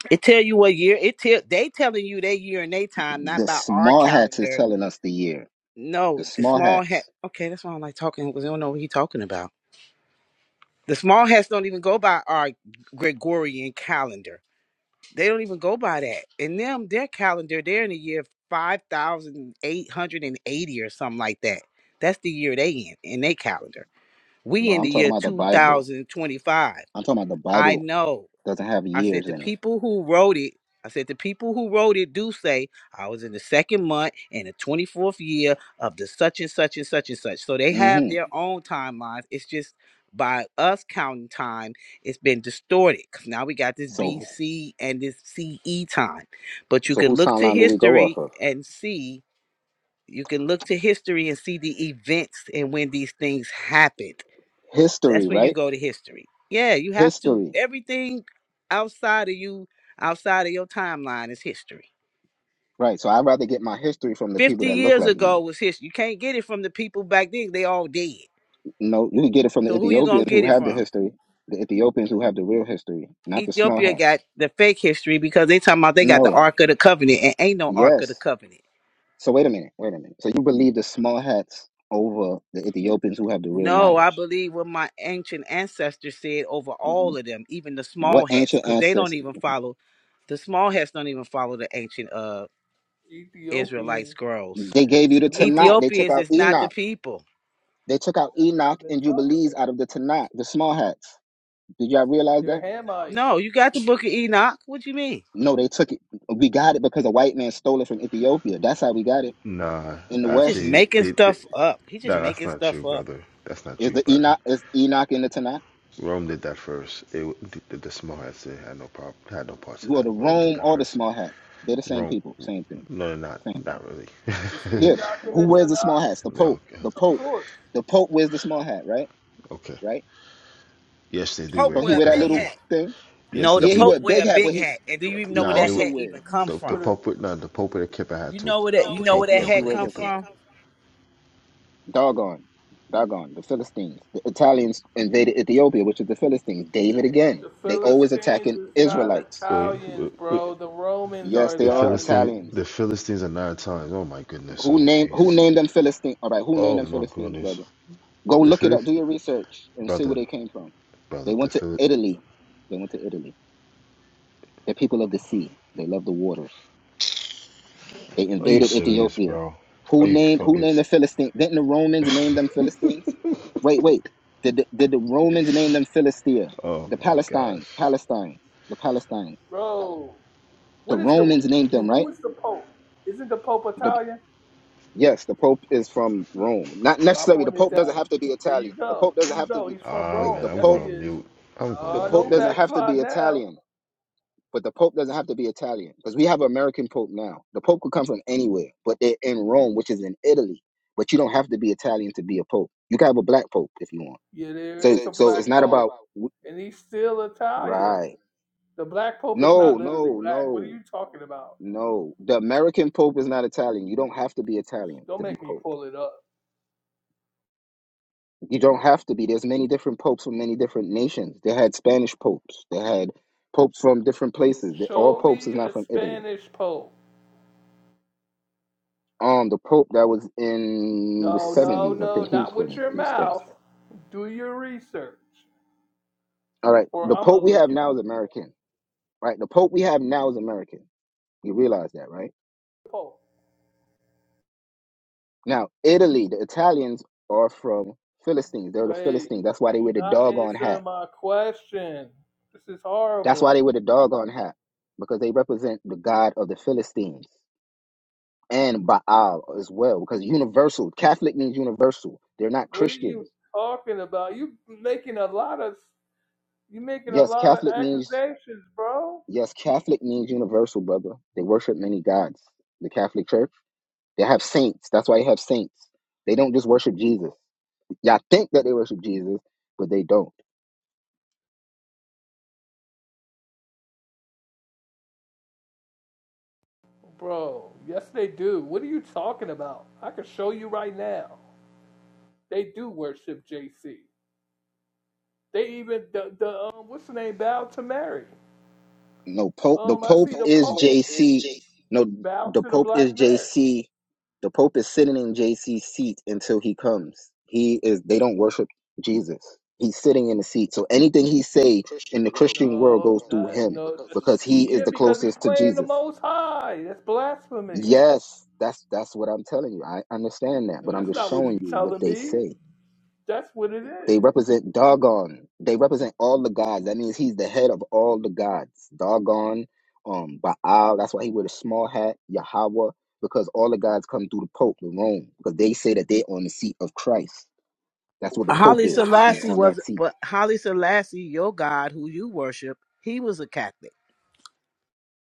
it tell you what year. It tell they telling you their year and their time, not
The
by our
small hats is
calendar.
telling us the year.
No,
The
the
small
small hat.
hats.
Okay, that's why I don't like talking because I don't know what he talking about. The small hats don't even go by our Gregorian calendar. They don't even go by that. In them, their calendar, they're in the year 5,880 or something like that. That's the year they in, in their calendar. We
No,
in
I'm
the
talking
year
about the Bible.
2025.
I'm talking about the
I
Bible
know.
doesn't have
I said
years
the
in it.
people who wrote it, I said the people who wrote it do say I was in the second month and the 24th year of the such and such and such and such. So they have
hmm
their own timelines. It's just by us counting time, it's been distorted because now we got this
So
BC and this CE time. But you
so
can
whose
look to
timeline do we go off
history
of?
and see, you can look to history and see the events and when these things happened
history,
that's when you
right?
go to history. Yeah, you have to.
History,
Everything outside of you, outside of your timeline, is history.
right? So I'd rather get my history from the people
Fifty
that look
years
like
ago
me.
was history. You can't get it from the people back then. They all dead.
No, you can get it from the
So who you gonna
Ethiopians who
get it
have the
from?
history, the Ethiopians who have the real history, not the small
Ethiopia got
hats.
the fake history because they talking about they got the
No,
Ark of the Covenant and ain't no Ark of the
yes.
Covenant.
So wait a minute, wait a minute. So you believe the small hats over the Ethiopians who have the real
No, I
knowledge?
believe what my ancient ancestors said over all of them, even the
What
small hats,
ancient
because they don't
ancestors?
even follow. The small hats don't even follow the ancient uh Israelite
Ethiopians.
scrolls
They gave you the
Remember
Tanakh.
what?
They took
Ethiopians
out
is not the
Enoch.
people.
They took out
That's what
Enoch
I've been
and
telling them.
Jubilees out of the Tanakh, the small hats. Did y'all realize that?
They're Hamites.
No, you got the book of Enoch. What you mean?
No, they took it. We got it because a white man stole it from Ethiopia. That's how we got it.
Nah,
In the
He's just
West,
actually,
making
they, they-
stuff up. He's just
No, that's
making
not
stuff
true,
up.
brother. That's not
is
true,
the
Roger.
Enoch is Enoch in the Tanakh?
Rome did that first. It the, the small had sin had no problem had no parts of
Who are
that.
the
Rome did
Rome
that
or the
first.
small hats? They're the same
Rome,
people. Same thing.
no, they're not
Same thing.
not really.
Is
Yeah.
Enoch in
Who
the
wears the
Tanakh?
small hats? The
no,
Pope.
okay.
The
Of
Pope.
course.
The Pope wears the small hat, right?
okay.
Right?
Yes, they do
Pope
wear
Don't he
wear a
wear
kippa
that
big
hat too.
little
hat.
thing?
Yes,
No,
they
the
Yeah, he
do.
wear
Pope
a
wear
big
a
hat, but
big
he
hat. And do you
Yes,
even
he
know
he
where
Nah, they
that
do.
also
hat
wears.
even come
the the
from?
With a
pope
You
with nah, the pope with a kippa hat
You
too.
know where that
know
you
The
where
know
that,
where
pope
You
that
Yes,
does
he
hat
wear
wears
come
it
kippa.
too.
know
from?
know
Doggone. Doggone. The Philistines. The Italians invaded Ethiopia, which is the Philistines. David again.
The
They always
Philistines
attacking
is not
Israelites
Wait,
Italians,
wait, wait.
bro. The Romans are
Yes, they
the
are
Italian,
Philistines,
Italians.
the Philistines are nine times. Oh my goodness.
Who
Oh
named who
jeez.
named them Philistines? All right, who named
Oh
them
my
Philistines,
goodness.
brother? Go
The
look it up, do
Philistines,
your research, and see where
brother,
they came from. They
brother. The
went to
Philistines.
Italy. They went to Italy. They're people of the sea. They love the waters. They
Are you
invaded
serious,
Ethiopia.
bro?
Who
Are you
named who
fucking?
named
s-
the Philistines? Didn't the Romans name them Philistines? Wait, wait. Did the, did the Romans name them Philistia?
Oh
The
my
Palestines,
gosh.
Palestines, the Palestines.
bro.
The
What is the
Romans named them,
who
right?
is the Pope? Isn't the Pope Italian?
Yes, the Pope is from Rome. Not
My
necessarily. The
point is
Pope doesn't
accurate.
have to be
There
Italian.
you
The
go.
Pope
There
doesn't
you
have to
go.
be.
He's from
Ah
Wait,
man,
Rome.
the
I'm
Yes, he
going
Pope.
on
is.
mute. I'm going
The
Oh,
on
Pope
don't
mute.
doesn't have to be
backslide now.
Italian. But the Pope doesn't have to be Italian because we have American Pope now. The Pope could come from anywhere, but they're in Rome, which is in Italy. But you don't have to be Italian to be a Pope. You can have a black Pope if you want.
Yeah, there is
So,
a
so
black
it's not
Pope,
about wh-
and he's still Italian.
right.
The black Pope is
No,
not literally
no,
black. What are
no,
you talking about?
no. The American Pope is not Italian. You don't have to be Italian
Don't
to be
make me
Pope.
pull it up.
You don't have to be. There's many different popes from many different nations. They had Spanish popes. They had popes from different places. They, all
Show
popes is
me
not
a
from Italy.
Spanish Pope.
Um, the pope that was in the
No, no,
70s, I
no,
think he's
not with
from
your
he was Spanish.
mouth. Do your research,
All right,
or
the
I'm gonna
pope we
look
have
it up.
now is American. Right, the pope we have now is American. You realize that, right?
Oh,
Now, Italy, the Italians are from Philistines. They're the
wait,
Philistines. That's why they
you're
wear the
not
doggone
answering
hat.
my question. This is
That's why
horrible.
they wear the doggone hat because they represent the god of the Philistines. and Baal as well, because universal Catholic means universal. They're not
What are
Christians.
you talking about? You making a lot of you making a
Yes,
lot of
Catholic means
accusations, bro.
yes, Catholic means universal, brother. They worship many gods. The Catholic Church. They have saints. That's why they have saints. They don't just worship Jesus. Y'all think that they worship Jesus, but they don't.
Bro, yes they do. What are you talking about? I can show you right now. They do worship JC. They even the, the um, what's the name bow to Mary.
No Pope. The
Um, I
Pope
see the
is
Pope
JC. No,
Bow
the
to the
Pope
black
is
man.
JC. The Pope is sitting in JC's seat until he comes. He is. They don't worship Jesus. He's sitting in the seat. So anything he say in the Christian world goes
No,
through
not,
him
no.
because he
yeah,
is the
because he's
closest to
playing the
Jesus.
Most High. That's blasphemy.
Yes, that's that's what I'm telling you. I understand that,
No,
but I'm
that's
just
not what
showing
you're
you what
telling
they
me.
say.
That's what it
They
is.
represent Dagon. They represent all the gods. That means he's the head of all the gods. Dagon, um, Baal. That's why he wear a small hat. Yahweh, because all the gods come through the Pope in Rome, because they say that they're on the seat of Christ. That's what the Pope
Holly
is. He's
Selassie
on
was
that seat.
but Holly Selassie, your God who you worship, he was a Catholic.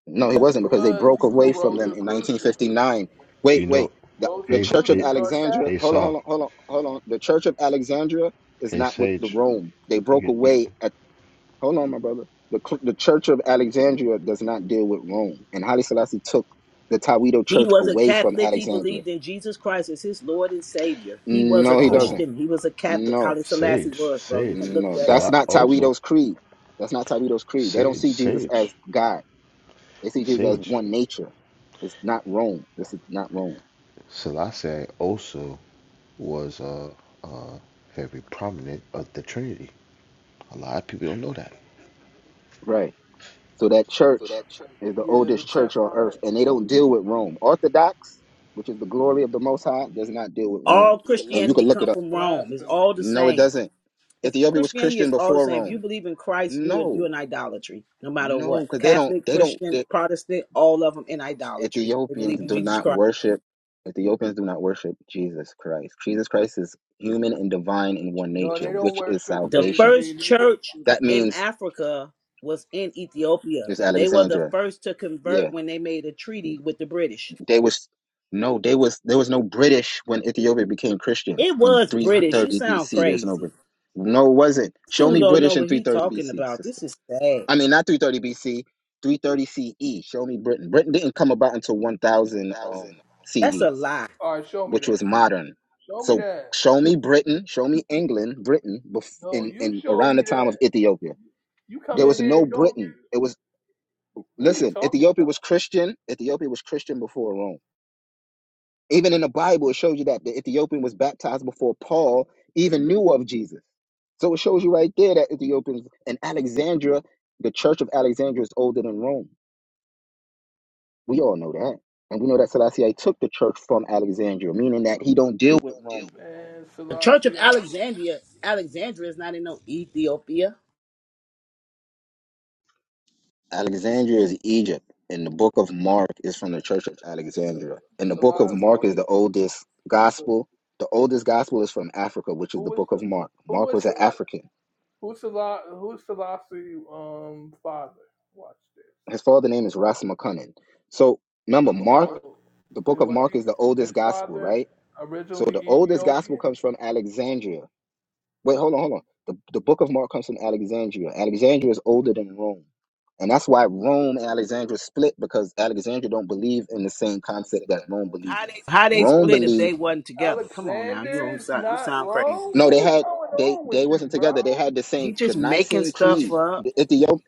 No, he
Yes, They he
wasn't, because they
was.
broke
He was from a
away from them in
Rosicrucian.
1959. Wait,
You know,
wait. The, the
hey,
Church of
hey,
Rosicrucians are
Alexandria.
hey,
Catholic.
Hold on, hold
Sal.
on, hold on, hold on. The Church of Alexandria is
Hey,
not with the
Sage.
Rome. They broke
You,
away Hold on, my brother. The, cl- the Church of Alexandria does not deal with Rome, and Haile Selassie took the Tawido
He
Church
was a
away from
Catholic. He
Alexandria.
believed in Jesus Christ as his Lord and Savior. He was a
No, he
oh,
doesn't.
Christian. He was a Catholic.
No,
Holly Selassie
Sage,
was, bro. You
Sage.
can look
no,
that up.
that's
Sala
not
also
Tawido's creed. That's not Tawido's creed. They don't
Sage,
see Jesus as
Sage,
God. They see Jesus as
Sage.
one nature. It's not Rome. This is not Rome.
Selassie also was uh uh very prominent of the Trinity. A lot of people don't know that.
Right. So that church is the
Yeah,
oldest
the
church on earth,
Temperate.
and they don't deal with Rome. Orthodox, which is the glory of the Most High, does not deal with Rome.
all
And you
Christianity
can look
come
it up.
That's
from Rome. It's
blasphemy.
all the
No, it
same.
doesn't.
It's,
Ethiopia was
Christianity
Christian
is all the
before
same. If you
Rome.
believe in Christ, you in, you
No,
in idolatry, no matter
no,
what.
because they don't.
Catholic,
They don't.
Christian,
They,
Protestant, all of them in idolatry. They
Ethiopians
believe in
do
Jesus
not
Christ.
worship. Ethiopians do not worship Jesus Christ. Jesus Christ is human and divine in one
No,
nature,
they don't is
which is
worship
The
JC.
salvation.
first
They worship.
church
That
in
means
Africa was in Ethiopia.
it's
They were the
Alexandria.
first to
Yeah,
convert when they made a treaty with the British.
they was no. They was there was no British when Ethiopia became Christians
It
in
was British. You
330
sound
BC. There's no
crazy.
British. no it wasn't.
This
Show
dude
me
don't know
British in
what he
330
talking about.
BC.
This is sad.
I mean, not 330 BC, 330 CE. Show me Britain. Britain didn't come about until 1000 um,
That's
CE,
a lie.
All right, show me
which
that.
was modern.
Show me
So
that.
show me Britain, show me England, Britain, bef-
No,
in,
you
in
show
around the
me
time
that.
of Ethiopia.
You come
There
in
was
here
no
and don't get.
Britain. It was,
What are you
listen,
talking
Ethiopia
about,
was Christian. Ethiopia was Christian before Rome. Even in the Bible, it shows you that the Ethiopian was baptized before Paul even knew of Jesus. So it shows you right there that Ethiopians and Alexandria, the church of Alexandria is older than Rome. We all know that. And we know that Selassie took the church from Alexandria, meaning that he don't deal with Rome.
man?
The Church of
Selassie, uh,
Alexandria, Alexandria is not in no Ethiopia.
Alexandria is Egypt, and the book of Mark is from the church of Alexandria. And the book of
Selassie.
Mark is the oldest gospel. The oldest gospel is from Africa, which
Who
is the
was
book
the?
of Mark.
Who
Mark
was
was an
the? Watch.
African.
Who's Selassie? Who's Selassie? Um, father. Watch this.
His father name is Ras McCunnan. So remember, Mark,
So,
the
it
book of
was
Mark is the
he,
oldest
his
gospel,
father
right? So
originally
the oldest gospel
Ethiopian?
comes from Alexandria Wait, hold on, hold on. The the book of Mark comes from Alexandria. Alexandria is older than Rome. And that's why Rome and Alexandria split because Alexandria don't believe in the same concept that Rome believes in.
How they
Rome
split if they
believes
wasn't together? Come on now, you
Alexander
don't
is
sound you
not
sound crazy.
wrong.
no,
What
they
is
had
going
they
on with
they
you,
wasn't
bro?
together. They had the
He
same the
just making
Nicene
stuff
Creed.
up.
The Ethiop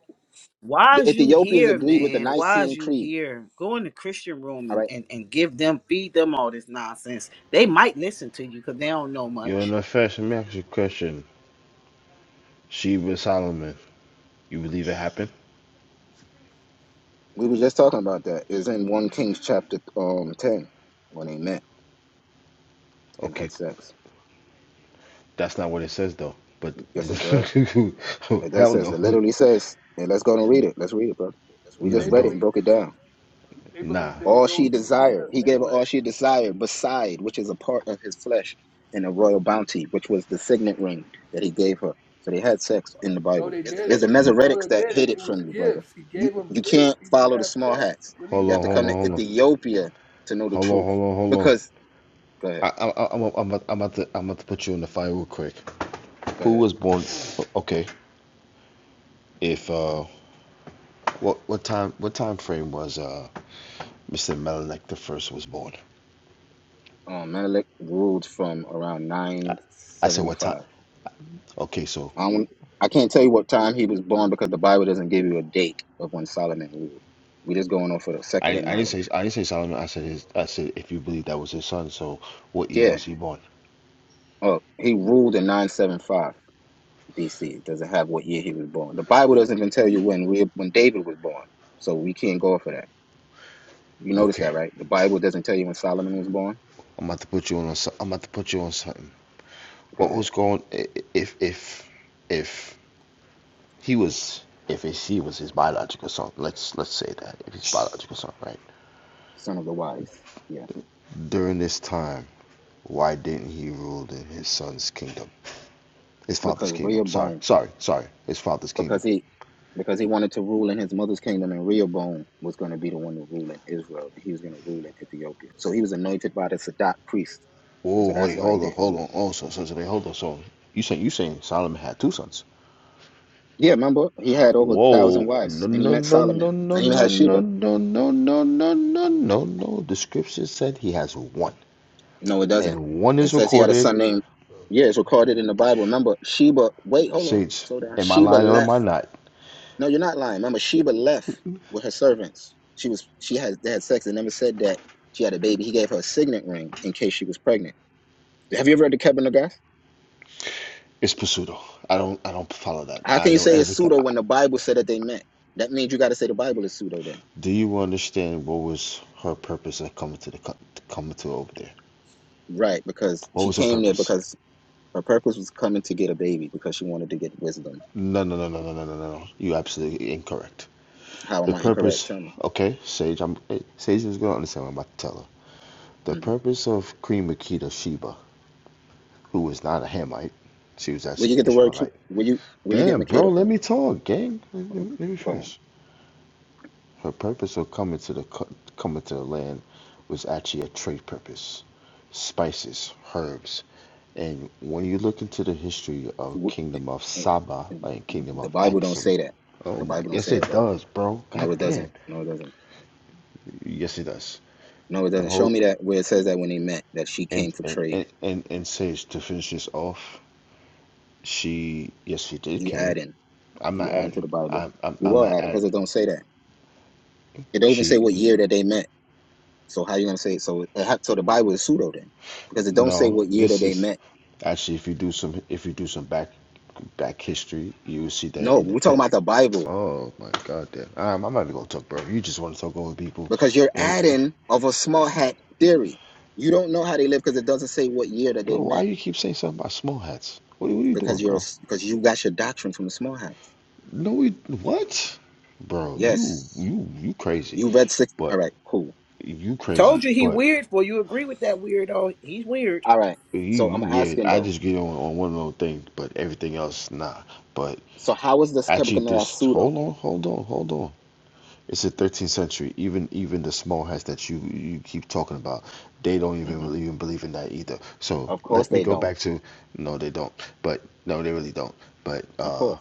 Why
the
is you
Ethiopians
here,
agreed with the
man? Why
Nicene
is you
Creed.
here? Go in the Christian room
All
and,
right.
and, and give them, feed them all this nonsense. They might listen to you because they don't know
You're in
much.
a fashion magic question. Sheba Solomon. You believe it happened?
We were just talking about that. It's in one Kings chapter um ten when they met and
Okay,
had sex.
That's not what it says though. But
Yes it does. It that
hell
says it
no,
literally says, and let's go and read it. Let's read it, brother. We
Yeah,
no,
just
they
read it
bro.
and
believe
broke
that
it down.
they
Nah.
believe that it
All she
goes through
desired, he gave her
Menelec.
all she desired, beside which is a part of his flesh, and a royal bounty, which was the signet ring that he gave her. So they had sex in the
No,
Bible.
they didn't.
It's the
No,
Mesoretics
they
that hid
didn't.
it
It was
from you, brother.
gifts. He
You
gave them
you
gifts.
can't
He didn't
follow the
have
small
sex.
hats.
What are you
Hold
You have
on,
to
hold
come
on,
talking
to
hold on,
Ethiopia to know the
hold on,
truth.
hold on, hold on.
Because go ahead,
I, I, I- I'm, I'm, about- I'm about to, I'm about to put you in the fire real quick.
go
Who
ahead.
was born? Okay. If uh, what, what time, what time frame was uh, Mr. Melanctha the first was born?
Um, Menelik ruled from around
I said what time?
975.
Okay, so
I don't, I can't tell you what time he was born because the Bible doesn't give you a date of when Solomon ruled. We're just going off of the secular
I, I didn't
knowledge.
say, I didn't say Solomon. I said his, I said if you believe that was his son. So what year
Yeah.
was he born?
Oh, he ruled in 975 BC. It doesn't have what year he was born. The Bible doesn't even tell you when we, when David was born. So we can't go off of that. You notice
Okay.
that, right? The Bible doesn't tell you when Solomon was born.
I'm about to put you on. a s- I'm about to put you on something.
Go
what
ahead.
was going if if if he was if she was his biological son let's let's say that if his biological son right
Son of the wise. Yes.
during this time why didn't he rule in his son's kingdom his father's
Because
kingdom sorry
Rehoboam
sorry sorry his father's kingdom
because he because he wanted to rule in his mother's kingdom and Rehoboam was going to be the one to rule in Israel and he was going to rule in Ethiopia. So he was anointed by the Sadat priest. So
whoa
that's
wait
why he
hold on
didn't
hold
rule.
on oh so so, so they hold on so you saying you saying solomon had two sons
Yeah, remember he had over a thousand
whoa
wives
no
and he
no
met
no
Solomon
no no
and he even
no
had
no no
Sheba.
no no no no no no the scripture said he has one
No, it doesn't.
and one
It
is
says he had a
recorded
son named Yeah, it's recorded in the Bible. Remember Sheba wait, hold on,
Sage,
slow down.
am I
Sheba
lying or am
left.
I not?
No, you're not lying. Remember Sheba left with her servants. She was she had they had sex. It never said that she had a baby. He gave her a signet ring in case she was pregnant. Have you ever read the Kevin McGrath?
It's Pseudo. I don't I don't follow that.
How
I
can you
know
say it's
everything.
pseudo when the Bible said that they met? That means you got to say the Bible is pseudo then.
Do you understand what was her purpose of coming to the coming to over there?
Right, because
What
she
was her
came there
purpose?
because her purpose was coming to get a baby because she wanted to get wisdom.
No no no no no no no no. no. You absolutely incorrect.
How am
The
I incorrect?
purpose.
Tell me.
Okay, Sage. I'm eh, Sage is gonna understand what I'm about to tell her. The
hmm
purpose of Queen Makita Sheba, who was not a Hamite, she was
Where you
actually an
get the word? cu-
Ishmaelite.
Where you where you get
Damn, bro,
Makeda
let
from?
me talk, gang. let
Uh,
me, let me
Go ahead.
finish. Her purpose of coming to the co- coming to the land was actually a trade purpose, spices, herbs, and when you look into the history of
Wh-
Kingdom of
eh,
Saba
eh,
and Kingdom
The
of
Bible don't
Axum,
say that.
oh
The
my,
Bible don't say
yes
that,
it
brother.
does, bro.
No,
God
it doesn't.
damn,
No, it doesn't.
yes it does.
No, it
The
doesn't. Show me
hope
that where it says that when they met that she
and
came for
and
trade.
and and, and says to finish this off, she yes she did
You
came.
adding.
I'm not
You adding to
adding.
the Bible.
I'm I'm,
You
I'm
are
not
adding
adding.
because it don't say that. It don't even say
She
what year that they met. So how you gonna say so? It ha- so the Bible is pseudo then, because it don't say
No,
what year that
this
they
is
met.
actually if you do some if you do some back back history, you will see that
No,
in the
we're talking
tip.
about the Bible
Oh my god, damn! Um, I'm not even gonna talk, bro. You just want to talk over people,
because you're
and
adding of a small hat theory. You don't know how they live because it doesn't say what year that they
bro, why
met
you keep saying something about small hats? What, are- what are you doing,
because you're a
bro?
s because you got your doctrine from the small hats.
No, we, what, bro? You
Yes,
you you crazy,
you read six. All
but
right, cool.
you
Told
crazy,
you he
but
weird for you. Agree with that weirdo? He's weird.
All right.
you
So
you
I'm
weird.
asking
I
though.
just get on on one little thing, but everything else nah. But
So how is this
actually,
Kebuchadnezzar
this hold
pseudo?
on, hold on, hold on. It's the 13th century. Even even the small hats that you you keep talking about, they don't even
hmm
really even believe in that either. So
Of course
let me
they
go
don't.
back to no, they don't. But no, they really don't. But
Of
uh,
course.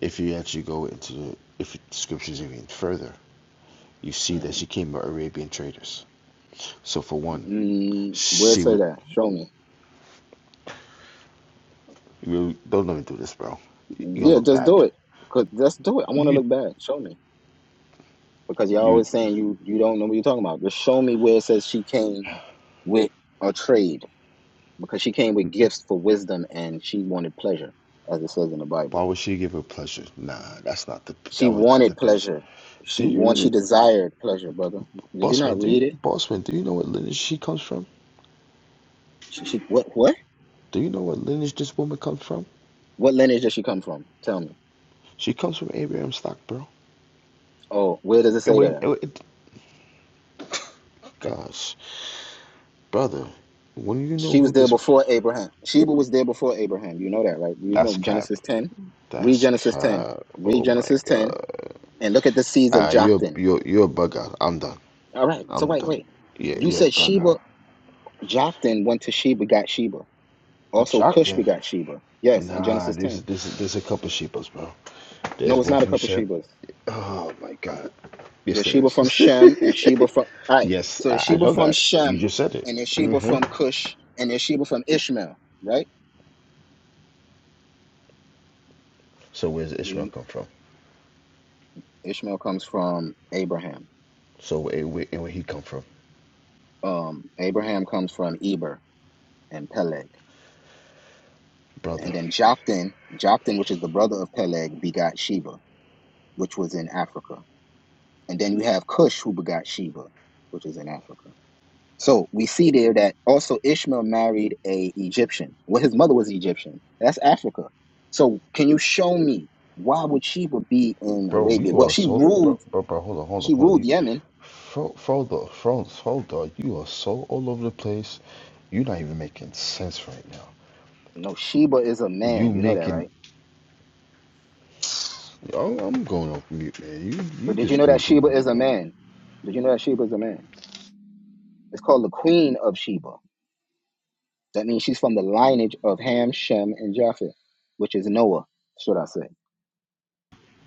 if you actually go into the if scriptures even further, you see that
hmm
she came by Arabian traders. So for one,
Mm, where
she
say
was.
that? Show me.
You don't let me do this, bro. You're gonna
Yeah,
look
just do
bad.
it. Cause just do it. I want to
You
look bad. Show me. Because you're
you.
always saying you you don't know what you're talking about. Just show me where it says she came with a trade because she came with gifts for wisdom and she wanted pleasure, as it says in the
Why
Bible.
would she give her pleasure? Nah, that's not the.
She
That was not the
wanted
Bips.
pleasure.
Do
She
you
want she
even?
desired pleasure, brother. Did you
Bossman,
not
do
read
you,
it?
Bossman, do you know what lineage she comes from?
She, she what what
Do you know what lineage this woman comes from?
what lineage does she come from? Tell me.
She comes from Abraham stock, bro.
Oh, where does it
It
say that?
wouldn't.
at?
It, it, gosh, brother, when you know
She was
who
there
this,
before Abraham. Sheba was there before Abraham. You know that, right? You know
that's cap.
Genesis 10. Read
That's
Genesis 10.
cap.
Read
Oh my
Genesis 10
god.
and look at the seeds of
Ah, you're
Joktan.
you're you're a bug out. I'm done.
All right. So
I'm
wait,
done.
wait.
Yeah,
You
you're a
said
bug
Sheba,
out.
Joktan went to Sheba, got Sheba. Also, Cush
Jockton.
begot Sheba. Yes, in
Nah,
Genesis
this is
10.
this is this is a couple sheepos, bro.
No,
There's
it's
one
not a
from
couple
Shep.
Shebas.
Oh my god. Yes,
There's
there
Sheba from Shem and
is.
Sheba from. All right.
yes,
So there's
I, I
Sheba
know
from
that. You
Shem
just said it.
and there's Sheba
hmm
from Cush and there's Sheba from Ishmael, right?
So where's Ishmael
You-
come from?
Ishmael comes from Abraham.
So where, where, and where he come from,
Um, Abraham comes from Eber and Peleg. And
brother?
then Joktan, Joktan, which is the brother of Peleg, begot Sheba, which was in Africa. And then you have Cush, who begot Sheba, which is in Africa. So we see there that also Ishmael married a Egyptian. Well, his mother was Egyptian. That's Africa. So can you show me why would Sheba be in
Bro,
Arabia?
you
Well,
are
she
so
ruled.
bro, bro, bro. Hold on, hold on,
She
hold on.
ruled
You,
Yemen.
fro, Frodo, Frodo, Frodo, you are so all over the place. You're not even making sense right now.
No, Sheba is a
You
man. You know that,
making.
right?
I'm I'm going off mute, man. You you
But did you
just
know that
doing too
Sheba
much,
is a
bro.
man? Did you know that Sheba is a man? It's called the Queen of Sheba. That means she's from the lineage of Ham, Shem, and Japheth, which is Noah, should I say.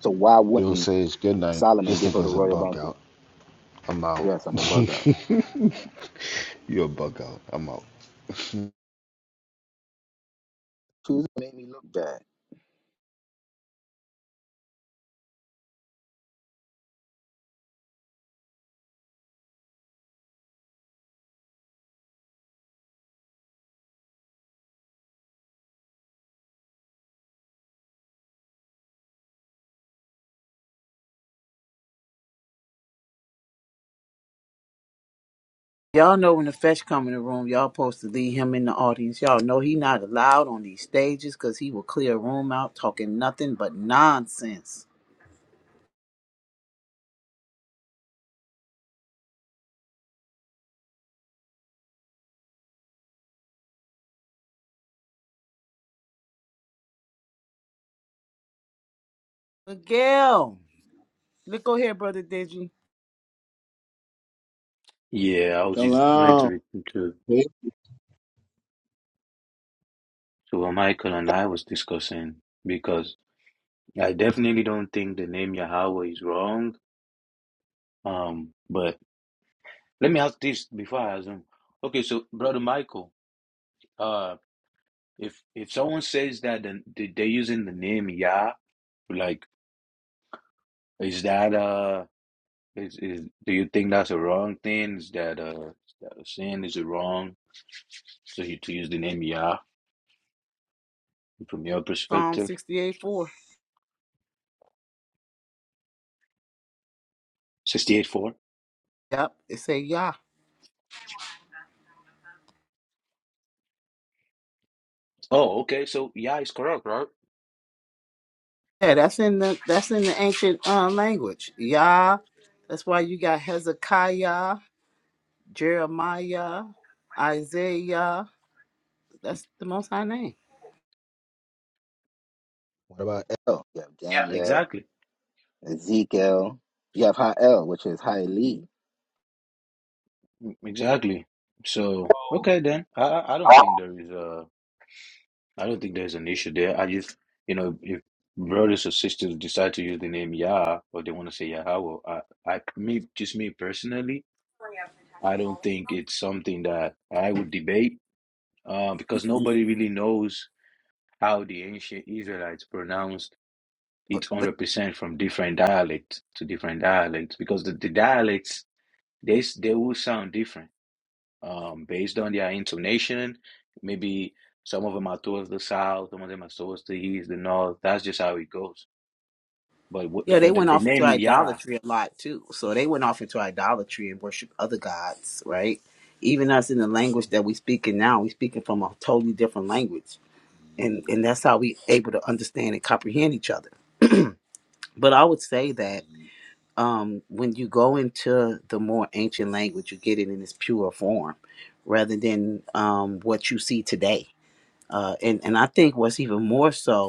So why
You'll
wouldn't
say it's good night.
Solomon
This
give her the
nigga's a
royal
bug
bounty?
out. I'm out.
Yes, I'm a bug out.
You're a bug out. I'm out.
Who's made me look bad.
Y'all know when the fetch come in the room, y'all supposed to leave him in the audience. Y'all know he not allowed on these stages because he will clear a room out talking nothing but nonsense. Miguel, look over here, brother Deji.
Yeah, I was just
Shalom.
wanted to to to what Michael and I was discussing because. I definitely don't think the name Yahweh is wrong. Um, but let me ask this before I ask Okay, so brother Michael, uh, if if someone says that then they- they're using the name Yah, like is that uh is is do you think that's a wrong thing? Is that uh is that a sin? Is it wrong to to use the name Yah from your
Psalm
perspective?
68 4.
Sixty eight four.
Yep, it say Yah.
Oh, okay, so Yah is correct, right?
Yeah, that's in the that's in the ancient uh, language. Yah. That's why you got Hezekiah, Jeremiah, Isaiah. That's the most high name.
What about El? You have
Yeah,
Daniel,
exactly.
Ezekiel. You have Ha'el, which is Ha'eli.
Mm, Exactly. So,
about?
okay then. I I I don't think there is a I don't think there's an issue there. I just you know if brothers or sisters decide to use the name Yah or they want to say Yahweh, I I me just me personally, I don't think it's something that I would debate uh, because
But.
nobody really knows how the ancient Israelites pronounced it
but
100% from different dialects to different dialects because the, the dialects they s- they will sound different. um, based on their intonation. Maybe some of them are towards the south, some of them are towards the east, the north. That's just how it goes. But what,
Yeah, they
but the,
went
the
off into
name Yah,
idolatry a lot too. So they went off into idolatry and worship other gods, right? Even us in the language that we speaking now, we speaking from a totally different language, and and that's how we able to understand and comprehend each other. But I would say that um, when you go into the more ancient language, you get it in its pure form, rather than um, what you see today. Uh, and and I think what's even more so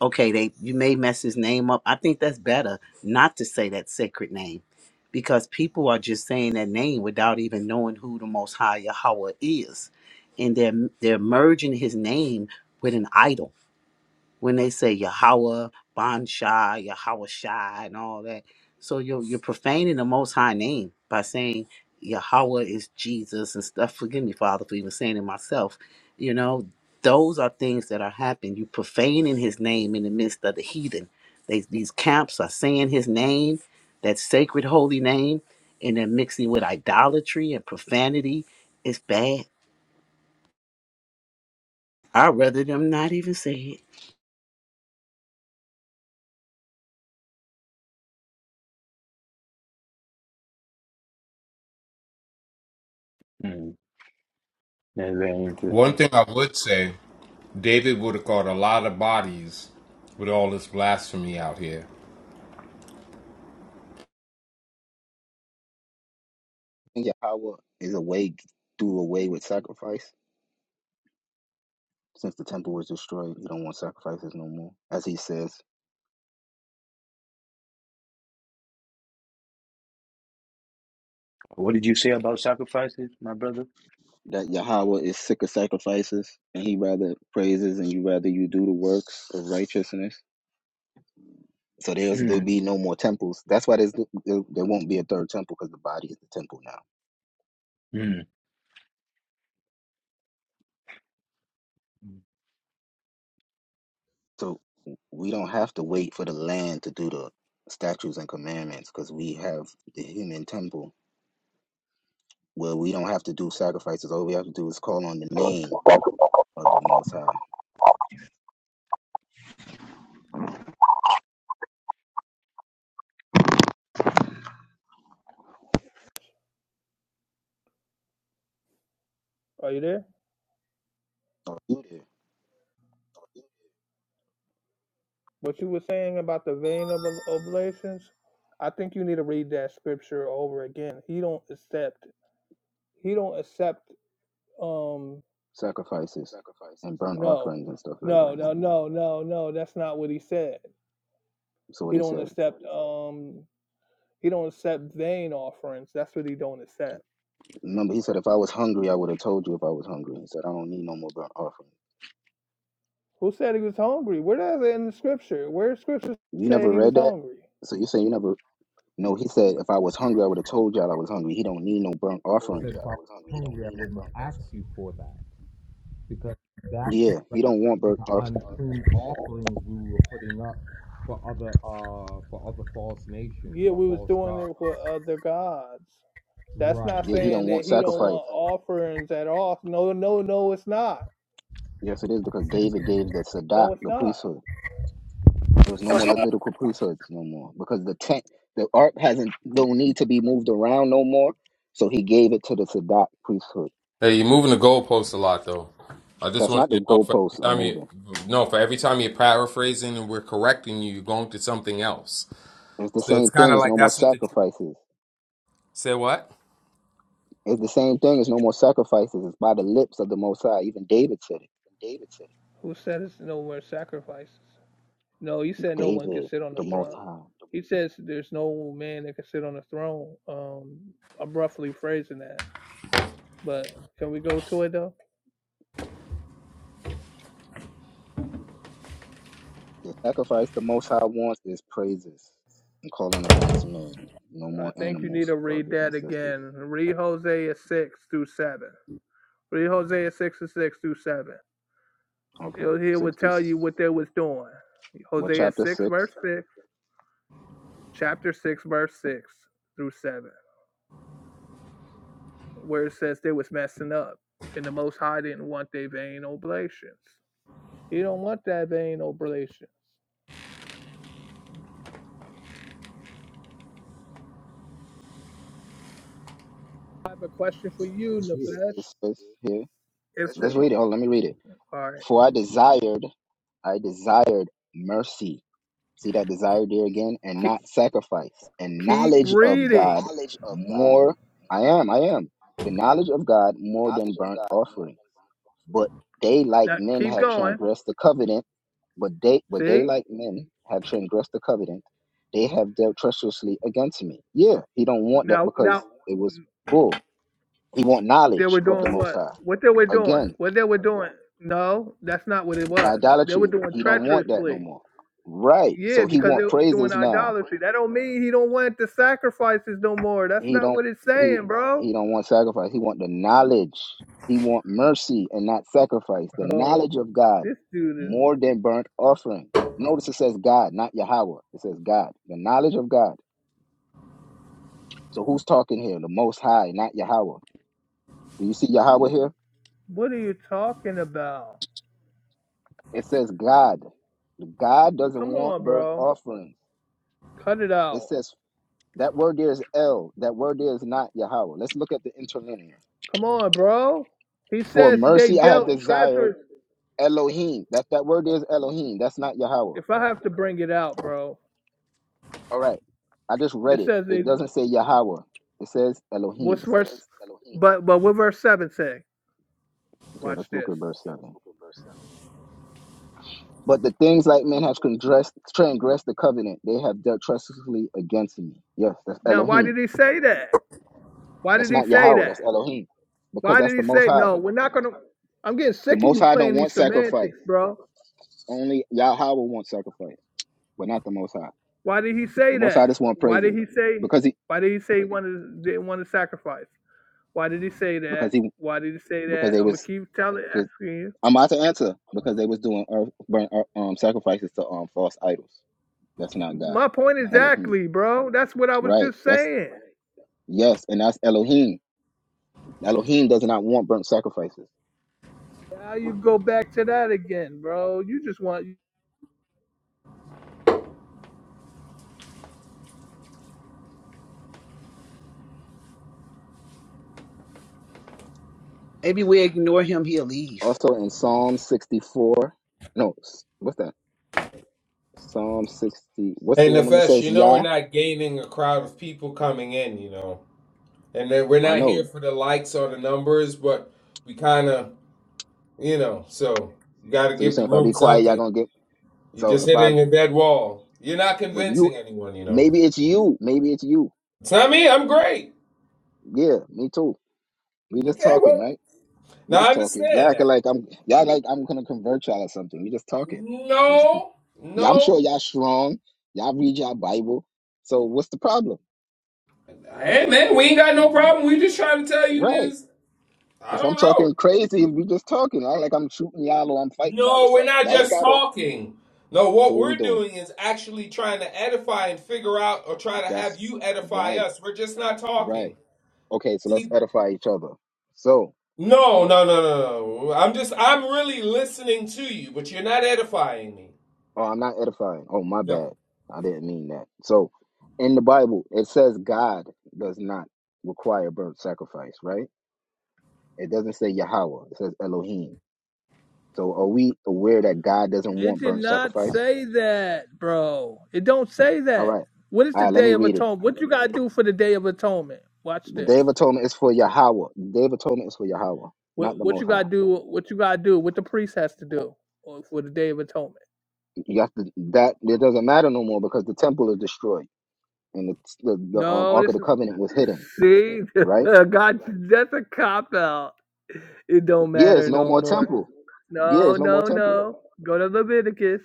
okay, they you may mess his name up. I think that's better not to say that sacred name because people are just saying that name without even knowing who the most high Yahweh is. And they're they're merging his name with an idol when they say Yahweh, Ban Shai, Yahweh Shai, and all that. So you're, you're profaning the Most High name by saying Yahweh is Jesus and stuff. Forgive me, Father, for even saying it myself. You know, those are things that are happening. You profaning his name in the midst of the heathen. They, these camps are saying his name, that sacred holy name, and they're mixing with idolatry and profanity. It's bad. I'd rather them not even say it.
hmm, that's very
One
interesting.
thing I would say, David would have caught a lot of bodies with all this blasphemy out here.
And Yahweh is away, do away with sacrifice. Since the temple was destroyed, you don't want sacrifices no more. As he says,
What did you say about sacrifices, my brother?
that Yahweh is sick of sacrifices and he rather praises and you rather you do the works of righteousness. So there's there'll
Hmm,
be no more temples. That's why there's there, there won't be a third temple because the body is the temple now.
hmm.
So we don't have to wait for the land to do the statutes and commandments because we have the human temple where we don't have to do sacrifices. All we have to do is call on the name of the Most High.
Are you there?
Don't do the
What you were saying about the vein of ob- oblations? I think you need to read that scripture over again. He don't accept. He don't accept. Um,
sacrifices and burnt
no,
offerings and stuff like
no,
that no
no,
more.
no, no, no. That's not what he said.
So what
He
he
don't
said.
accept. Um, he don't accept vain offerings. That's what he don't accept.
Remember, he said, if I was hungry, I would have told you if I was hungry. He said, I don't need no more burnt offering.
Who said he was hungry? Where does it in the scripture? Where does scripture
You
say
never
he was
read that?
hungry?
So you're saying you never. No, he said, if I was hungry, I would have told y'all I was hungry. He don't need no burnt offerings. Yeah, he don't want burnt offering.
yeah, we was doing it with other gods. That's not
Yeah, he
saying
don't want
that he don't
sacrifice.
want offerings at all. No, no, no, it's not.
Yes, it is because David gave the Sadat,
No, it's
the
not.
priesthood. There was no more Levitical priesthoods no more because the tent, the ark hasn't, don't need to be moved around no more. So he gave it to the Sadat priesthood.
Hey, you're moving the goalposts a lot, though. I just
That's
want
not the
you to know for every
goalposts are
time you
moving.
no, for every time you're paraphrasing and we're correcting you, you're going to something else.
It's the
So it's
same
kind
thing.
of
It's
like
no more
that's what the tr-
sacrifices.
say what?
It's the same thing. It's no more sacrifices. It's by the lips of the Most High. Even David said it.
Who said it's no more sacrifices? No, he said no one can
David,
sit on the
the Most
throne.
High.
He says there's no man that can sit on the throne. Um, I'm roughly phrasing that, but can we go to it though?
The sacrifice the Most High wants is praises and calling upon His name. No
I
more
think you need
animals,
to read
brothers and
that
sisters.
again. Read Hosea six through seven. Read Hosea six and six through seven.
Okay,
It- He
six
would
to
tell you what they was doing.
what
Hosea
chapter
6,
six?
verse 6, chapter 6, verse 6 through 7, where it says they was messing up. And the Most High didn't want their vain oblations. He don't want that vain oblations. I have a question for you,
Let's read it.
Nefesh.
It says here.
If the,
Let's read it. Oh, let me
all
read it.
right,
For I desired, I desired mercy See that desire there again, and
keep,
not sacrifice, and
keep
knowledge of
reading.
God more. I am, I am. The knowledge of God more than burnt offerings. But they like
Now
men
keep
have
going.
transgressed the covenant, but they but they
See?
like men have transgressed the covenant. They have dealt treacherously against me. Yeah, he don't want that
Now
because
now
it was bull. He want
They
knowledge
were
of the
doing
Most
what?
High.
What they were doing?
Again,
What they were doing? No, that's not what it was. They were
idolatry.
doing
He don't want that no
treacherously.
more. Right.
Yeah,
So he
because they
want
were doing
praises now
idolatry. That don't mean he don't want the sacrifices no more. That's
He
not
don't
what it's
he
saying, bro.
he don't want sacrifice. He want the knowledge. He want mercy and not sacrifice. The
Bro,
knowledge of God
this dude is.
more than burnt offering. Notice it says God, not Yahweh. It says God. The knowledge of God. So who's talking here? The Most High, not Yahweh. Do you see Yahweh here?
What are you talking about?
It says God. God doesn't
Come
want
on,
burnt
bro.
offerings.
Cut it
It
out.
says that word there is El. That word there is not Yahweh. Let's look at the interlinear.
Come on, bro. He
For
says they
mercy I have
dealt
desired
treacherous.
Elohim. That that word is Elohim. That's not Yahweh.
If I have to bring it out, bro,
All right. I just read
it
it.
says
It
they
doesn't say Yahweh. It says
What's
Elohim.
verse? But but what verse seven say?
Okay,
Watch
let's look
this.
at verse seven. But the things like men have transgressed, transgressed the covenant, they have dealt treacherously against me. Yes, that's
Now, why
Elohim.
did he say that? Why
That's
did he
not
say
Yahweh.
that?
That's Elohim, because
Why
that's
did he
the Most
say
High.
no? We're not gonna. I'm getting
The
sick of
Most
you
High don't
playing
want
these
sacrifice.
semantics, bro.
Only Yahweh wants sacrifice, but not the Most High.
Why did he
The
say
Most High
that?
just want
Why did
praises,
he say?
because he
Why did he say he wanted didn't want to sacrifice? Why did he say that?
because he
Why did he say
because
that?
they
I'm gonna
was
keep telling
because.
asking you.
I'm about to answer because they was doing earth, burn, earth- um, sacrifices to um false idols. That's not God.
My point
Elohim.
exactly, bro. That's what I was
Right.
just
That's
saying.
yes, and that's Elohim. Elohim does not want burnt sacrifices.
Now you go back to that again, bro. You just want
Maybe we ignore him, he'll leave
Also in Psalm 64. No, s- what's that? Psalm 60. What's
Hey
the woman that
Nefesh,
says
you know we're
Yah?
not gaining a crowd of people coming in, you know, and then we're
I
not here
know.
for the likes or the numbers, but we kind of, you know, so we got to
So you're
give the
saying if I be
room
quiet, y'all
something.
gonna get
You're
so
just
if I
hitting a dead wall. You're not
but you
convincing anyone, you know.
maybe it's you. Maybe it's you.
It's not me. I'm great.
Yeah, me too. We just
Okay,
talking,
but
right? We
now I
just talking. Y'all
understand now.
acting like I'm y'all like I'm gonna convert y'all or something. We just talking. This-
No,
Yeah, I'm
no.
sure y'all strong. Y'all read y'all Bible. So what's the problem?
Hey, man, we ain't got no problem. We just trying to tell you
Right.
this. I
If
don't
I'm
know.
talking crazy, we just talking. I like I'm shooting y'all or I'm fighting y'all or
No, we're
something.
not
Y'all ain't
just
gotta.
talking. No,
So
what
what we
we're
doing?
doing is actually trying to edify and figure out or try to have
That's
you edify
right.
us. We're just not talking.
Right. Okay. So let's
See,
edify each other. So
no, no, no, no, no. I'm just, I'm really listening to you, but you're not edifying me.
oh, I'm not edifying. Oh, my
No.
bad. I didn't mean that. So in the Bible, it says God does not require burnt sacrifice, right? It doesn't say Yahweh. It says Elohim. So are we aware that God doesn't
It
want
did
burnt
not
sacrifice?
say that, bro. It don't say
All
that.
right.
What is
All
the
right, let
Day
me
of
read it.
Atonement? What you gotta do for the Day of Atonement? Watch
The Day
this.
of Atonement is for Yahweh. The Day of Atonement is for Yahweh, not
What
the
what
Most
you
High.
gotta do? What you gotta do? What the priest has to do uh, for the Day of Atonement?
You have to that it doesn't matter no more because the temple is destroyed and the the, the um,
No,
Ark of
this
the
is
Covenant was hidden.
see,
Right?
God. That's a cop out. It don't
Yeah, it's
matter
no
no
more
more.
temple. Yeah,
No,
it's no more
no,
temple.
no. Go to Leviticus.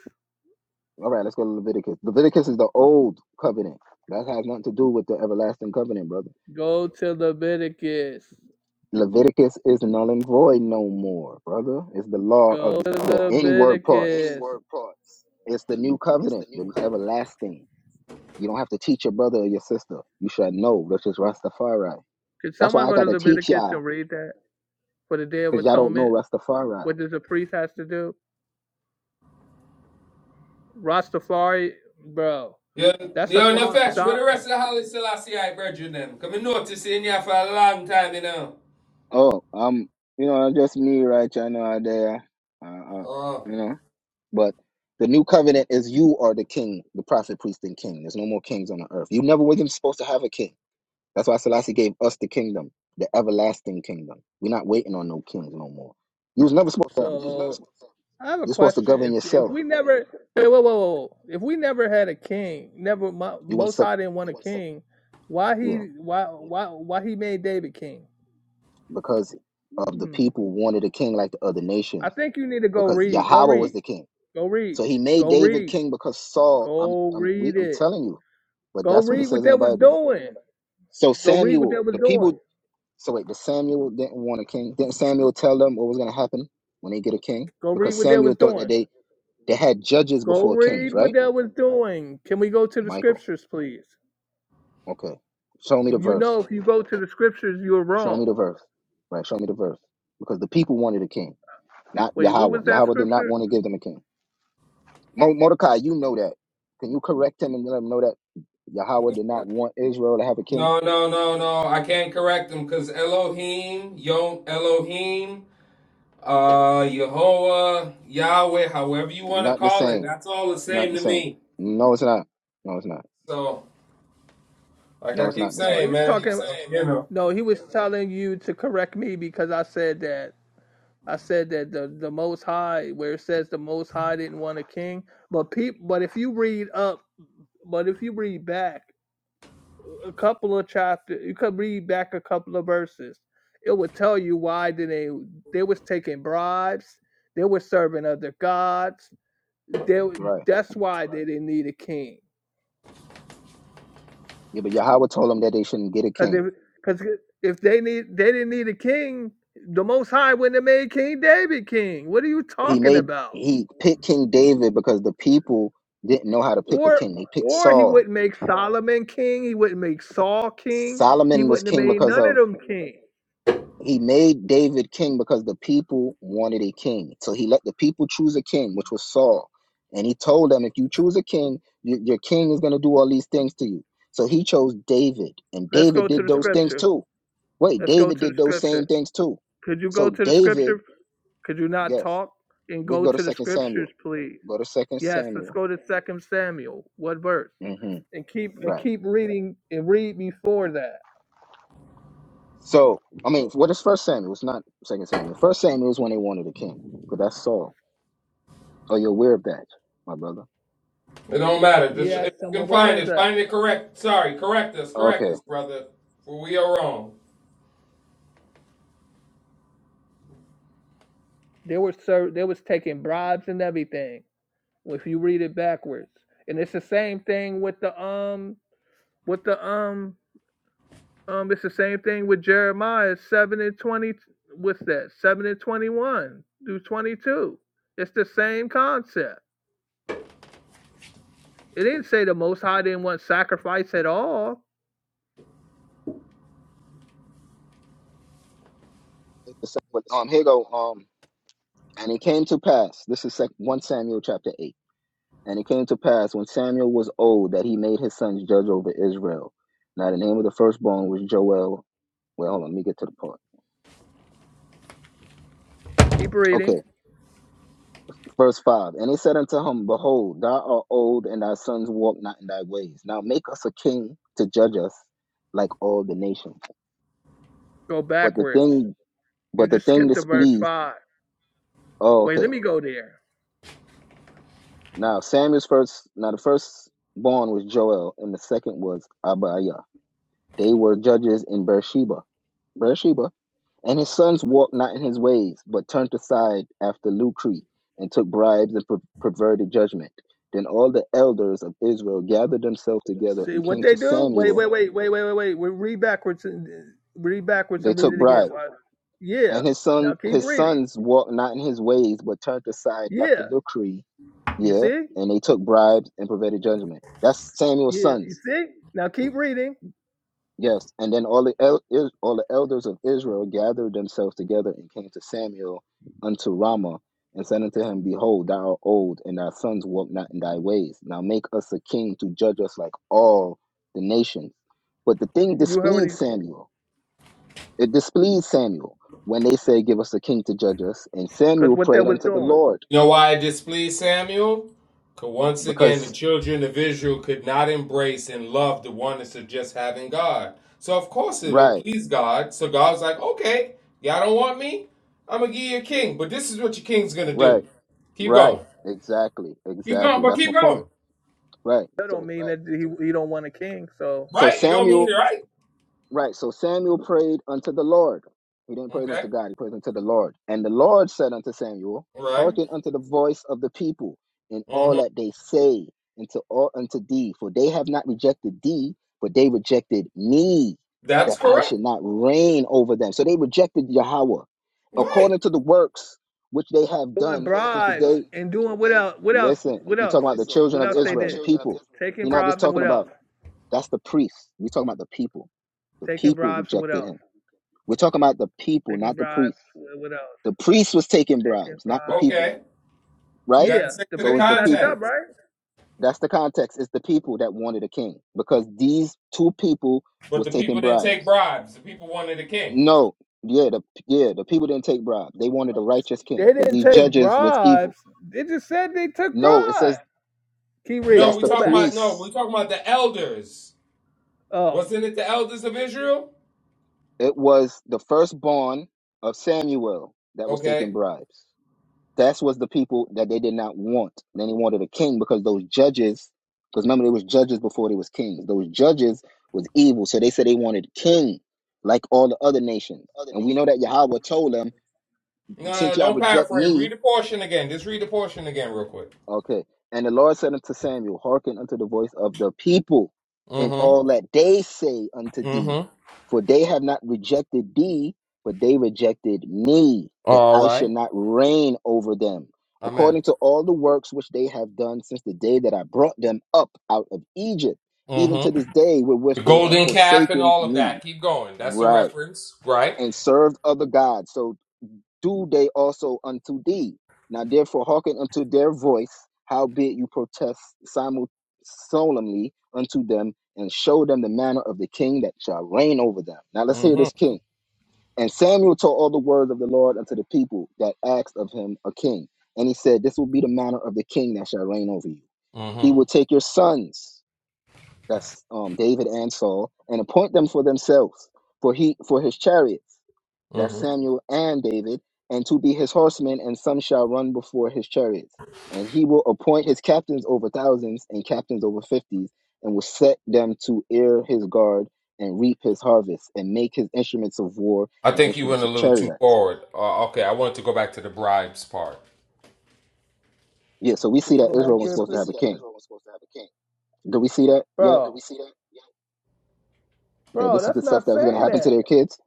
All right, let's go to Leviticus. Leviticus is the old covenant. That has nothing to do with the everlasting covenant, brother.
Go to Leviticus.
Leviticus is null and void no more, brother. It's the law of
Go to
the inward parts.
Leviticus.
It's the new covenant, the everlasting. You don't have to teach your brother or your sister. You should know, which is Rastafari.
Could
That's
someone
why I
go
got
to
to teach
Leviticus
y'all,
and read that for the Day of
because y'all don't know
Atonement?
Rastafari.
What does a priest has to do? Rastafari, bro,
You're,
that's a
you're on the
false
fetch with the rest
doctrine.
of the Holly Selassie I brethren them. Come and notice in here for a long time, you know.
Oh, um, you know, just me right y'all know out there, uh, uh,
Oh.
you know. But the new covenant is you are the king, the prophet, priest, and king. There's no more kings on the earth. You never were even supposed to have a king. That's why Selassie gave us the kingdom, the everlasting kingdom. We're not waiting on no kings no more. You was never supposed to have a king.
So I have a
You're supposed to
question.
govern
If if
yourself.
we never, hey, whoa, whoa, whoa, if we never had a king, never Mo-
You want
Most
to,
High didn't want a king. Why
yeah,
he why why why he made David king?
because of the
Hmm.
people wanted a king like the other
I
nations
think you need to go
because
read. Go
Yahweh was
read.
the king.
Go read.
So he made
Go
David
read.
king because Saul. I'm,
Go
I'm, we,
read
I'm
it.
telling you, but
Go
that's what it
read what
says in
they
the
was
Bible.
doing.
So
Go read what they
Samuel,
was
the
doing.
people. So wait, the Samuel didn't want a king. Didn't Samuel tell them what was going to happen when they get a king?
Go read
Because
what they was
Samuel thought that
doing.
they they had judges
Go
before kings,
read
right?
what they was doing. Can we go to the
Michael.
scriptures, please?
Okay. Show me the
You know,
verse.
if you go to the scriptures, you're
Show me
wrong.
the verse. Right. Show me the verse. Because the people wanted a king, not
Wait, what
Yahweh.
was that
Yahweh did not
scripture?
want to give them a king. Mo- Mordecai, you know that. Can you correct him and let him know that Yahweh did not want Israel to have a king?
No, no, no, no. I can't correct them because Elohim, Yo, Elohim, uh, Yehovah, Yahweh, however you
It's
want to
not the
call it,
same.
that's all the
It's not
same
the
to
same.
me.
No, it's not. No, it's not.
So, like
No,
I
it's
keep
not the
No, he
saying,
same.
was
man,
talking.
I don't, you know,
No, he was telling you to correct me because I said that. I said that the, the Most High, where it says the Most High didn't want a king, but peop, but if you read up, but if you read back, a couple of chapters, you could read back a couple of verses. It would tell you why did they they was taking bribes, they were serving other gods. They
Right.
that's why they didn't need a king.
Yeah, but Yahweh told them that they shouldn't get a
Cause if
king.
cause if they need they didn't need a king, the Most High wouldn't have made King David king. What are you
He
talking
made
about?
he picked King David because the people didn't know how to pick a
Or
king. They picked
or he
Saul.
wouldn't make Solomon king. He wouldn't make Saul king. He
Solomon was
wouldn't have
king
made
because
none of
of
them king.
He made David king because the people wanted a king. So he let the people choose a king, which was Saul. And he told them, if you choose a king, your, your king is going to do all these things to you. So he chose David, and
Let's
David
go to
did
the
those things
scripture.
too. Wait,
Let's go
David
to the
did those same
scripture.
things too.
Could you go
So
to the
David,
scripture? Could you not
yes,
talk and
we can
go
go to
to the
Second Samuel.
scriptures, please?
Go to Second
Yes, let's
Samuel.
go to Second Samuel. What verse?
hmm
and keep and
Right.
keep reading and read before that.
So I mean, what is First Samuel? It's not Second Samuel. First Samuel is when they wanted a king, but that's Saul. Oh, you're aware of that, my brother.
it don't matter. Just,
Yes,
if
I'm
you can
aware
find
of
it, find
that.
it correct. Sorry, correct us, correct
Okay.
us, brother, for we are wrong.
there were so there was taking bribes and everything. If you read it backwards, and it's the same thing with the um with the um um it's the same thing with Jeremiah seven and twenty. What's that? Seven and twenty one through twenty two. It's the same concept. It didn't say the Most High didn't want sacrifice at all.
It's the same, but um, here you go. Um, and it came to pass. This is sec- one Samuel chapter eight. And it came to pass when Samuel was old that he made his sons judge over Israel. Now the name of the firstborn was Joel. Well, hold on, let me get to the part.
Keep reading.
Okay, verse five. And he said unto him, Behold, thou art old, and thy sons walk not in thy ways. Now make us a king to judge us like all the nations.
Go
But the
backwards.
thing,
You
but the
just
thing
skipped to verse
displeased.
five.
Oh,
Wait,
okay.
let me go there.
Now Samuel's first now the first born was Joel and the second was Abiah. They were judges in Beersheba. Beersheba. And his sons walked not in his ways, but turned aside after Lucre, and took bribes and per- perverted judgment. Then all the elders of Israel gathered themselves together
See
and
what
came
they
to
do? Wait,
Samuel.
wait, wait, wait, wait, wait, wait. We read backwards and uh, read backwards
They
and read
took
it again.
bribes.
Why- Yeah.
And his
Now
son
keep
his
reading.
sons walked not in his ways, but turned aside after
Yeah.
Lucre,
You
yeah,
see?
and they took bribes and perverted judgment. That's Samuel's
Yeah.
sons
You see? Now keep reading.
Yes, and then all the el- is- all the elders of Israel gathered themselves together and came to Samuel unto Ramah and said unto him, Behold, thou art old, and thy sons walk not in thy ways. Now make us a king to judge us like all the nations. But the thing
You
displeased
already
Samuel. It displeased Samuel when they said, Give us a king to judge us. And
Because
Samuel
what they
prayed
was
unto the
doing,
Lord
You know why it displeased Samuel? Because once again, the
because
children of Israel could not embrace and love the oneness of just having God. So, of course, it would
right,
please God. So, God was like, okay, y'all don't want me? I'm going to give you a king. But this is what your king's going to do.
right,
Keep
right,
going.
exactly,
Keep going,
exactly.
but
That's my
keep
point.
going.
Right.
that don't
So
mean right. that he he don't want a king. So
so
Right? It don't
Samuel
mean it, right?
Right. So Samuel prayed unto the Lord. He didn't pray
Okay.
unto God, he prayed unto the Lord. And the Lord said unto Samuel,
Right.
Hearken unto the voice of the people in all
hmm
that they say unto all unto thee, for they have not rejected thee, but they rejected me,
That's
that I should
correct.
not reign over them. So they rejected Yahweh
Right.
according to the works which they have
doing
done since the
bribes
day.
and doing what else? What else?
Listen,
What
you're
else?
talking about the
Listen,
children
What
of
else they did?
Israel, the
The
people. He's
Taking
not just
bribes and
talking
what
about
else?
that's the priests. We're talking about the people. The
Taking
people
bribes and what
rejected
else?
him. We're talking about the people,
Taking
not the
bribes.
priests.
What else?
The priest was taking
Taking
bribes, not the
bribes.
people,
Okay. We
right?
got to
Yeah,
stick
the
to the
So it's
priests
the
messed up,
people.
context.
right?
That's the context. It's the people that wanted a king because these two people
But
was
the people
taking
didn't take
bribes.
bribes, the people wanted a king.
No, yeah, the yeah, the people didn't take bribes. They wanted a righteous king
They
because
didn't
these
take
judges was evil.
bribes. They just said they took
No, it says
bribes. Keep
No,
reading.
that's
we
the
Go
talking
back.
about no, we
priests.
talking about the elders.
Oh,
Wasn't it the elders of Israel?
It was the firstborn of Samuel that was taking
Okay.
bribes. That's was the people that they did not want. Then they wanted a king because those judges, because remember they was judges before they was kings. Those judges was evil, so they said they wanted a king, like all the other nations. And we know that Yahweh told them,
No, no,
since y'all
don't
reject
paraphrase.
me,
Read the portion again. Just read the portion again real quick.
Okay. And the Lord said unto Samuel, Hearken unto the voice of the people and
Mm-hmm.
all that they say unto thee.
Mm-hmm.
For they have not rejected thee, but they rejected me, that
All
I should
right.
not reign over them,
Amen.
according to all the works which they have done since the day that I brought them up out of Egypt, even to
Mm-hmm.
this day wherewith
The
they have
golden calf and
forsaken
all of
me.
that. Keep going. That's the
Right.
reference, right?
And served other gods. So do they also unto thee. Now therefore hearken unto their voice, howbeit you protest simul- solemnly unto them, and show them the manner of the king that shall reign over them. Now let's hear this
Mm-hmm.
king. And Samuel told all the words of the Lord unto the people that asked of him a king. And he said, This will be the manner of the king that shall reign over you. He will
Mm-hmm.
take your sons, that's um, David and Saul, and appoint them for themselves, for he for his chariots that's
Mm-hmm.
Samuel and David, and to be his horsemen, and some shall run before his chariots. And he will appoint his captains over thousands and captains over fifties, and will set them to ear his guard and reap his harvest, and make his instruments of war
I
and
think you went
instruments
a
of
little too
chariots.
forward. Uh, okay, I wanted to go back to the bribes part.
Yeah, so we
can
see
you
that
go back
Israel
yeah,
was
there, so
supposed to
please? We
have
see
a
that
king.
Israel was supposed to have a king,
Do we see that yet?
Bro, Did we see that. Yeah.
That
bro,
this is the
that's
stuff
not
that was going to
saying
happen to
that.
their kids?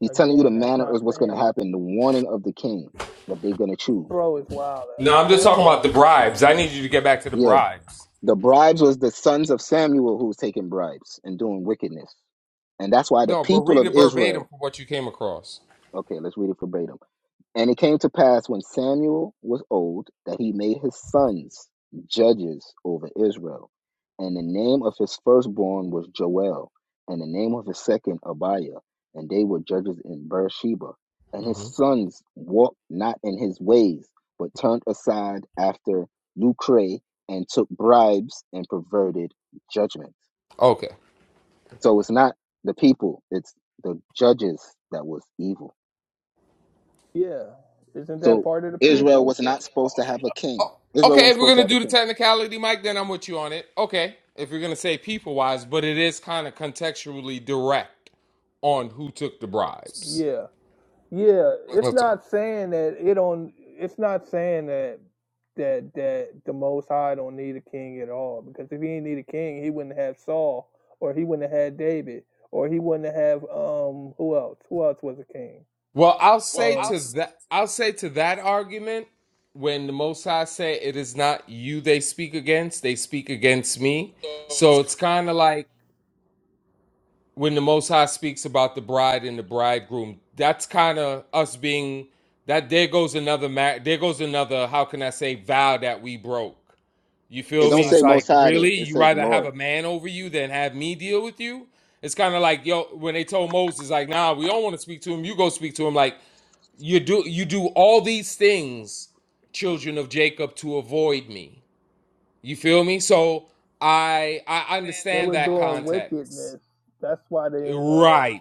He's telling you the
Again, that's
manner
not
of what's
saying
going to
that.
happen, the warning of the king that they're going to
This
choose.
bro is wild.
No,
Uh,
I'm just
Man, I'm
talking about the
done.
bribes. I need you to get back to the
Yeah.
bribes.
The bribes was the sons of Samuel who was taking bribes and doing wickedness. And that's why the
No, but
people
read
of
it verbatim
Israel,
for what you came across.
okay, let's read it verbatim. And it came to pass when Samuel was old that he made his sons judges over Israel. And the name of his firstborn was Joel, and the name of his second Abiah, and they were judges in Beersheba. And his sons walked not in his ways, but turned aside after lucre and took bribes and perverted judgment.
Okay.
So it's not the people, it's the judges that was evil.
Yeah. Isn't that
So
part of the
Israel
people?
was not supposed to have a king.
Oh,
Israel
okay,
wasn't
if we're
supposed to
gonna
have a
do the
king.
technicality, Mike, then I'm with you on it. Okay, if you're gonna say people wise, but it is kind of contextually direct on who took the bribes.
Yeah. Yeah. It's
That's all.
not saying that it don't it's not saying that that that the most high don't need a king at all. Because if he didn't need a king, he wouldn't have Saul or he wouldn't have had David or he wouldn't have um who else? Who else was a king?
Well, I'll say
Um
to
I'll
that, I'll say to that argument when the Most High say it is not you they speak against, they speak against me. So it's kind of like when the Most High speaks about the bride and the bridegroom, that's kind of us being that. There goes another ma- There goes another. How can I say vow that we broke? You
It
feel
don't
me? It's
say
like
Most High there.
really,
It
you
says
rather have
Lord.
a man over you than have me deal with you. It's kind of like yo when they told Moses like, nah, we don't want to speak to him. You go speak to him. Like you do, you do all these things, children of Jacob, to avoid me. You feel me? So I I
They
understand
were
that
doing
context.
wickedness. That's why they didn't want
Right.
to.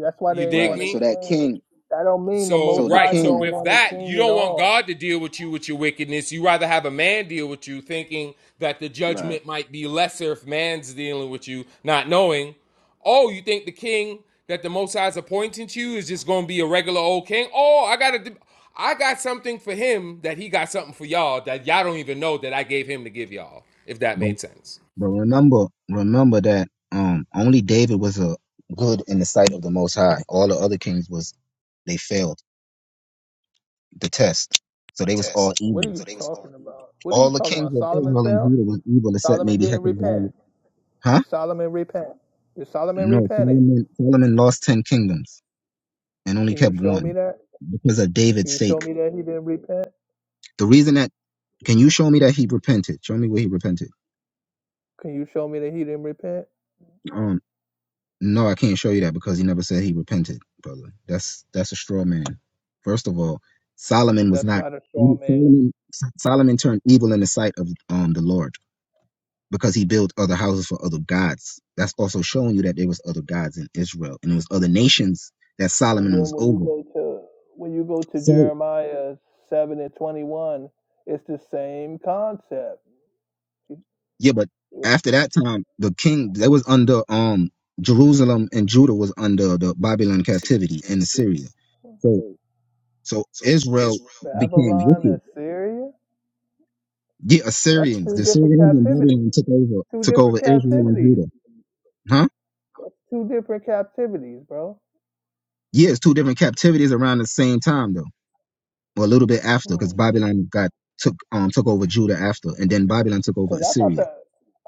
That's why they
You
didn't
dig
want
Right.
to
So
me?
that
change.
king.
That don't mean the
So,
Most
So the
High
right. So,
don't
king.
with
want a
that, you
king at
don't want
all.
God to deal with you with your wickedness. You rather have a man deal with you, thinking that the
Right.
judgment might be lesser if man's dealing with you, not knowing. Oh, you think the king that the Most High's appointing to you is just going to be a regular old king? Oh, I got to. I got something for him that he got something for y'all that y'all don't even know that I gave him to give y'all, if that
But
made sense.
but remember remember that um only David was a good in the sight of the Most High. All the other kings was they failed the test, so they was all
What are
evil.
you talking about? What are you
All the
talking
kings
about?
of
Solomon
Israel and
fell.
Judah was evil except
Solomon
maybe
didn't repent.
Hezekiah. Huh?
Did Solomon repent? Did Solomon
No,
repent it?
Solomon Solomon lost ten kingdoms and only
Can you
kept
show
one
me that?
because of
Can
David's
you
sake.
show me that he didn't repent?
The reason that Can you show me that he repented? Show me where he repented.
Can you show me that he didn't repent?
Um, no, I can't show you that because he never said he repented, brother. That's that's a straw man. First of all, Solomon was
That's
not
not a straw man.
Solomon. Solomon turned evil in the sight of um the Lord because he built other houses for other gods. That's also showing you that there was other gods in Israel and it was other nations that
And
Solomon
then
was
when you
over.
go to when you go to
So
Jeremiah seven and twenty one, it's the same concept
yeah, but after that time, the king they was under um Jerusalem and Judah was under the Babylon captivity in Assyria. So So Israel
Babylon,
became
became
wicked.
Assyria.
The
That's
Assyrians, the
two different
Assyrians and
captivities.
Babylon took over,
Two
took over
different
Israel and
captivities.
Judah. Huh?
Two different captivities, bro.
Yeah, it's two different captivities around the same time though, or a little bit after, because
Because
Babylon got took um took over Judah after, and then Babylon took over
I thought
Assyria.
that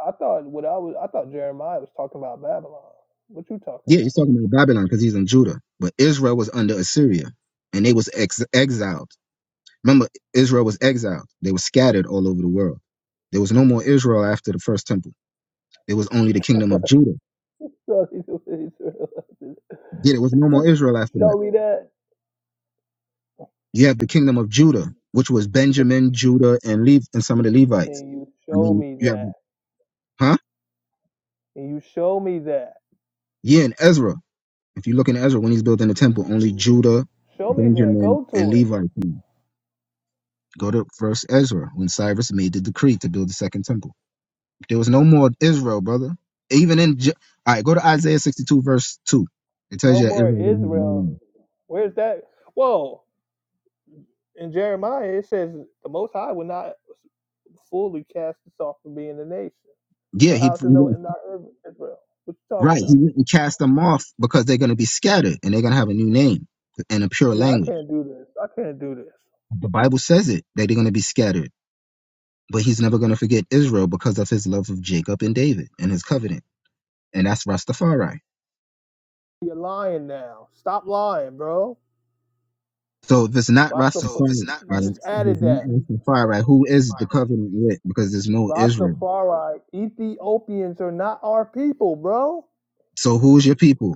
I thought what I was I thought Jeremiah was talking about Babylon. What you talking
Yeah, he's talking about Babylon because he's in Judah, but Israel was under Assyria, and they was ex- exiled. Remember, Israel was exiled. They were scattered all over the world. There was no more Israel after the first temple. There was only the
about?
kingdom of Judah.
Show me the Israelites.
Yeah, there was no more Israel after that.
Show me that.
You have the kingdom of Judah, which was Benjamin, Judah, and Lev and some of the Levites.
Can you
I
show
mean,
me
you have
that?
huh?
Can you show me that?
Yeah, and Ezra. If you look in Ezra when he's building the temple, only Judah,
Show me that.
Benjamin,
Go
and
to it.
Levi came. Go to first Ezra when Cyrus made the decree to build the second temple. There was no more Israel, brother. Even in Ju- all right, go to Isaiah 62, verse 2. It tells
No
you that
more
Israel didn't have a new
Israel.
name.
Where's that? Whoa. In Jeremiah, it says the Most High will not fully cast us off from being a nation.
Yeah,
So
he
how's it no not Israel? What you talking
right.
about?
He wouldn't cast them off because they're gonna be scattered and they're gonna have a new name and a pure
Yeah, I
language.
can't do this. I can't do this.
The Bible says it that they're going to be scattered, but he's never going to forget Israel because of his love of Jacob and David and his covenant. And that's Rastafari.
You're lying now. Stop lying, bro.
So if it's not
Rastaf-
Rastafari,
Rastaf- You just
if
added
it's not
that.
Rastafari, right? who is the covenant with? Because there's no Israel.
Rastafari. Ethiopians are not our people, bro.
So who's your people?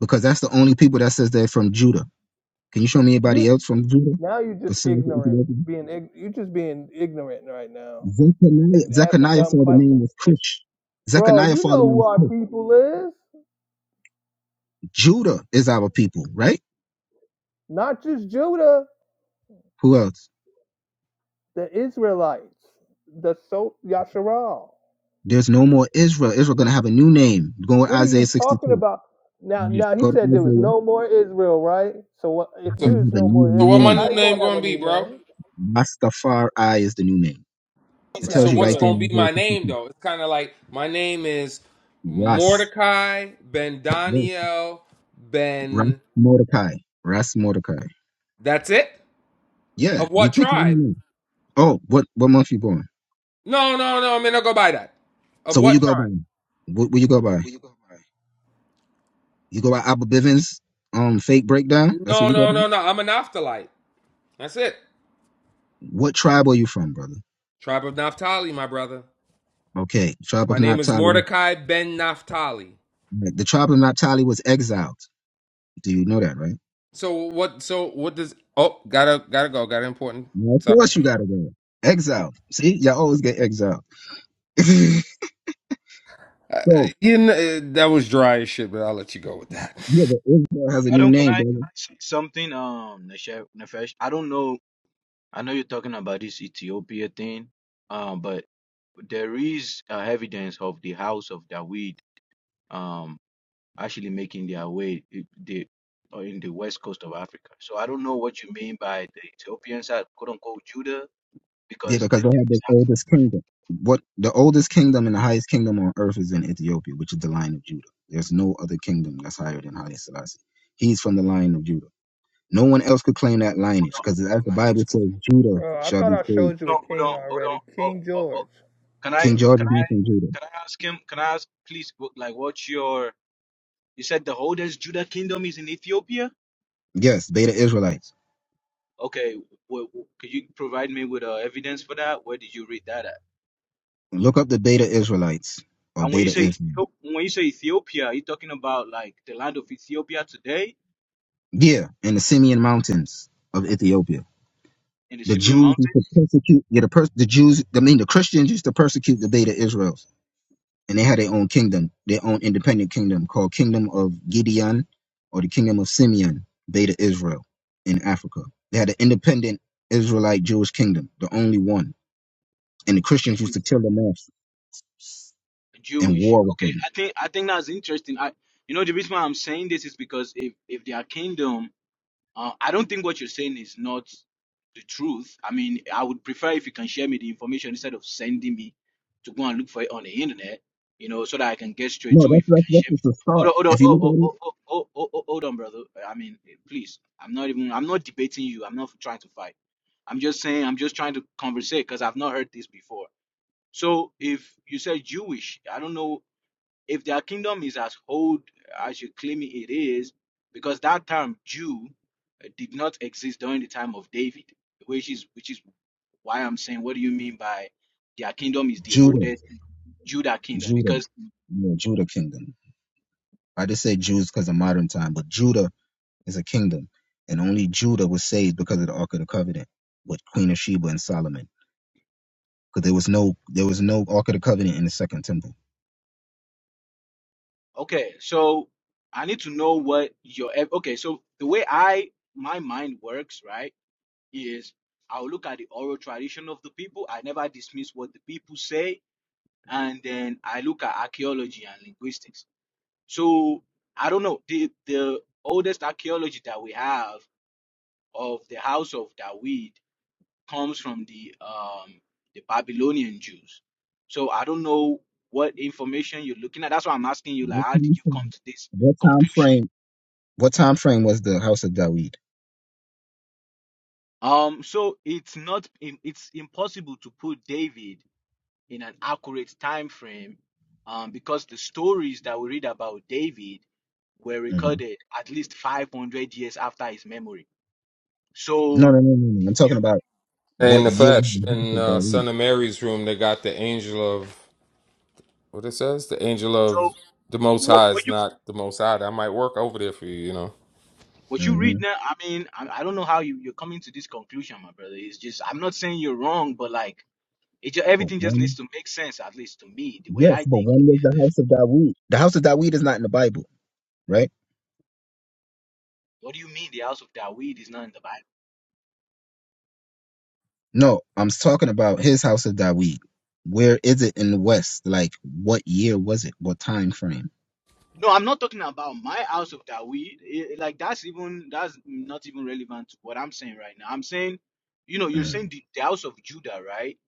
Because that's the only people that says they're from Judah. Can you show me anybody
You
else from Judah
now you're just
besides the
ignorant.
Ethiopians?
Being you're just being ignorant right now.
Zechariah,
and asking
Zechariah
dumb
father name
questions.
was Cush.
Bro,
Zechariah
you
father
know
name
who
was
our
Cush.
people is.
Judah is our people, right?
Not just Judah,
Who else?
the Israelites, the so Yasharal.
There's no more Israel. Israel going to have a new name. Go with
What are
Isaiah
you talking
62.
about? Now,
Yes.
now he
Go to
said there was
Isaiah.
no more Israel, right? So what, if
It's
So,
going
there
to
is
have a
no
new
more
so what
Israel,
my new
name.
how you
name
gonna have a
gonna be,
new
bro?
name?
Rastafari is the new name. It
That's
So
tells
not
you
what's
right there
true.
gonna
in
be
Isaiah
my name
62.
though? It's kind of like my name is
Ras.
Mordecai Ben
Yes.
Daniel
Ras
Ben.
Mordecai. Ras Mordecai.
That's it.
Yeah.
Of
You
what
pick the
tribe?
new name. Oh, what, what month you born?
No, no, no. I'm gonna go by that. Of
So what you
what
go by?
tribe?
What will you go by? You go by Abba Bivens, um, fake breakdown? That's what
No,
you go
no,
by?
no, no. I'm a Naphthalite. That's it.
What tribe are you from, brother?
Tribe of Naphtali, my brother.
Okay. Tribe
My
of
name is
Naphtali.
Mordecai Ben Naphtali.
Right, The tribe of Naphtali was exiled. Do you know that, right?
So what? So what does? Oh, gotta gotta go. Gotta important.
Now, of
Sorry.
course you gotta go. Exile. See, y'all always get exiled. so
Uh, you know, uh, that was dry as shit, but I'll let you go with that.
yeah, but Israel has a
I
new
don't. Can
name,
I, can
brother.
I say something? Um, Nefesh, Nefesh. I don't know. I know you're talking about this Ethiopia thing. Um, but there is uh, evidence of the house of David. Um. actually making their way i- the or in the west coast of Africa. So I don't know what you mean by the Ethiopians are quote unquote Judah
Yeah,
because the,
because they have
there is
the oldest kingdom. What the oldest kingdom and the highest kingdom on earth is in Ethiopia, which is the line of Judah. There's no other kingdom that's higher than Haile Selassie. He's from the line of Judah. No one else could claim that
hold
lineage,
on,
because as the Bible says, Judah
Bro, I
shall
thought
be
I
saved.
showed you a
hold on, hold
king
on, hold
already,
on. Oh,
King
oh, oh.
George.
Can I
King George is
can I
not from Judah.
can I ask him? Can I ask please? what- Like, what's your? You said the oldest Judah kingdom is in Ethiopia.
Yes, Beta Israelites.
Okay, well, could you provide me with uh, evidence for that? Where did you read that at?
Look up the Beta Israelites or
And when you
Beta
say
Israel.
Ethio- when you say Ethiopia, are you talking about like the land of Ethiopia today
Yeah, in the Simeon Mountains of Ethiopia.
in the
The
Simeon
Jews
Mountains?
used to persecute yeah, the pers- the Jews. I mean, the Christians used to persecute the Beta Israels, and they had their own kingdom, their own independent kingdom called Kingdom of Gideon or the Kingdom of Simeon, Beta Israel in Africa. They had an independent Israelite Jewish kingdom, the only one, and the Christians used
Jewish,
to kill them off and
Jewish.
war with
Okay,
them.
I think I think that's interesting. I, you know, the reason why I'm saying this is because if if their kingdom, uh, I don't think what you're saying is not the truth. I mean, I would prefer if you can share me the information instead of sending me to go and look for it on the internet. You know, so that I can get straight
No,
to it.
that's
If you
that's
can
that's
share me.
just the
Hold
start.
on, hold on,
If you
oh,
look
oh,
at it,
oh, oh, oh, oh, hold on, brother. I mean, please. I'm not even. I'm not debating you. I'm not trying to fight. I'm just saying. I'm just trying to conversate because I've not heard this before. So if you say Jewish, I don't know if their kingdom is as old as you claim it is, because that term Jew uh, did not exist during the time of David, which is which is why I'm saying, what do you mean by their kingdom is the
Judah,
oldest Judah kingdom?
Judah,
Because
yeah, Judah kingdom. I just say Jews because of modern time, but Judah is a kingdom, and only Judah was saved because of the Ark of the Covenant with Queen of Sheba and Solomon. Because there was no there was no Ark of the Covenant in the Second Temple.
okay, so I need to know what your ev- okay. So the way I my mind works, right, is I'll look at the oral tradition of the people. I never dismiss what the people say. and then I look at archaeology and linguistics. So I don't know the the oldest archaeology that we have of the house of David comes from the um the Babylonian Jews. So I don't know what information you're looking at. That's why I'm asking you like how did you come to this
What time frame? What time
conclusion?
frame, what time frame was the House of David?
Um so it's not im- it's impossible to put David in an accurate time frame um, because the stories that we read about David were
hmm
recorded at least 500 years after his memory.
No,
So
no, no, no, no. I'm talking
you
about
Hey,
what year was
Nefesh,
the House
in
of
uh, Son
David?
of Mary's room, they got the angel of what it says? The angel
so
of the Most
what
High
what
is
you
not the Most High. I might work over there for you, you know.
what you
hmm
read now? I mean, I, I don't know how you you're coming to this conclusion, my brother. It's just I'm not saying you're wrong, but like it just,
But
everything just needs
when?
to make sense at least to me the way
Yes,
I
but
think.
when was the House of David? The House of David is not in the Bible, right?
What do you mean the house of David is not in the Bible?
No, I'm talking about his House of David. Where is it in the West? Like, what year was it? What time frame?
No, I'm not talking about my house of Dawi. Eh, Like that's even that's not even relevant to what I'm saying right now. I'm saying, you know, you're
Mm.
saying the, the house of Judah, right?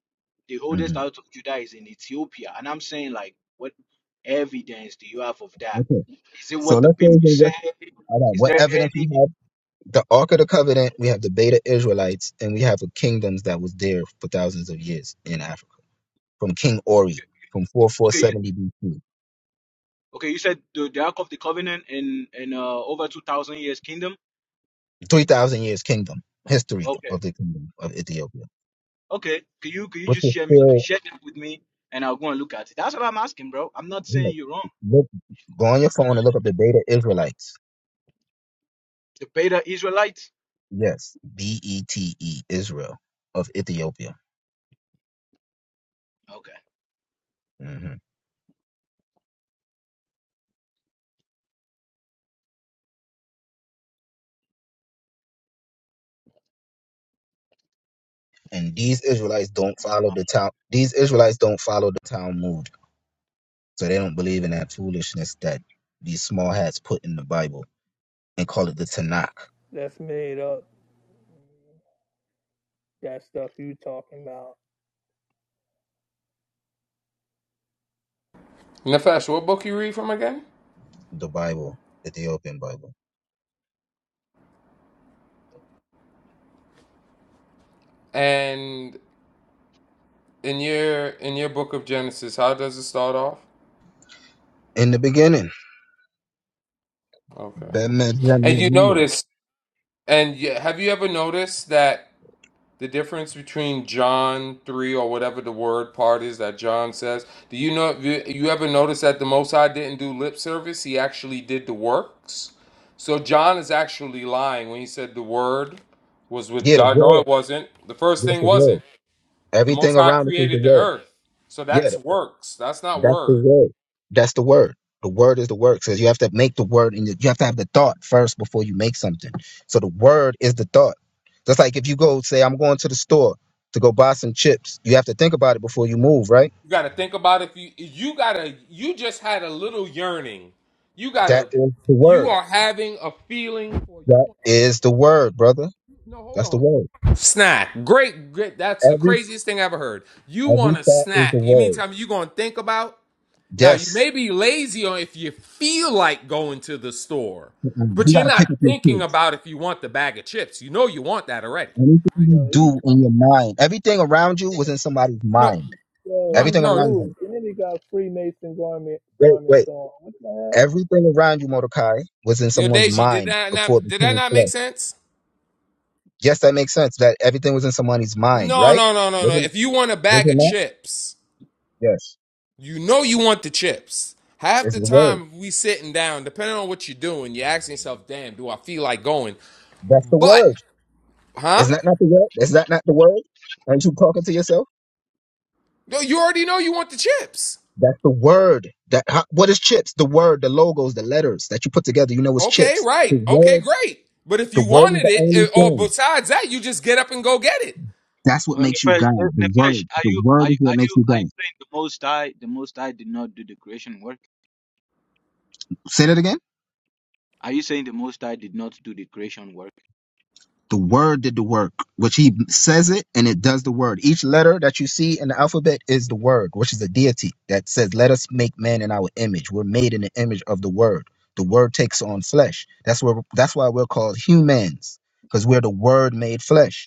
The oldest
hmm
house of Judah is in Ethiopia, and I'm saying like, what evidence do you have of that?
Okay.
Is it
So
what the
let's say
people
that
say?
what, all right,
Is
what
there
evidence we
any?
have? The Ark of the Covenant, we have the Beta Israelites, and we have the kingdoms that was there for thousands of years in Africa. From King Ori, from
Okay, you-
4470 BC.
okay, you said the, the Ark of the Covenant in in uh, over two thousand years kingdom.
3,000 years kingdom, history
Okay,
of the kingdom of Ethiopia.
okay. Can you can you
Which
just
is
share me
still,
share that with me, and I'll go and look at it. That's what I'm asking, bro. I'm not
you know,
saying you're wrong.
look, go on your phone and look up the Beta Israelites.
The beta Israelites?
Yes, B-E-T-E, Israel of Ethiopia.
Okay.
hmm And these Israelites don't follow
Uh,
the town. These Israelites don't follow the Talmud So they don't believe in that foolishness that these small hats put in the Bible and call it the Tanakh,
That's made up. That stuff you talking about?
Nefesh, what book you read from again?
the Bible, the Ethiopian Bible.
And in your in your book of Genesis, how does it start off?
In the beginning,
Okay.
Bemet
And you
Zemiria.
notice, and you, have you ever noticed that? the difference between John 3 or whatever the word part is that John says? Do you know you ever notice that the Most High didn't do lip service? He actually did the works. So John is actually lying when he said the word was with
yeah, the
God. No,
word,
it wasn't. The first
that's
thing
the word.
wasn't. The
Everything
Most High
around us is the
created the
word.
earth. So
Yeah,
that's
the-
works. That's not
that's the
word.
word. That's the word. The word is the word. Because you have to make the word, and you have to have the thought first before you make something. So the word is the thought. Just like if you go say, I'm going to the store to go buy some chips, you have to think about it before you move, right?
You got to think about if you you got to you just had a little yearning. You got
That
to
is the
you
word.
are having a feeling for you
That
want
is the word, brother.
no hold
That's
on
the word.
Snack. Great, great. That's the
Every
craziest thing I ever heard. You
every
want a
thought is the
snack. You mean
word.
tell me you going to think about? Now, you
Yes.
may be lazy on if you feel like going to the store,
Mm-mm.
but
You
you're
gotta
not
pick up your
thinking
kids.
about if you want the bag of chips. You know you want that already.
Anything you
Yo, he
do in your mind, everything around you was in somebody's
No,
mind.
yo,
my,
he
Everything
no.
around you.
Jewish, and he got Freemason garment
Wait,
garments
wait.
on. What the heck?
Everything around you, Mordecai, was in
Your
someone's
Deji, did
mind
that not
before it
did that
became
not make
flesh.
sense?
Yes, that makes sense. That everything was in somebody's mind,
No,
right?
no, no, no, no.
Wasn't
If you want a
was
bag of
not
chips,
that Yes.
you know you want the chips. Half
It's
the
the word.
time we sitting down, depending on what you're doing, you're asking yourself, damn, do I feel like going?
That's the
But
word.
Huh?
Is that not the word? Is that not the word? Aren't you talking to yourself?
No, you already know you want the chips.
That's the word. That how, what is chips? The word, the logos, the letters that you put together. You know, it's
Okay,
chips. The
right. Okay,
word.
great. But if
The
you
word is
wanted
the
it, eh,
only
or
thing.
besides that, you just get up and go get it.
That's what
well,
makes you
Nefesh, uh,
God. The
Nefesh,
word.
are
The
you are
word
you
is
are
what makes
you
you
are you
God.
saying the Most High the Most High did not do the creation work?
Say that again.
Are you saying the Most High did not do the creation work?
The word did the work, which he says it and it does the word. Each letter that you see in the alphabet is the word, which is a deity that says, Let us make man in our image. We're made in the image of the word. The word takes on flesh. That's where that's why we're called humans, because we're the word made flesh.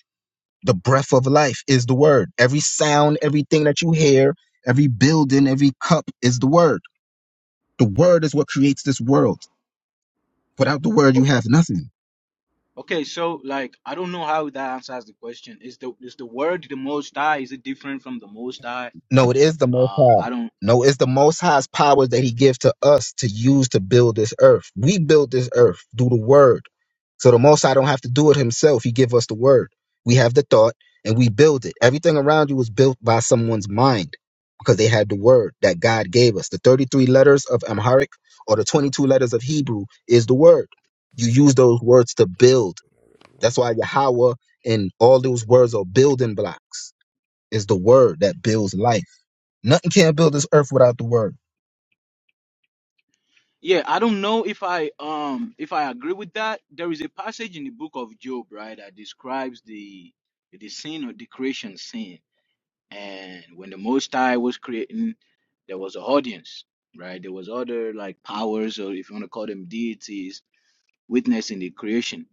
The breath of life is the word. Every sound, everything that you hear, every building, every cup is the word. The word is what creates this world. Without the word, you have nothing.
Okay, so like I don't know how that answers the question. Is the is the word the Most High? Is it different from the Most High?
No, it is the Most
Um,
High.
I don't.
No, it's the Most High's powers that He gives to us to use to build this earth. We build this earth through the Word. So the Most High don't have to do it Himself. He give us the Word. We have the thought and we build it. Everything around you was built by someone's mind because they had the Word that God gave us. The 33 letters of Amharic or the 22 letters of Hebrew is the Word. You use those words to build. That's why Yahweh and all those words are building blocks. Is the Word that builds life. Nothing can build this earth without the word.
Yeah, I don't know if I um if I agree with that. There is a passage in the book of Job, right, that describes the the sin or the creation sin And when the Most High was creating, there was an audience, right? There was other like powers, or if you want to call them deities, witnessing the creation.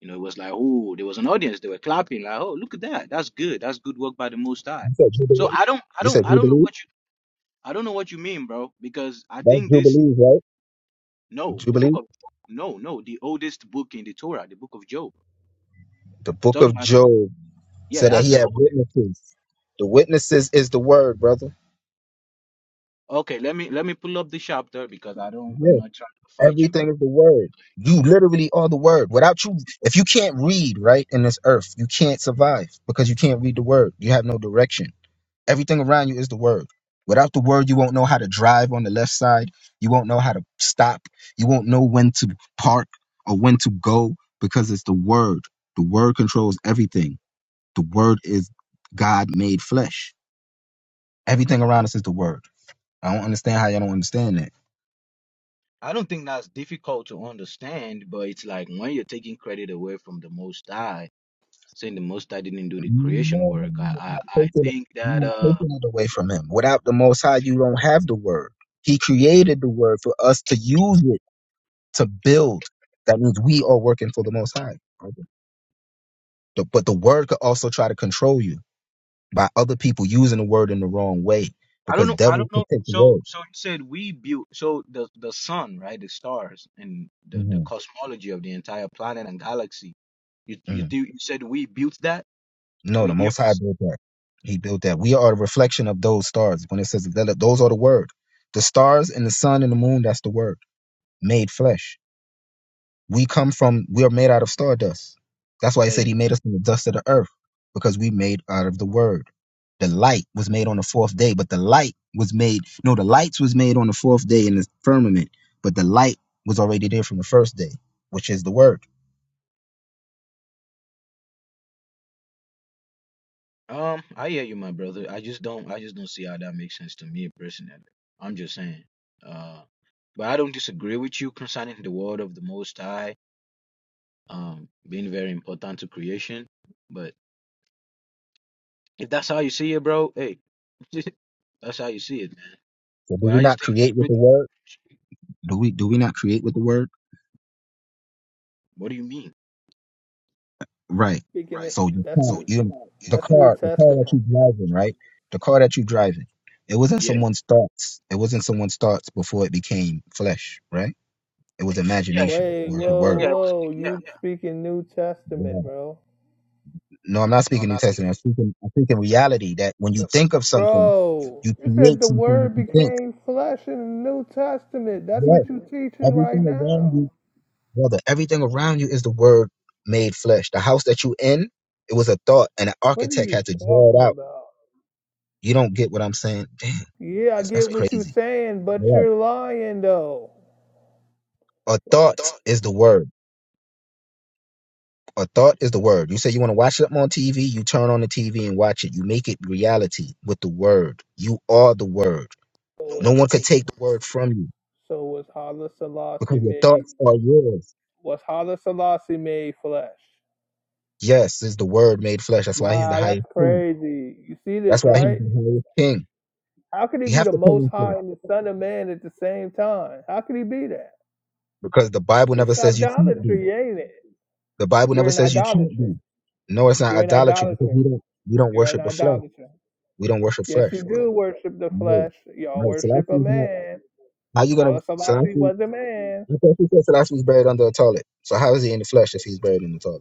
You know, it was like, oh, there was an audience. They were clapping, like, oh, look at that. That's good. That's good work by the Most High.
You said
So
Jubilee.
I don't, I
You
don't,
said
I don't know
Jubilee.
what you, I don't know what you mean, bro, because I
That's
think this,
Jubilee, right?
no, the book
Jubilee.
of, no, no, the oldest book in the Torah, the book of Job.
The
I'm
book
talking
of
about,
Job
yeah,
said that
that's
he
the
had
whole.
witnesses. The witnesses is the word, brother.
Okay, let me let me pull up the chapter because I don't, I'm
Yeah.
not trying to fight you, bro.
Everything is the word. You literally are the word. Without you, if you can't read right in this earth, you can't survive because you can't read the word. You have no direction. Everything around you is the word. Without the word, you won't know how to drive on the left side. You won't know how to stop. You won't know when to park or when to go because it's the word. The word controls everything. The word is God made flesh. Everything around us is the word. I don't understand how y'all don't understand that.
I don't think that's difficult to understand, but it's like when you're taking credit away from the Most High, saying the Most High didn't do the creation
No,
work. I,
you're not
I, I
taking it
think
you're
that
not
uh,
taking it away from him. Without the Most High, you don't have the word. He created the word for us to use it to build. That means we are working for the Most High. The- But the word could also try to control you by other people using the word in the wrong way
I don't
because
know. I
devil
don't
could
know.
take the
So,
word.
so you said we built. So the the sun, right? The stars and the the
hmm
cosmology of the entire planet and galaxy. You you
hmm
do, you said we built that.
No, the
We
Most High
humans.
built that. He built that. We are the reflection of those stars. When it says that, those are the word, the stars and the sun and the moon, that's the word made flesh. We come from, we are made out of stardust. That's why he said he made us from the dust of the earth, because we made out of the word. The light was made on the fourth day, but the light was made, no, the lights was made on the fourth day in the firmament, but the light was already there from the first day, which is the word.
Um, I hear you, my brother. I just don't, I just don't see how that makes sense to me personally. I'm just saying. Uh, but I don't disagree with you concerning the word of the Most High, um, being very important to creation. But if that's how you see it, bro, hey, that's how you see it, man.
So do
But
we
I
not
just think,
create with
with-
the word? Do we do we not create with the word?
what do you mean?
Right.
Speaking right. of,
So
right?
you
that's
can't
new,
you the
that's New
car, the car
Testament.
that you're driving, right? The car that you're driving. It was not
Yeah,
someone's thoughts. It was not someone's thoughts before it became flesh, right? It was
yeah,
imagination.
Wait,
It was the
whoa,
word.
yeah. It was,
whoa,
yeah.
you speaking New
Yeah.
Testament, bro?
No, I'm not speaking New Testament. I'm speaking. I'm speaking reality. That when you think of something,
Bro,
you
you said
create
the
something that
Word
you think.
became flesh in the New Testament. That's
Yes,
what you teaching right
everything around
now.
you, brother. Everything around you is the word made flesh. The house that you in, it was a thought, and an
What are
architect
you
had to draw it
talking
out.
about?
You don't get what I'm saying? Damn,
Yeah, I get
that's
what you're
crazy.
saying, but
Yeah.
you're lying though.
A thought is the word. A thought is the word. You say you want to watch it on TV, you turn on the TV and watch it. You make it reality with the word. You are the word.
No So
No
was
one could take the word from you
you. so was Hala
because
Selassie
your
made
thoughts are yours.
was Hala Selassie made flesh?
Yes, is the word made flesh. That's why he's the
Wow, that's
highest king.
crazy. You see this,
That's why he's
right?
the highest king.
How could he
You
be
have
the
to come
most
into
high
it
and the son of man at the same time? How could he be that?
because the Bible never
It's
says you can't be.
idolatry, ain't it?
The Bible
You're
never
an
says you can't
idolater.
be. No, it's not
You're an
idolatry because
idolater.
we don't we don't
You're an
worship the flesh.
idolater.
We don't worship
Yes,
flesh,
you
brother.
do worship the
No,
flesh. Y'all
no. Selassie
worship a
is not.
man.
How you gonna
Allah Selassie
Selassie?
was a man.
I thought you said Selassie was buried under a toilet. So how is he in the flesh if he's buried in the toilet?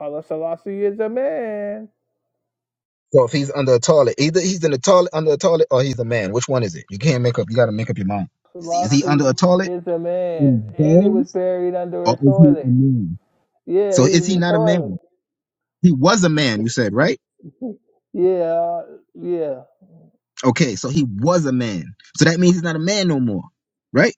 Allah Selassie is a man.
So if he's under a toilet, either he's in the toilet under a toilet or he's a man. Which one is it? You can't make up. You got to make up your mind. Is he under
Selassie
a toilet
is a man.
in
And he was
bones
buried under a
or is he a
toilet.
man?
Yeah,
So
he
is
was
he
a
not a
toilet.
man? He was a man. You said right.
Yeah, yeah.
Okay, so he was a man. So that means he's not a man no more, right?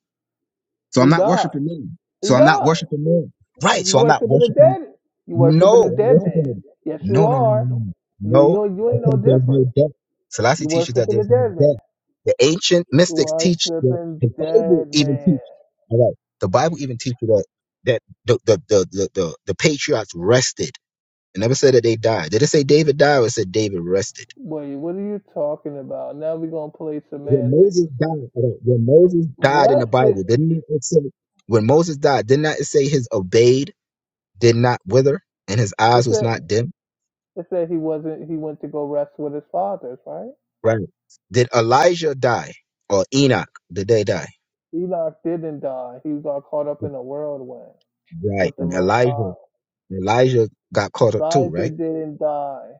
So I'm
He
not
died.
worshiping man.
He
So I'm not
died.
worshiping man.
You
Right. So I'm not
worshiping the
worshiping
dead. You worshiping
No,
the dead
what's it
man.
called?
Yes, you
No, no, no, no,
are.
no,
You,
no,
you, you ain't no
because there's
different.
no death. Selassie
You
teaches that
worshiping the
there's no
dead man.
death. The ancient mystics teach that
Worshiping
the Bible
dead
even
man.
teach. All right, the Bible even teaches that that the the the the, the, the patriarchs rested. It never said that they died. Did it say David died or it said David rested?
Wait, what are you talking about? Now we gonna play
When
semantics.
Moses died, all right, when Moses died in the
Rested.
Bible, didn't it say when Moses died? Did not it say his obeyed did not wither and his
It
eyes was
said
not dim?
it said he wasn't. He went to go rest with his fathers, right?
Right. Did Elijah die or Enoch? Did they die?
Enoch didn't die. He got caught up in the whirlwind
Right.
with the
And
Most
Elijah,
High.
Elijah got caught up too,
Elijah
right?
didn't die.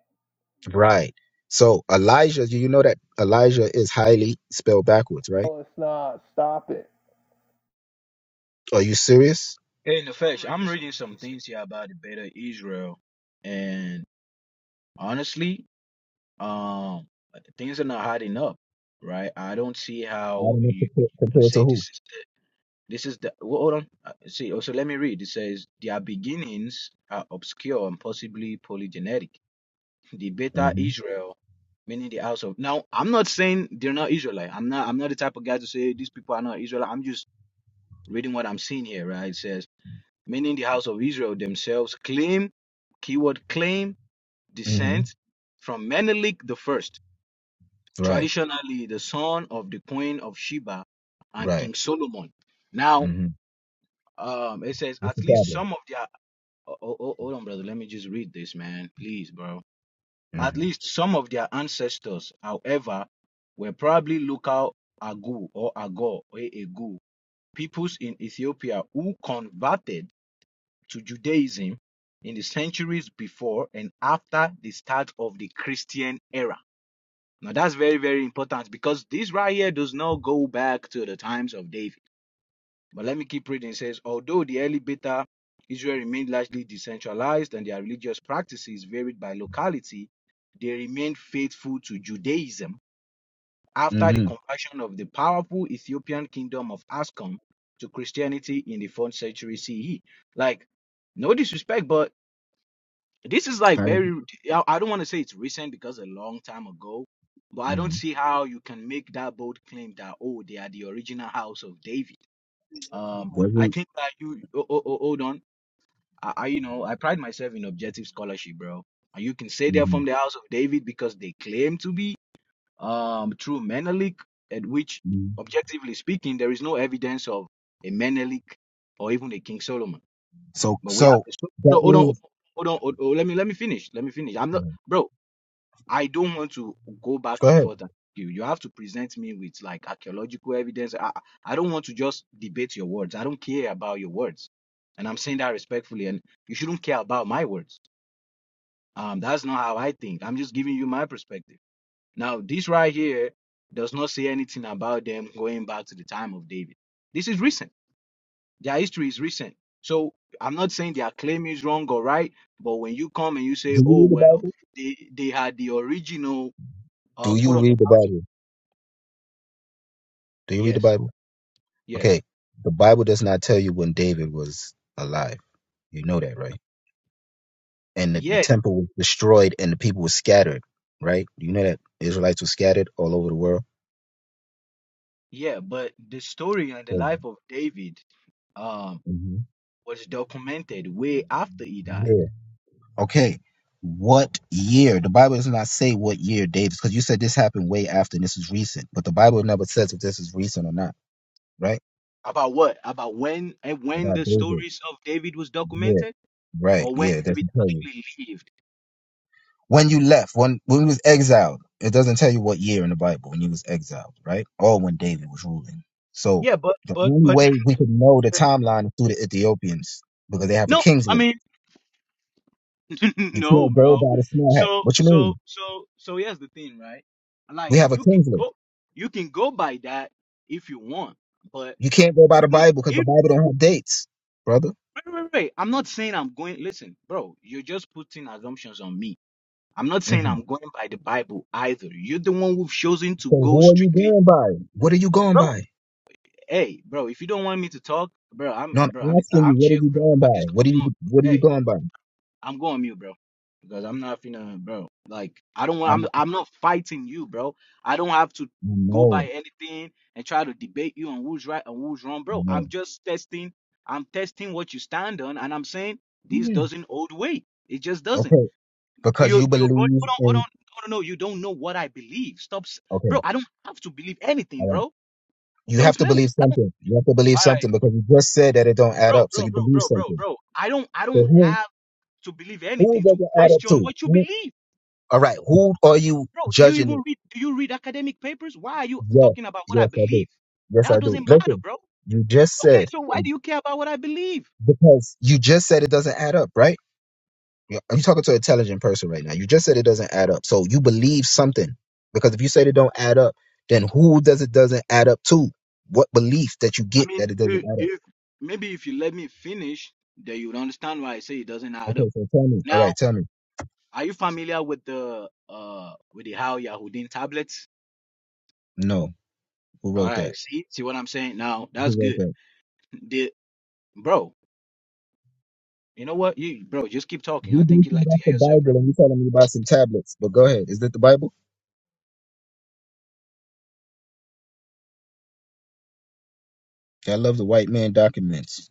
Right. So Elijah, do you know that Elijah is highly spelled backwards, right?
No, it's not. Stop it.
Are you serious?
Hey, Nefesh, I'm reading some things here about the Beta Israel, and honestly, Um, things are not adding up, right? I don't see
I
how
don't know
you
compa-
can
compared to
say
who.
this is this is the well, hold on. Uh, See, also let me read. It says their beginnings are obscure and possibly polygenetic. The Beta
Mm-hmm.
Israel, meaning the house of. Now, I'm not saying they're not Israelite. I'm not. I'm not the type of guy to say these people are not Israelite. I'm just reading what I'm seeing here, right? It says meaning the house of Israel themselves claim, keyword claim
Mm-hmm.
descent from Menelik the first.
Right.
traditionally the son of the Queen of Sheba and
Right.
King Solomon. Now,
Mm-hmm.
um, it says
What's the
at least
problem?
some of their. Oh, oh, oh, hold on, brother. Let me just read this, man. Please, bro. At
Mm-hmm.
least some of their ancestors, however, were probably local Agu or Agor or Egu peoples in Ethiopia who converted to Judaism in the centuries before and after the start of the Christian era. Now that's very, very important because this right here does not go back to the times of David. But let me keep reading. It says, although the early beta Israel remained largely decentralized and their religious practices varied by locality, they remained faithful to Judaism after the
Mm-hmm.
conversion of the powerful Ethiopian kingdom of Ascom to Christianity in the 4th century CE. Like, no disrespect, but this is like
How did?
very, I I don't want to say it's recent because a long time ago, but I don't
Mm-hmm.
see how you can make that bold claim that, oh, they are the original house of David. Um, I
Wasn't.
think that you, oh, oh, oh, hold on. I, I, you know, I pride myself in objective scholarship, bro. And you can say they're
Mm-hmm.
from the house of David because they claim to be, um, through Menelik, at which,
hmm
objectively speaking, there is no evidence of a Menelik or even a King Solomon.
So
But we have
so
to so-
that
no, hold on, hold
means.
on, hold on, oh, Let me let me finish. Let me finish. I'm not, bro. I don't want to go
Go
back and
ahead.
forth. And you you have to present me with like archaeological evidence. I I I don't want to just debate your words. I don't care about your words, and I'm saying that respectfully. And you shouldn't care about my words. Um, that's not how I think. I'm just giving you my perspective. Now, this right here does not say anything about them going back to the time of David. This is recent. Their history is recent. So I'm not saying their claim is wrong or right, but when you come and you say,
Do you
oh,
read the
well,
Bible?
they, they had the original,
Do
um,
you
quote unquote,
read the
answer.
Bible? Do you read the
yes,
Bible?
yes,
Okay, the Bible does not tell you when David was alive. You know that, right? And the, the
yeah,
temple was destroyed and the people were scattered, right? You know that Israelites were scattered all over the world.
yeah, but the story and the
So,
life of David um,
mhm,
was documented way after he died.
Yeah. Okay. What year? The Bible does not say what year David, because you said this happened way after and this is recent, but the Bible never says if this is recent or not, right?
About what? About when and when
About
the
David.
stories of David was
Yeah.
documented
Right.
or when
Yeah. It
David
doesn't tell you.
actually lived.
when you left, when when he was exiled. It doesn't tell you what year in the Bible when he was exiled, right? Or when David was ruling. So
Yeah, but
the
but
only
but
way we can know the timeline is through the Ethiopians because they have a
no,
king's
I
list.
mean.
You
no,
can't go
bro.
by the small hat.
So
What you
so
mean?
so so here's the thing, right?
We
Like
have a
you can
king's list.
go you can go by that if you want, but
You can't go by the
even
Bible because the
if
Bible don't have dates, brother.
wait, wait, wait. I'm not saying I'm going listen, bro, you're just putting assumptions on me. I'm not saying
hmm
I'm going by the Bible either. You're the one who've chosen to
So
go
who are you
strictly
going by? What are you going
bro.
by?
Hey, bro, if you don't want me to talk, bro,
No, I'm
I'm bro, I'm just
asking you.
I'm
What
chill,
are you
bro.
going
I'm just
by? What are you
gonna go
What are
on.
you going by?
I'm going mute, bro, because I'm not finna, bro. Like I don't want.
I'm.
I'm I'm not fighting you, bro. I don't have to
I
go by
know.
anything and try to debate you on who's right and who's wrong, bro. I'm just testing. I'm testing what you stand on, and I'm saying this
Mhm.
doesn't hold weight. It just doesn't.
Okay because
You
you
you're going.
believe
Hold on, hold
in
on. No, no, no. You don't know what I believe. Stop, s-
Okay,
bro. I don't have to believe anything,
all right.
bro.
You
Don't
have to
play with.
believe
I don't.
something. You have to believe
All right,
something because you just said that it don't add
bro,
up. So
bro,
you
bro,
believe
bro, bro,
something.
bro. I don't. I
So
don't
who
have to believe
who
anything
does
to
it add up
question
to?
what you
Who,
believe.
all right. Who are you
Bro, do you
judging?
even
It?
read do you read academic papers? Why are you
Yes,
talking about what I
yes, I do.
believe?
Yes,
That
I do.
doesn't matter,
Listen,
bro.
you just
Okay,
said
so why do you care about what I believe?
because you just said it doesn't add up, right? Yeah, I'm talking to an intelligent person right now. You just said it doesn't add up. So you believe something because if you said it don't add up, then who does it doesn't add up to? What belief that you
I
get
mean,
that it doesn't
i-
add up?
if maybe if you let me finish, then you would understand why I say it doesn't add
Okay,
up.
so tell me. All
Now,
right, tell me.
are you familiar with the uh with the How Yahudin tablets?
No. Who
All
wrote that?
right, see, see what I'm saying? Now
Who
that's
wrote
good.
that?
The bro, you know what? You bro, just keep talking.
You
I think you
basing
like
it
to
off the
hear yourself, bro.
Bible and you telling me about some tablets. But go ahead. Is that the Bible? I love the white man documents.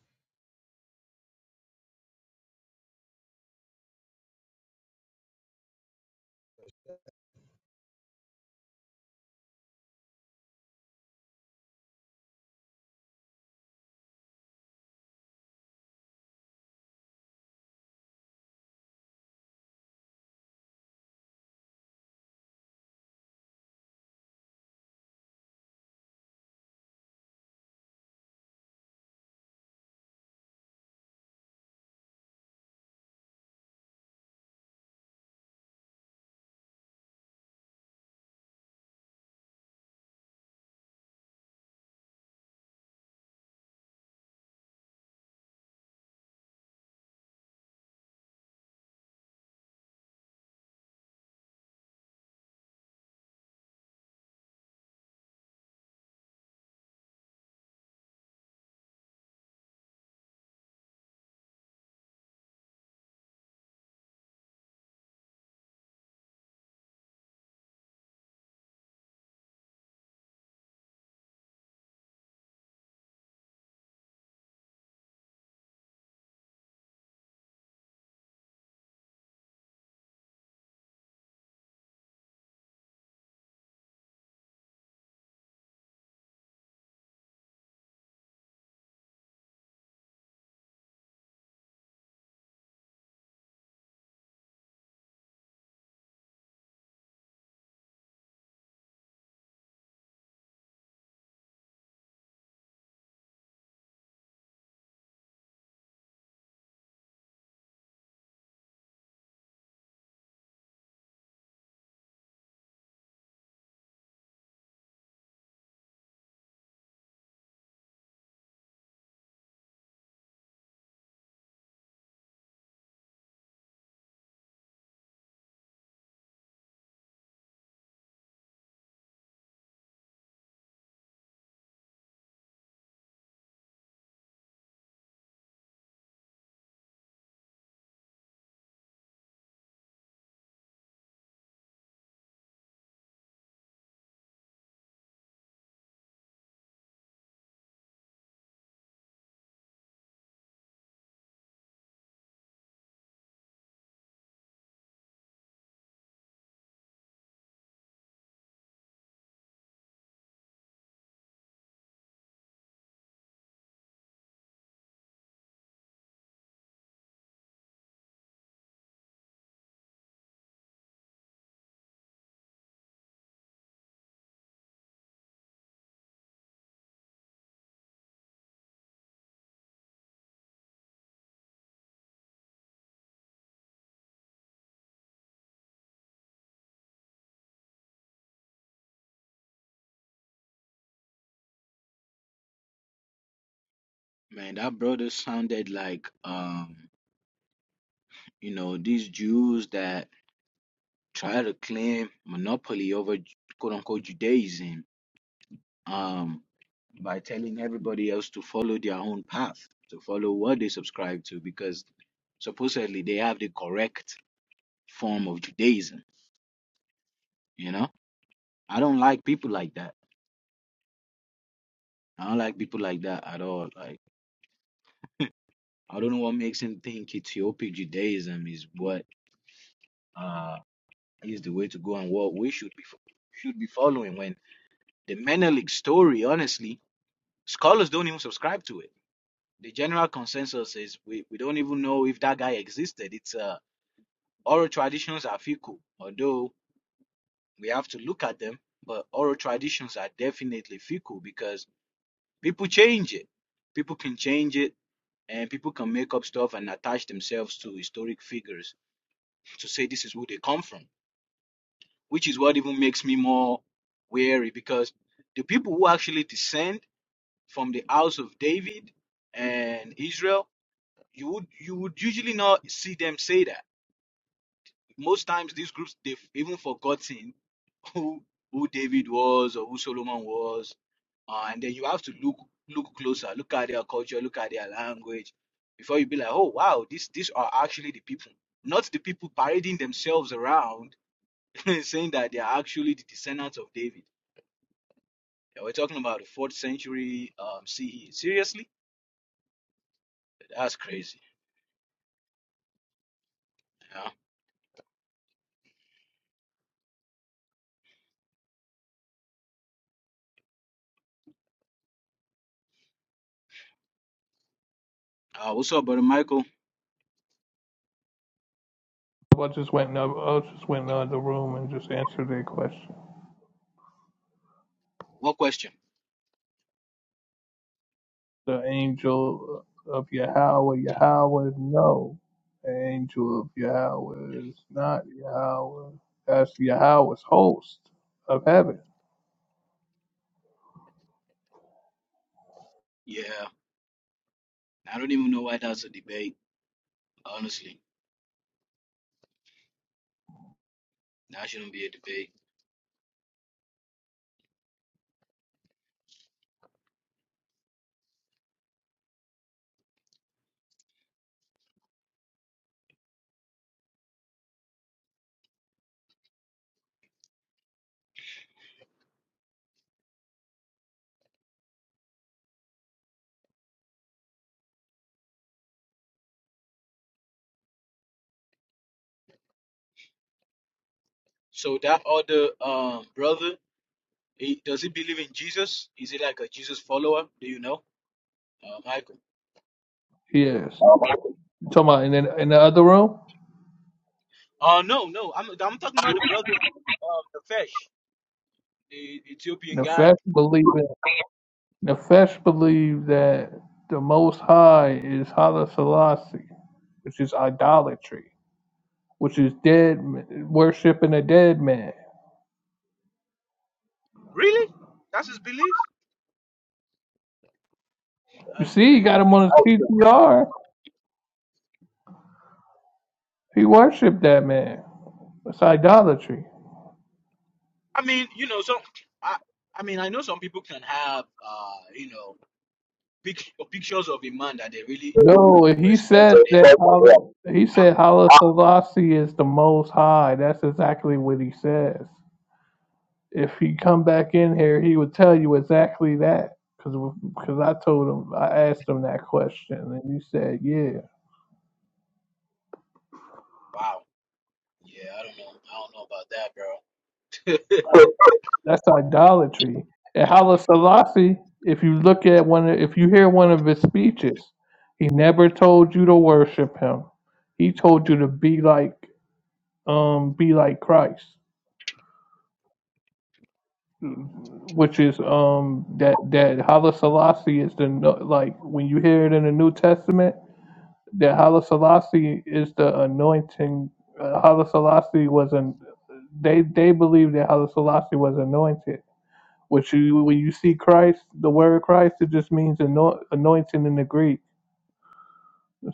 Man, that brother sounded like um, you know, these Jews that try to claim monopoly over quote unquote Judaism um, by telling everybody else to follow their own path, to follow what they subscribe to, because supposedly they have the correct form of Judaism. You know, I don't like people like that. I don't like people like that at all. Like, I don't know what makes him think Ethiopic Judaism is what uh, is the way to go and what we should be fo- should be following. When the Menelik story, honestly, scholars don't even subscribe to it the general consensus is we, we don't even know if that guy existed. It's uh, oral traditions are fickle, although we have to look at them, but oral traditions are definitely fickle because people change it. People can change it and people can make up stuff and attach themselves to historic figures to say this is who they come from, which is what even makes me more wary because the people who actually descend from the house of David and Israel, you would you would usually not see them say that most times these groups they've even forgotten who who David was or who Solomon was, uh, and then you have to look look closer, look at their culture, look at their language, before you be like, oh wow, these these are actually the people, not the people parading themselves around saying that they are actually the descendants of David. Yeah, we're talking about the fourth century um, CE. Seriously, that's crazy. Yeah. Uh, what's up, brother Michael?
I just went in the, I just went in the other room and just answered their question.
What question?
The angel of Yahweh, Yahweh, no. The angel of Yahweh is not Yahweh. That's Yahweh's host of heaven.
Yeah, I don't even know why that's a debate. Honestly, that shouldn't be a debate. So that other um, brother, he, does he believe in Jesus? Is he like a Jesus follower? Do you know, uh, Michael?
Yes. You talking about in the, in the other room?
Oh no, no, I'm I'm talking about the brother, um, the fish, the Ethiopian guy.
Nefesh believe in, Nefesh believe that the Most High is Hala Selassie. which is idolatry, which is dead worshiping a dead man.
Really? That's his belief?
You
That's
see, he
crazy.
got him on his PTR. He worshipped that man. It's idolatry.
I mean, you know, so I, I mean, I know some people can have, uh, you know, pic- pictures of a man that they really
No, he
respect
said
and they,
that he
ah,
said Hala Selassie is the Most High. That's exactly what he says. If he come back in here, he would tell you exactly that. Because I told him, I asked him that question, and he said, yeah.
wow, yeah, I don't know, I don't know about that, bro.
So, That's idolatry. And Haile Selassie, if you look at one, of, if you hear one of his speeches, he never told you to worship him. He told you to be like, um, be like Christ, which is um that that Haile Selassie is the no- like when you hear it in the New Testament that Haile Selassie is the anointing. Uh, Haile Selassie was an they they believe that Haile Selassie was anointed Which you, when you see Christ, the word Christ, it just means anoint, anointing in the Greek.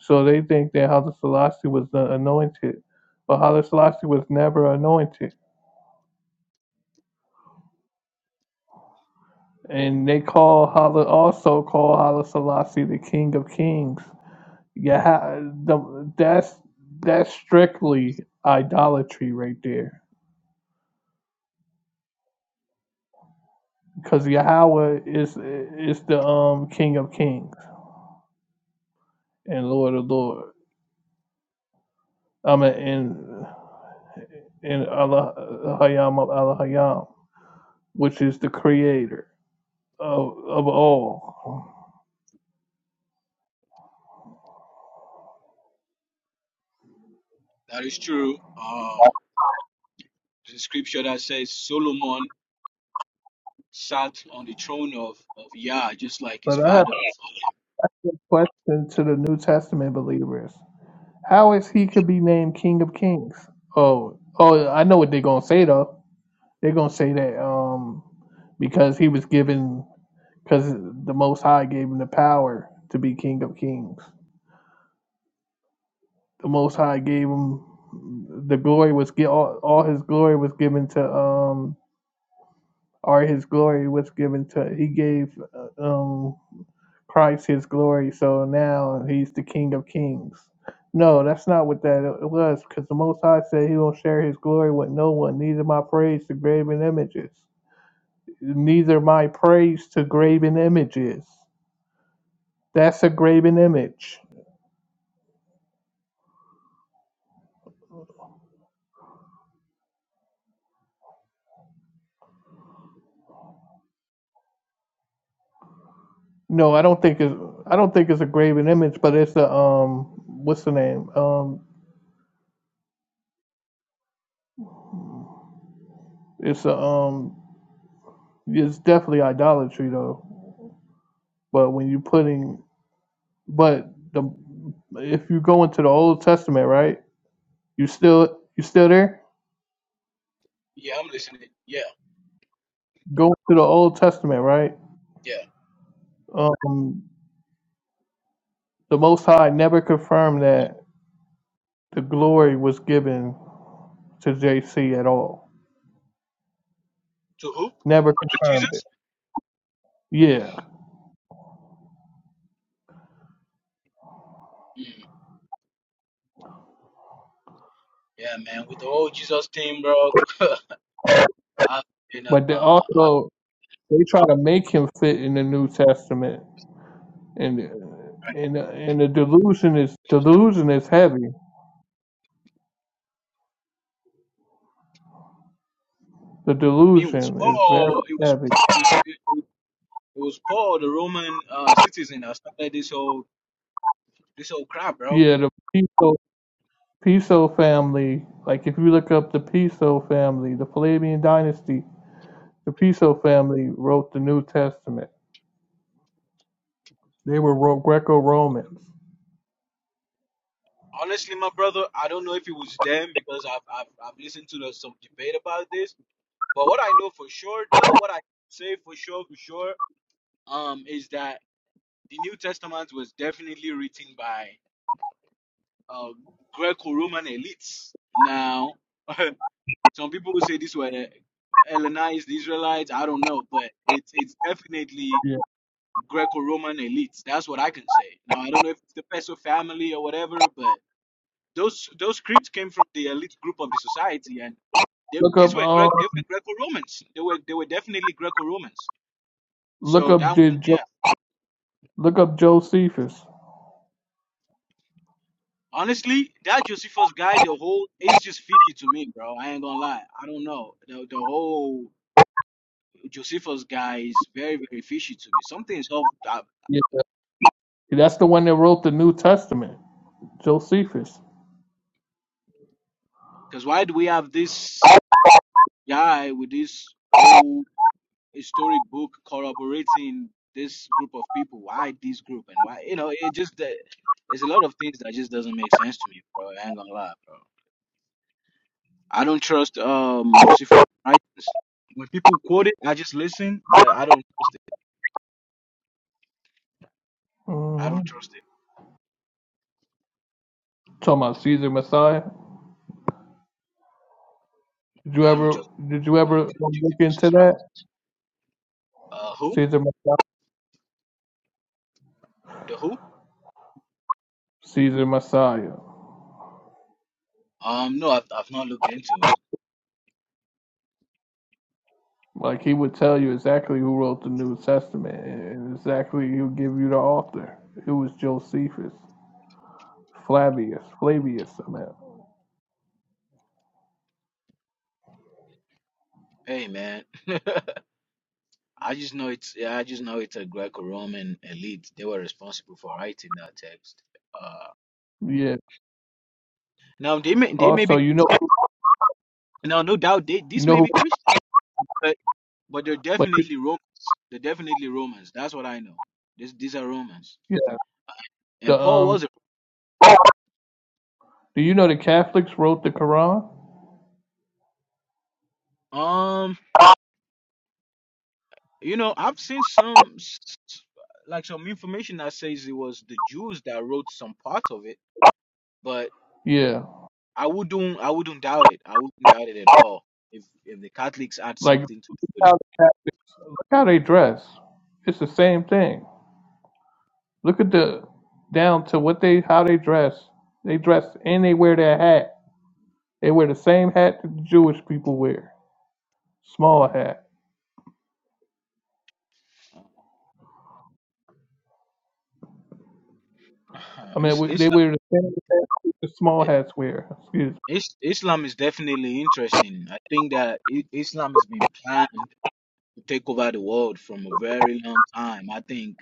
So they think that Haile Selassie was the anointed, but Haile Selassie was never anointed. And they call Haile, also call Haile Selassie the King of Kings. Yeah, the, that's that's strictly idolatry right there, because Yahweh is is the um King of Kings and Lord of Lords. I'm in in Allah Hayam of Allah which is the creator of of all.
That is true. Um, the scripture that says Solomon sat on the throne of, of Yah, just like his
But I have
father
a
before him.
quick question to the New Testament believers. How is he could be named King of Kings? Oh oh I know what they're gonna say though. They're gonna say that um because he was given because the most high gave him the power to be King of Kings. the Most High gave him the glory was gi- all, all his glory was given to um or his glory was given to he gave uh, um Christ his glory so now he's the King of Kings. No, that's not what that it was because the Most High said he won't share his glory with no one, neither my praise to graven images, neither my praise to graven images. That's a graven image. No, I don't think it's I don't think it's a graven image, but it's a um what's the name? Um it's a um it's definitely idolatry though. But when you putting but the if you go into the Old Testament, right? You still you still there?
Yeah, I'm listening. Yeah,
Go to the Old Testament, right?
yeah.
Um the Most High never confirmed that the glory was given to JC at all.
To who?
Never
To
confirmed it.
Jesus?
Yeah.
Mm, yeah, man, with the whole Jesus thing, bro. I, you know,
But they
uh, I,
also they try to make him fit in the New Testament and
I
and and the delusion is delusion is heavy. The
mean, it was
delusion is very
Paul, it was,
heavy.
it was, it, it was Paul, the Roman uh, citizen, that started this whole, this whole crap, bro.
Yeah, the Piso Piso family. Like if you look up the Piso family, the Flavian dynasty, the Piso family wrote the New Testament. They were Ro- Greco-Romans.
Honestly, my brother, I don't know if it was them because I've, I've, I've listened to the, some debate about this But what I know for sure, though, what I can say for sure, for sure, um, is that the New Testament was definitely written by uh, Greco-Roman elites. Now, some people will say this were Hellenized Israelites. I don't know, but it's it's definitely
Yeah.
Greco-Roman elites. That's what I can say. Now, I don't know if it's the Peso family or whatever, but those those scripts came from the elite group of the society, and they,
Look
these
up
were
um
Gre- they were Greco-Romans. They were they were definitely Greco-Romans.
look
So that
up
one,
J- Jo-
yeah.
look up Josephus.
Honestly, that Josephus guy, the whole it's just fishy to me, bro. I ain't gonna lie. I don't know. The the whole Josephus guy is very, very fishy to me. Something's off that,
Yeah. That's the one that wrote the New Testament. Josephus.
because why do we have this guy with this old historic book corroborating this group of people? Why this group and why you know, it just uh, there's a lot of things that just doesn't make sense to me, bro. I ain't gonna lie, bro. I don't trust um Josephus writings. When people quote it, I just listen, but I don't trust it. I
hmm
don't trust it.
Talking about Caesar Messiah. Did you
I don't
ever
trust.
did you
I don't
ever
trust
look into
Josephus's right.
that?
Uh, who?
Caesar Messiah.
The who?
Caesar Messiah.
Um, no, I've I've not looked into it.
Like he would tell you exactly who wrote the New Testament and exactly he'll give you the author. It was Josephus. Flavius. Flavius I meant.
Hey man, I just know it's yeah, I just know it's a Greco-Roman elite. They were responsible for writing that text. Uh,
Yeah.
now they may they may
Also
be
you know
Christian. Now no doubt they
you
this
know
may
who
be Christian, but but they're
like
definitely Romans. They're definitely Romans. That's what I know. This these are Romans.
yeah,
And
the
Paul was
um do you know the Catholics wrote the Quran?
Um, you know, I've seen some s- s- like some information that says it was the Jews that wrote some part of it, but
Yeah.
I wouldn't I wouldn't doubt it. I wouldn't doubt it at all if if the Catholics had
Like
something to do with
how
it.
the Catholics look how they dress. It's the same thing. Look at the down to what they how they dress. They dress and they wear their hat. They wear the same hat that the Jewish people wear. Small hat.
Uh,
I mean,
Is-
they
Islam
wear the same hat that the small
I-
hats wear. Excuse me.
Is- Islam is definitely interesting. I think that I- Islam has been planned to take over the world from a very long time. I think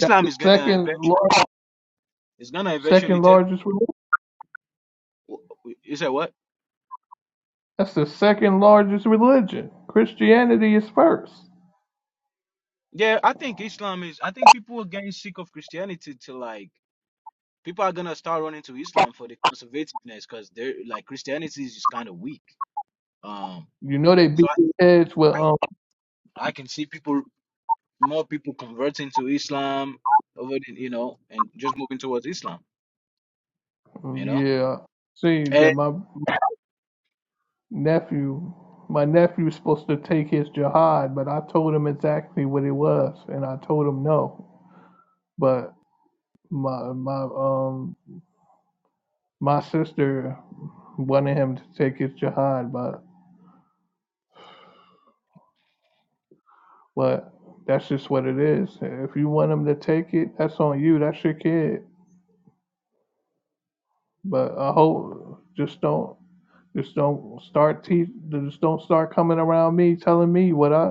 That's the
is gonna
second
eventually,
large,
it's gonna eventually
second
take.
largest religion.
You said what?
That's the second largest religion. Christianity is first.
Yeah, I think Islam is. I think people are getting sick of Christianity to like. People are gonna start running to Islam for the conservativeness because they're like Christianity is just kind of weak. Um,
You know they
so
beat their heads with
I,
um
I I can see people more people converting to Islam over the, you know and just moving towards Islam. You know.
yeah. See that
And,
my nephew my nephew was supposed to take his jihad, but I told him exactly what it was, and I told him no. But my my um my sister wanted him to take his jihad, but but that's just what it is. If you want him to take it, that's on you. That's your kid. But I hope just don't just don't start teach just don't start coming around me telling me what I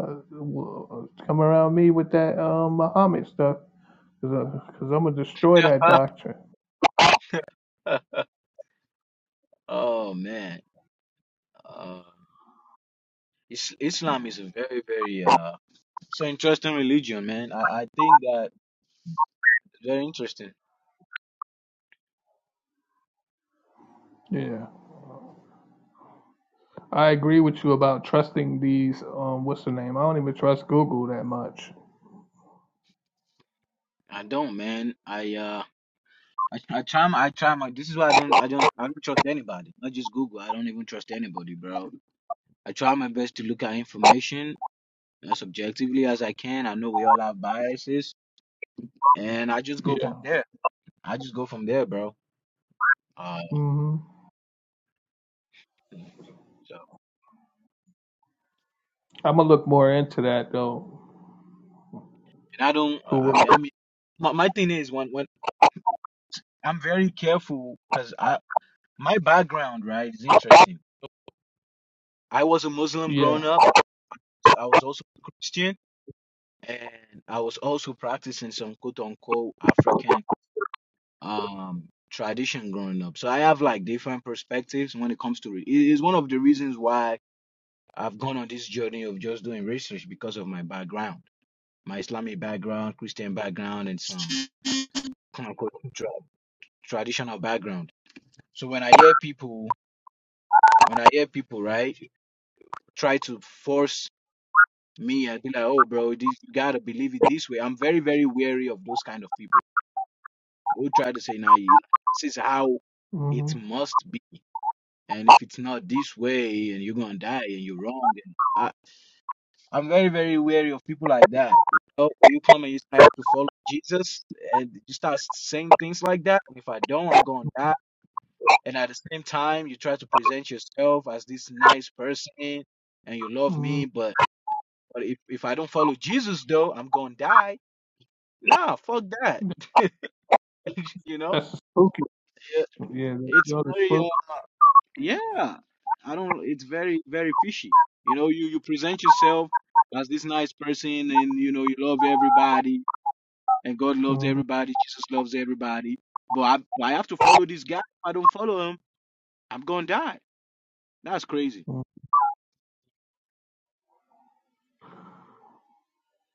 coming around me with that um Muhammad stuff because I'm gonna destroy that doctrine.
oh man, um, is, Islam is a very very uh so interesting religion, man. I I think that very interesting.
Yeah, I agree with you about trusting these. Um, what's the name? I don't even trust Google that much.
I don't, man. I uh. I, I try my, I try my. This is why I don't, I don't, I don't trust anybody. Not just Google. I don't even trust anybody, bro. I try my best to look at information as objectively as I can. I know we all have biases, and I just go
Yeah.
from there. I just go from there, bro. Uh,
hmm
so
I'm gonna look more into that though.
and I don't.
Who?
I
wrote-
mean, I mean, my, my thing is when when I'm very careful because I my background right is interesting. I was a Muslim
Yeah.
growing up. I was also a Christian, and I was also practicing some quote unquote African um tradition growing up. So I have like different perspectives when it comes to it. It is one of the reasons why I've gone on this journey of just doing research because of my background, my Islamic background, Christian background, and some quote unquote tra- traditional background. So when I hear people, when I hear people, right, try to force me and be like, oh, bro, this, you gotta believe it this way. I'm very, very wary of those kind of people who try to say, now, nah, you- this is how it
hmm
must be and if it's not this way and you're gonna die and you're wrong and I, i'm very very wary of people like that you know when you come and you say i have to follow jesus and you start saying things like that and if i don't i'm gonna die and at the same time you try to present yourself as this nice person and you love
hmm
me but but if, if i don't follow jesus though i'm gonna die nah fuck that you know
That's the spooky.
Yeah,
Yeah, that's
it's
the other
very uh,
spook.
Yeah, I don't. It's very, very fishy. You know, you you present yourself as this nice person, and you know you love everybody, and God loves
hmm
everybody, Jesus loves everybody. But I, I have to follow this guy. If I don't follow him, I'm gonna die. That's crazy.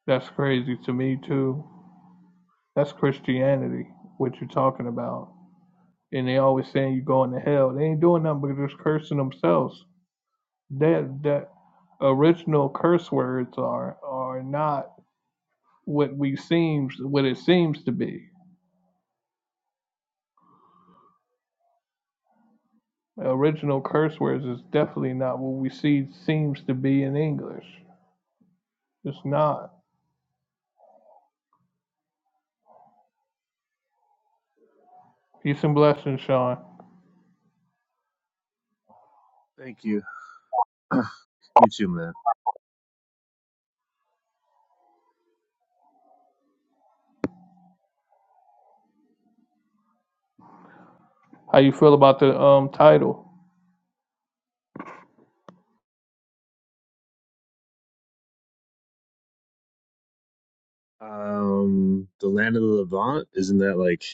That's crazy to me too. That's Christianity. What you're talking about? And they always saying you going to hell. They ain't doing nothing but just cursing themselves. That the original curse words are are not what we seems what it seems to be. Original curse words is definitely not what we see seems to be in English. It's not. Peace and blessings, Sean.
Thank you. you too, man.
How you feel about the um title?
Um, the land of the Levant isn't that like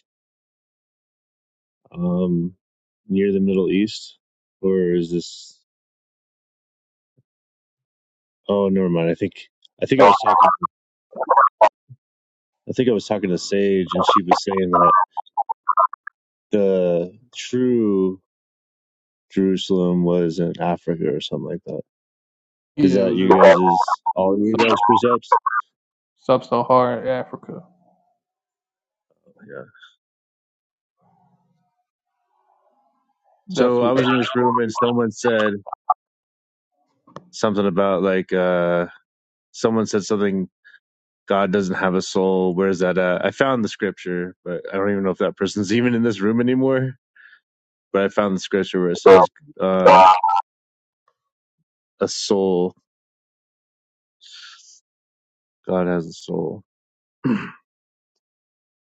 um near the Middle East, or is this? Oh, never mind. I think I think I was talking I think I was talking to Sage and she was saying that the true Jerusalem was in Africa or something like that. Is
Yeah, it
that
was
you guys's all you
just
guys precepts?
sub Saharan Africa.
Yeah.
That's
So
what.
I was in this room and someone said something about like uh someone said something God doesn't have a soul. Where's that at? I found the scripture, but I don't even know if that person's even in this room anymore. But I found the scripture where it says uh a soul. God has a soul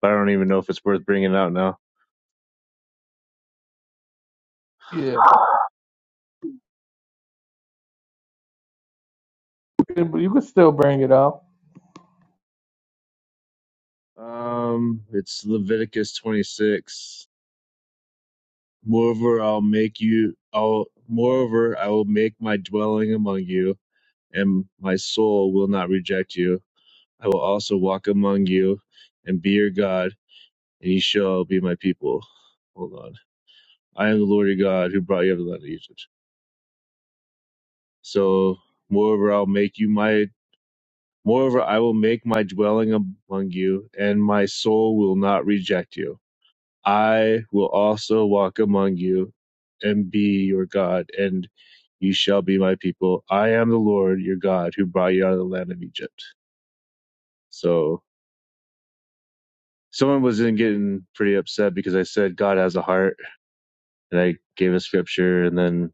But I don't even know if it's worth bringing out now.
Yeah. You could still bring it up.
Um, it's Leviticus 26. Moreover, I'll make you, I'll, moreover, I will make my dwelling among you, and my soul will not reject you. I will also walk among you and be your God, and you shall be my people. Hold on. I am the Lord your God who brought you out of the land of Egypt. So, moreover, I'll make you my, moreover, I will make my dwelling among you, and my soul will not reject you. I will also walk among you and be your God, and you shall be my people. I am the Lord your God who brought you out of the land of Egypt. So someone was in getting pretty upset because I said God has a heart, and I gave a scripture, and then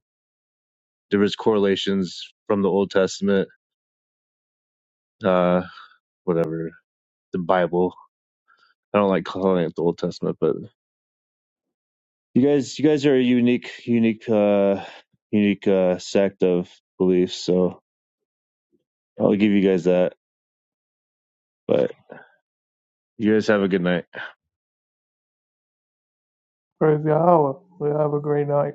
there was correlations from the Old Testament, uh, whatever the Bible. I don't like calling it the Old Testament, but you guys, you guys are a unique, unique, uh, unique uh, sect of beliefs. So I'll give you guys that. But you guys have a good night.
Praise Yahweh. We have a great night.